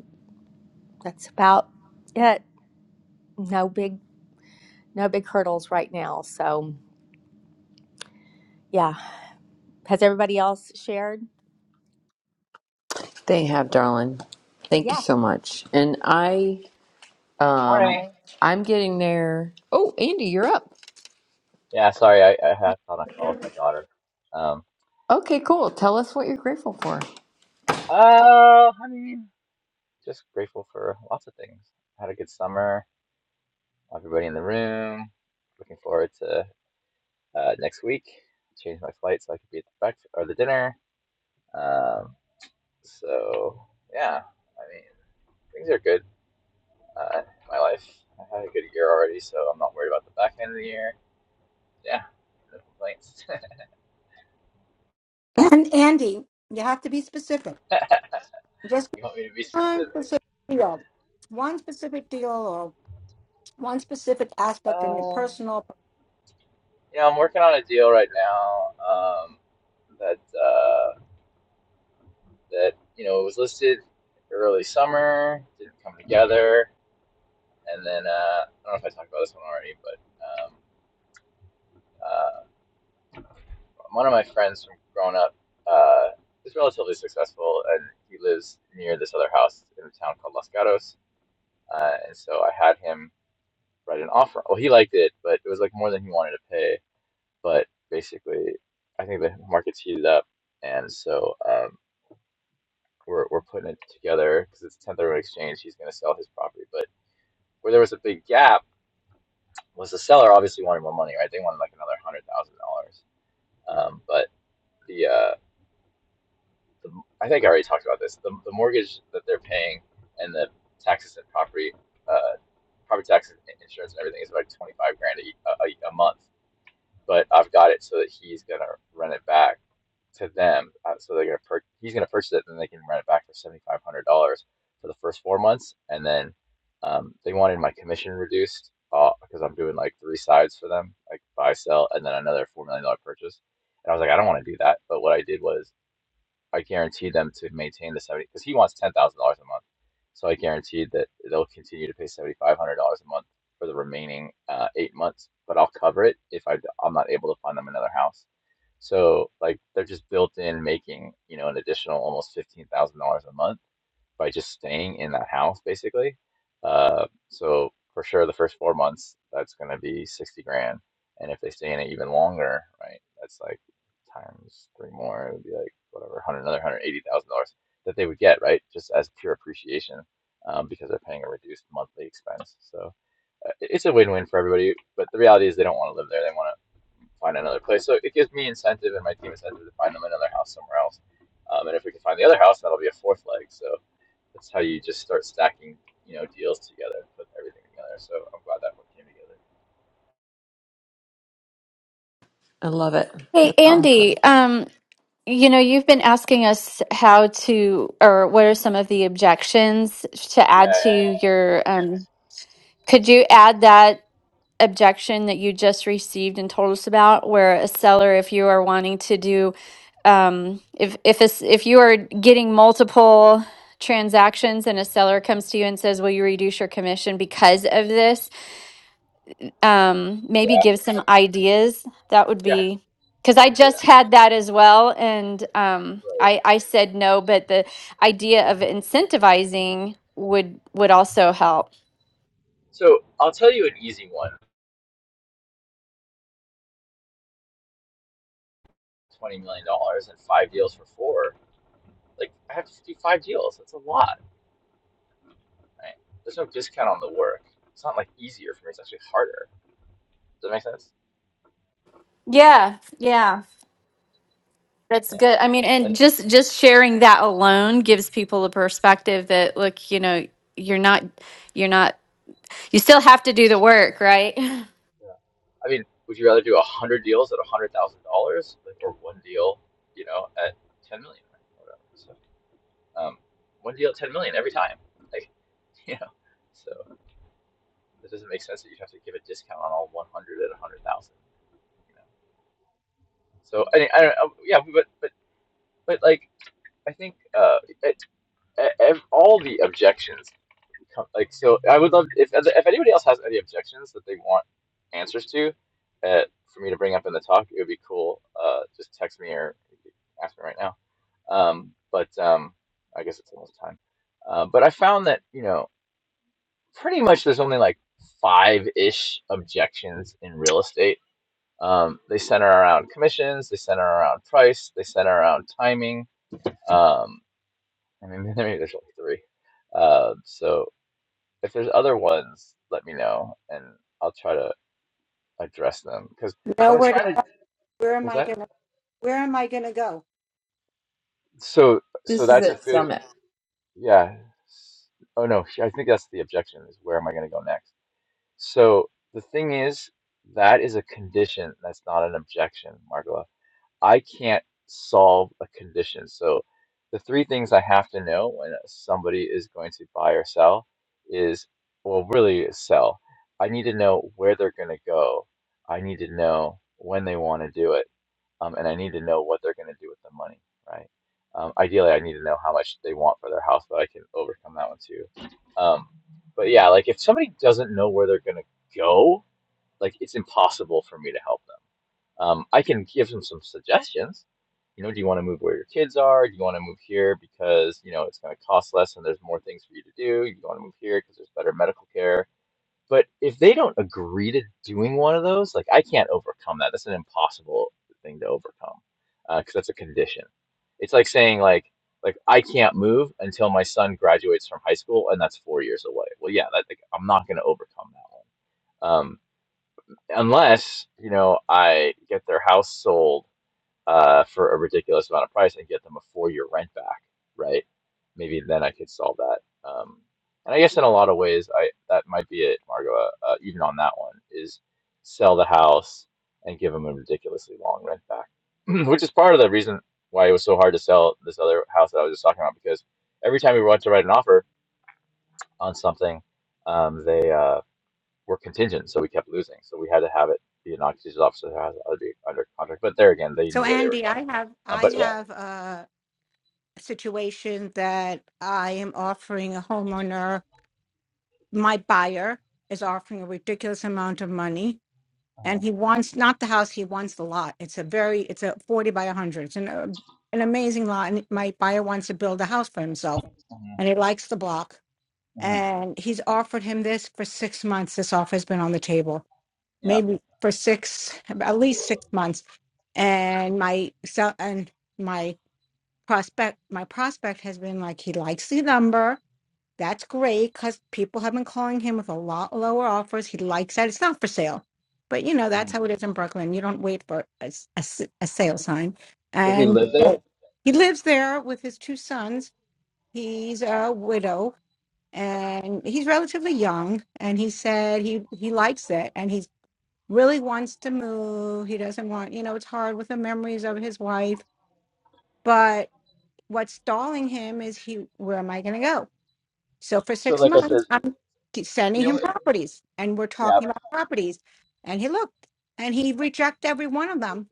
that's about it. No big no big hurdles right now. So yeah, has everybody else shared? They have, darling. Thank you Yeah, so much. And I, um, Morning. I'm getting there. Oh, Andy, you're up. Yeah, sorry, I, I had on a call with my daughter. Um, Okay, cool. Tell us what you're grateful for. uh, I mean, just grateful for lots of things. Had a good summer. Everybody in the room. Looking forward to uh, next week. Changed my flight so I could be at the breakfast or the dinner. Um, so yeah, I mean, things are good. Uh, in my life. I had a good year already, so I'm not worried about the back end of the year. Yeah, no complaints. And Andy, you have to be specific. Just You want me to be one specific? specific deal, one specific deal, or one specific aspect in your Uh. personal. Yeah, I'm working on a deal right now um, that uh, that you know was listed early summer, didn't come together, and then uh, I don't know if I talked about this one already, but um, uh, one of my friends from growing up uh, is relatively successful, and he lives near this other house in a town called Los Gatos, uh, and so I had him write an offer. Well, he liked it, but it was like more than he wanted to pay. But basically, I think the market's heated up, and so. Um, we're, we're putting it together because it's 10th Urban Exchange. He's going to sell his property. But where there was a big gap was the seller obviously wanted more money, right? They wanted like another $100,000. Um, but the, uh, the, I think I already talked about this. The, the mortgage that they're paying and the taxes and property, uh, property taxes, and insurance, and everything is like 25 grand a, a, a month. but I've got it so that he's gonna rent it back to them. Uh, So they're gonna per- he's gonna purchase it, and they can rent it back for seventy five hundred dollars for the first four months, and then um, they wanted my commission reduced uh, because I'm doing like three sides for them, like buy, sell, and then another four million dollar purchase. And I was like, I don't want to do that. But what I did was I guaranteed them to maintain the seventy because he wants ten thousand dollars a month. So I guaranteed that they'll continue to pay seventy five hundred dollars a month for the remaining uh, eight months, but I'll cover it if I am not able to find them another house. So like they're just built in making you know an additional almost fifteen thousand dollars a month by just staying in that house basically. Uh, so for sure, the first four months, that's going to be 60 grand. And if they stay in it even longer, right, that's like times three more, it would be like whatever, 100, another $180,000 that they would get, right, just as pure appreciation um, because they're paying a reduced monthly expense. So uh, it- it's a win win for everybody. But the reality is, they don't want to live there. They want to find another place. So it gives me incentive and my team incentive to find them another house somewhere else. Um, and if we can find the other house, that'll be a fourth leg. So that's how you just start stacking, you know, deals together, put everything together. So I'm glad that one came together. I love it. Hey, That's awesome. Andy, um, you know, you've been asking us how to, or what are some of the objections to Yeah, add to yeah, your, um, could you add that? objection that you just received and told us about where a seller if you are wanting to do um, if if a s if you are getting multiple transactions and a seller comes to you and says will you reduce your commission because of this um, maybe yeah, give I, some ideas that would yeah, be because I i can do just that. had that as well and um, Right. I, I said no but the idea of incentivizing would would also help So I'll tell you an easy one: twenty million dollars and five deals for four. Like I have to do five deals. That's a lot. Right? There's no discount on the work. It's not like easier for me. It's actually harder. Does that make sense? yeah yeah That's Yeah. good. I mean, and Like, just just sharing that alone gives people a perspective that look, you know, you're not you're not you still have to do the work, right? yeah. I mean, would you rather do a hundred deals at a hundred thousand dollars, like, or one deal, you know, at ten million? Or whatever? So Um, when's the yield 10 million every time? Like, you know, so it doesn't make sense that you'd have to give a discount on all 100 at 100,000. You know, so I, I don't know, yeah, but but but like I think uh, it, e- all the objections come like so. I would love if if anybody else has any objections that they want answers to, uh, for me to bring up in the talk, it would be cool. Uh, just text me or ask me right now. Um, but um, I guess it's almost time. Uh, but I found that you know pretty much there's only like five-ish objections in real estate. Um, they center around commissions, they center around price, they center around timing. Um, I mean, maybe there's like three. Uh, so if there's other ones, let me know and I'll try to address them. Because what Know I'm where to, trying to where am was I that gonna where am I gonna go? so so This is that's a at good Summit. yeah. Oh no, I think that's the objection is where am I going to go next? So the thing is, that is a condition. That's not an objection, Margola. I can't solve a condition. So the three things I have to know when somebody is going to buy or sell is, well, really sell. I need to know where they're going to go. I need to know when they want to do it um, and I need to know what they're going to do with the money, right? Um, ideally, I need to know how much they want for their house, but I can overcome that one too. Um, but yeah, like if somebody doesn't know where they're going to go, like it's impossible for me to help them. Um, I can give them some suggestions. You know, do you want to move where your kids are? Do you want to move here because you know it's going to cost less and there's more things for you to do? Do you want to move here because there's better medical care? But if they don't agree to doing one of those, like I can't overcome that. That's an impossible thing to overcome because uh, that's a condition. It's like saying like like I can't move until my son graduates from high school, and that's four years away. Well, yeah, that, like, I'm not going to overcome that one um, unless you know I get their house sold uh, for a ridiculous amount of price and get them a four year rent back, right? Maybe then I could solve that. Um, and I guess in a lot of ways, I that might be it, Margo. Uh, uh, even on that one, is sell the house and give them a ridiculously long rent back, which is part of the reason why it was so hard to sell this other house that I was just talking about because every time we went to write an offer on something, um, they uh, were contingent, so we kept losing. So we had to have it be an oxygen officer who has to be under contract. But there again, they So knew where they were Andy, going. I have Um, I but yeah, have a situation that I am offering a homeowner. My buyer is offering a ridiculous amount of money uh and he wants not the house he wants the lot it's a very it's a 40 by 100 it's an, uh, an amazing lot and my buyer wants to build a house for himself hmm and he likes the block hmm and he's offered him this for six months this offer has been on the table yeah. maybe for six at least six months and my so and my prospect my prospect has been like he likes the number that's great because people have been calling him with a lot lower offers. He likes that. It's not for sale. But you know, that's hmm how it is in Brooklyn. You don't wait for a, s- a s- a sale sign. Does he And live there? uh, he lives there with his two sons. He's a widow and he's relatively young. And he said he, he likes it and he really wants to move. He doesn't want, you know, it's hard with the memories of his wife. But what's stalling him is he, where am I going to go? So for So six like I said, months, I'm ke- sending the him only properties and we're yeah. talking about properties. And he looked and he rejected every one of them.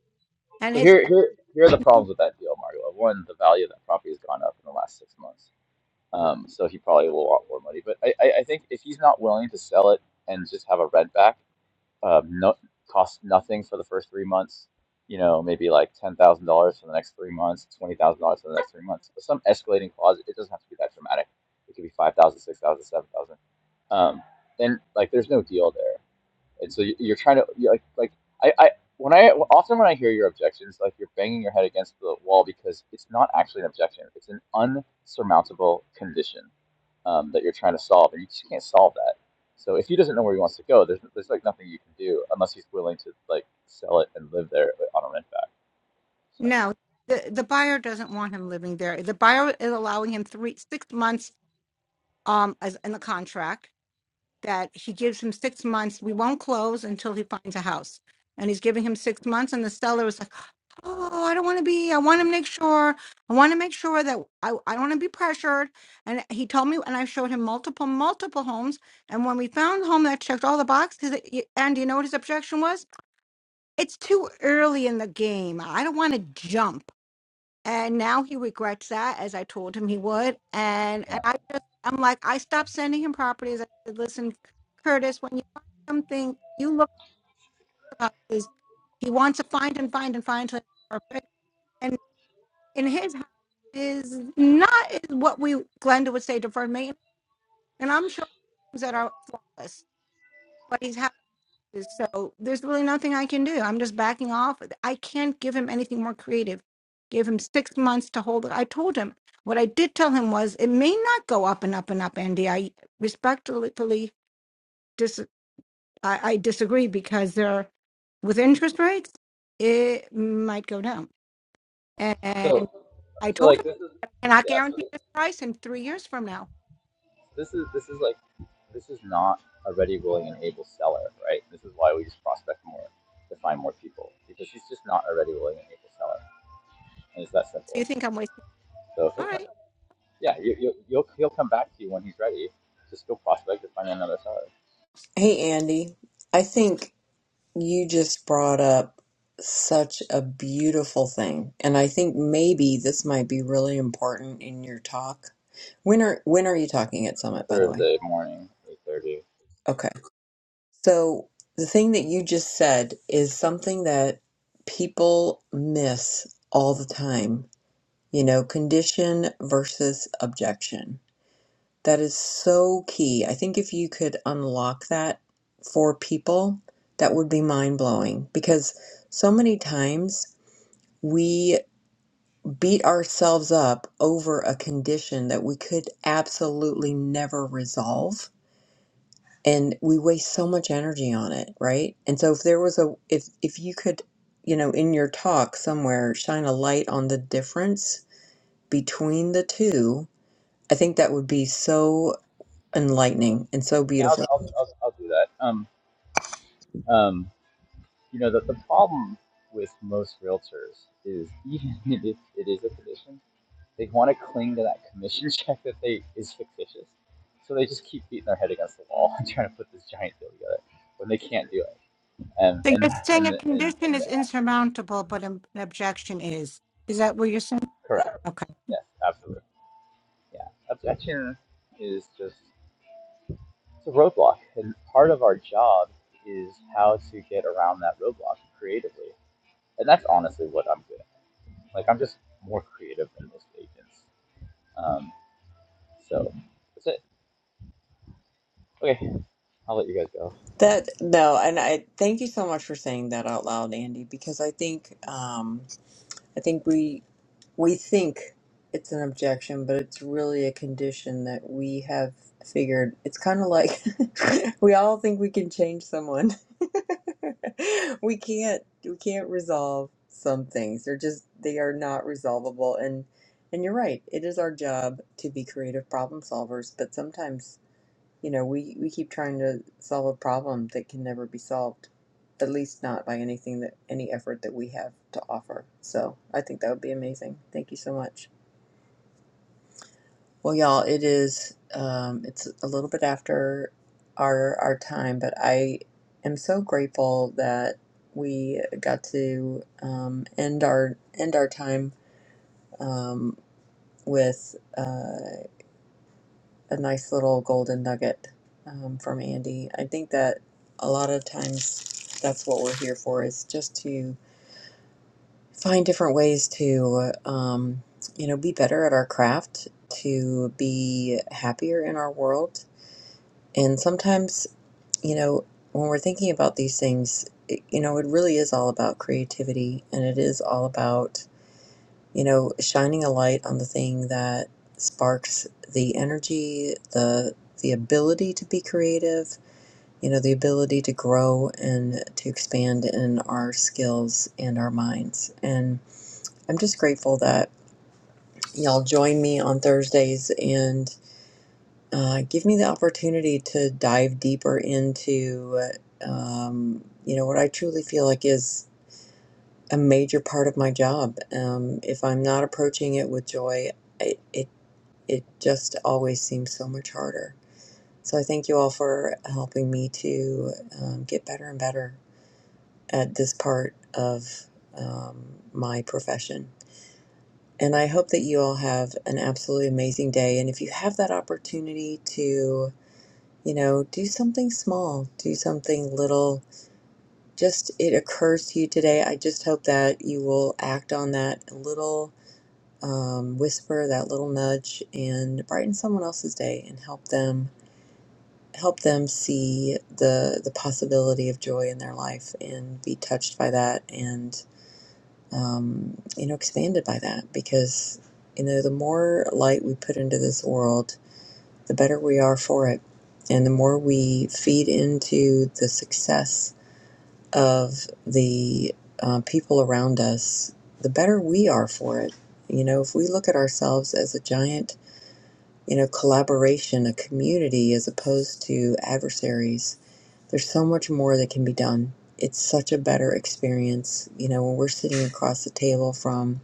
And So his here here here are the problems with that deal, Mario. One, the value of that property has gone up in the last six months. Um, so he probably will want more money. But I, I, I think if he's not willing to sell it and just have a rent back um, no, cost nothing for the first three months. You know, maybe like ten thousand dollars for the next three months, twenty thousand dollars for the next three months, but some escalating clause. It doesn't have to be that dramatic. It could be five thousand, dollars, six thousand, dollars, seven thousand. dollars. Um, and like, there's no deal there and so you- are trying to you're like like I, I when I often when I hear your objections, like you're banging your head against the wall because it's not actually an objection; it's an unsurmountable condition um, that you're trying to solve, and you just can't solve that. So if he doesn't know where he wants to go, there's there's like nothing you can do unless he's willing to like sell it and live there like, on a rent back. So no, the, the buyer doesn't want him living there. The buyer is allowing him three six months um as in the contract that he gives him six months. We won't close until he finds a house. And he's giving him six months and the seller is oh, I don't want to be. I want to make sure. I want to make sure that I, I don't want to be pressured. And he told me, and I showed him multiple, multiple homes. And when we found the home that checked all the boxes, he- and you know what his objection was? It's too early in the game. I don't want to jump. And now he regrets that, as I told him he would. And and yeah. I just, I'm like, I stopped sending him properties. I said, listen, Curtis, when you find something, you look at the boxes. He wants to find and find and find until it's perfect in his house is not is what we Glenda would say deferred maintenance. And I'm sure things that are flawless, but he's happy. So there's really nothing I can do. I'm just backing off. I can't give him anything more creative. Give him six months to hold it. I told him what I did tell him was it may not go up and up and up, Andy. I respectfully dis I, I disagree because there with interest rates, it might go down. So I so told like him, this is and I cannot yeah. So guarantee this price in three years from now. this is this is like this is not a ready, willing, and able seller, right? This is why we just prospect more to find more people because she's just not a ready, willing, and able seller, and it's that So you simple. think I'm wasting? So he'll All come, right. yeah, you, you, you'll he'll come back to you when he's ready. Just go prospect to find another seller. Hey, Andy. I think you just brought up such a beautiful thing, and I think maybe this might be really important in your talk. When are when are you talking at Summit, by the way? Thursday morning, eight thirty. Okay. So the thing that you just said is something that people miss all the time, you know, condition versus objection. That is so key. I think if you could unlock that for people, that would be mind blowing because so many times we beat ourselves up over a condition that we could absolutely never resolve and we waste so much energy on it, right? And so if there was a if if you could, you know, in your talk somewhere shine a light on the difference between the two, I think that would be so enlightening and so Yeah, beautiful. I'll, I'll, I'll, I'll do that. Um, um, you know that the problem with most realtors is even if it is a condition, they want to cling to that commission check that they is fictitious. So they just keep beating their head against the wall and trying to put this giant deal together when they can't do it. And So and you're saying and a the, and, condition and the, is insurmountable, but an an objection is. Is that what you're saying? correct. Okay. Yes, absolutely. Yeah, objection is just it's a roadblock, and part of our job is how to get around that roadblock creatively. And that's honestly what I'm good at. Like I'm just more creative than most agents. Um, so that's it. Okay, I'll let you guys go. That no, and I thank you so much for saying that out loud, Andy, because I think um, I think we we think it's an objection, but it's really a condition that we have figured. It's kind of like we all think we can change someone. we can't we can't resolve some things. They're just they are not resolvable, and and you're right. It is our job to be creative problem solvers, but sometimes you know, we we keep trying to solve a problem that can never be solved, at least not by anything that any effort that we have to offer. So I think that would be amazing. Thank you so much. Well, y'all, it is um, it's a little bit after our our time, but I am so grateful that we got to um, end our end our time um, with. Uh, a nice little golden nugget um, from Andy. I think that a lot of times that's what we're here for is just to find different ways to, um, you know, be better at our craft, to be happier in our world. And sometimes, you know, when we're thinking about these things, it, you know, it really is all about creativity and it is all about you know, shining a light on the thing that sparks the energy, the the ability to be creative, you know, the ability to grow and to expand in our skills and our minds. And I'm just grateful that y'all join me on Thursdays and uh, give me the opportunity to dive deeper into, um, you know, what I truly feel like is a major part of my job. Um, if I'm not approaching it with joy, it it it just always seems so much harder. So I thank you all for helping me to um, get better and better at this part of um, my profession. And I hope that you all have an absolutely amazing day. And if you have that opportunity to, you know, do something small, do something little, just it occurs to you today. I just hope that you will act on that little um, whisper, that little nudge, and brighten someone else's day and help them help them see the the possibility of joy in their life and be touched by that and um, you know expanded by that because you know the more light we put into this world the better we are for it and the more we feed into the success of the uh, people around us the better we are for it you know if we look at ourselves as a giant you know collaboration a community as opposed to adversaries there's so much more that can be done. It's such a better experience. You know, when we're sitting across the table from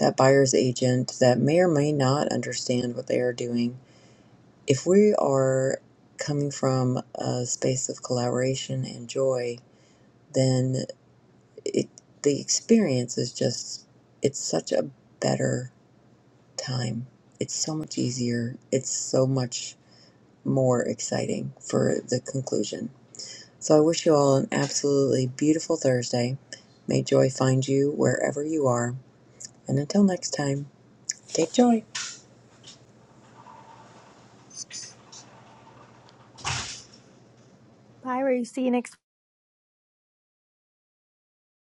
that buyer's agent that may or may not understand what they are doing, if we are coming from a space of collaboration and joy, then it the experience is just it's such a better time. It's so much easier. It's so much more exciting for the conclusion. So I wish you all an absolutely beautiful Thursday. May joy find you wherever you are. And until next time, take joy. Bye. Byra, see you next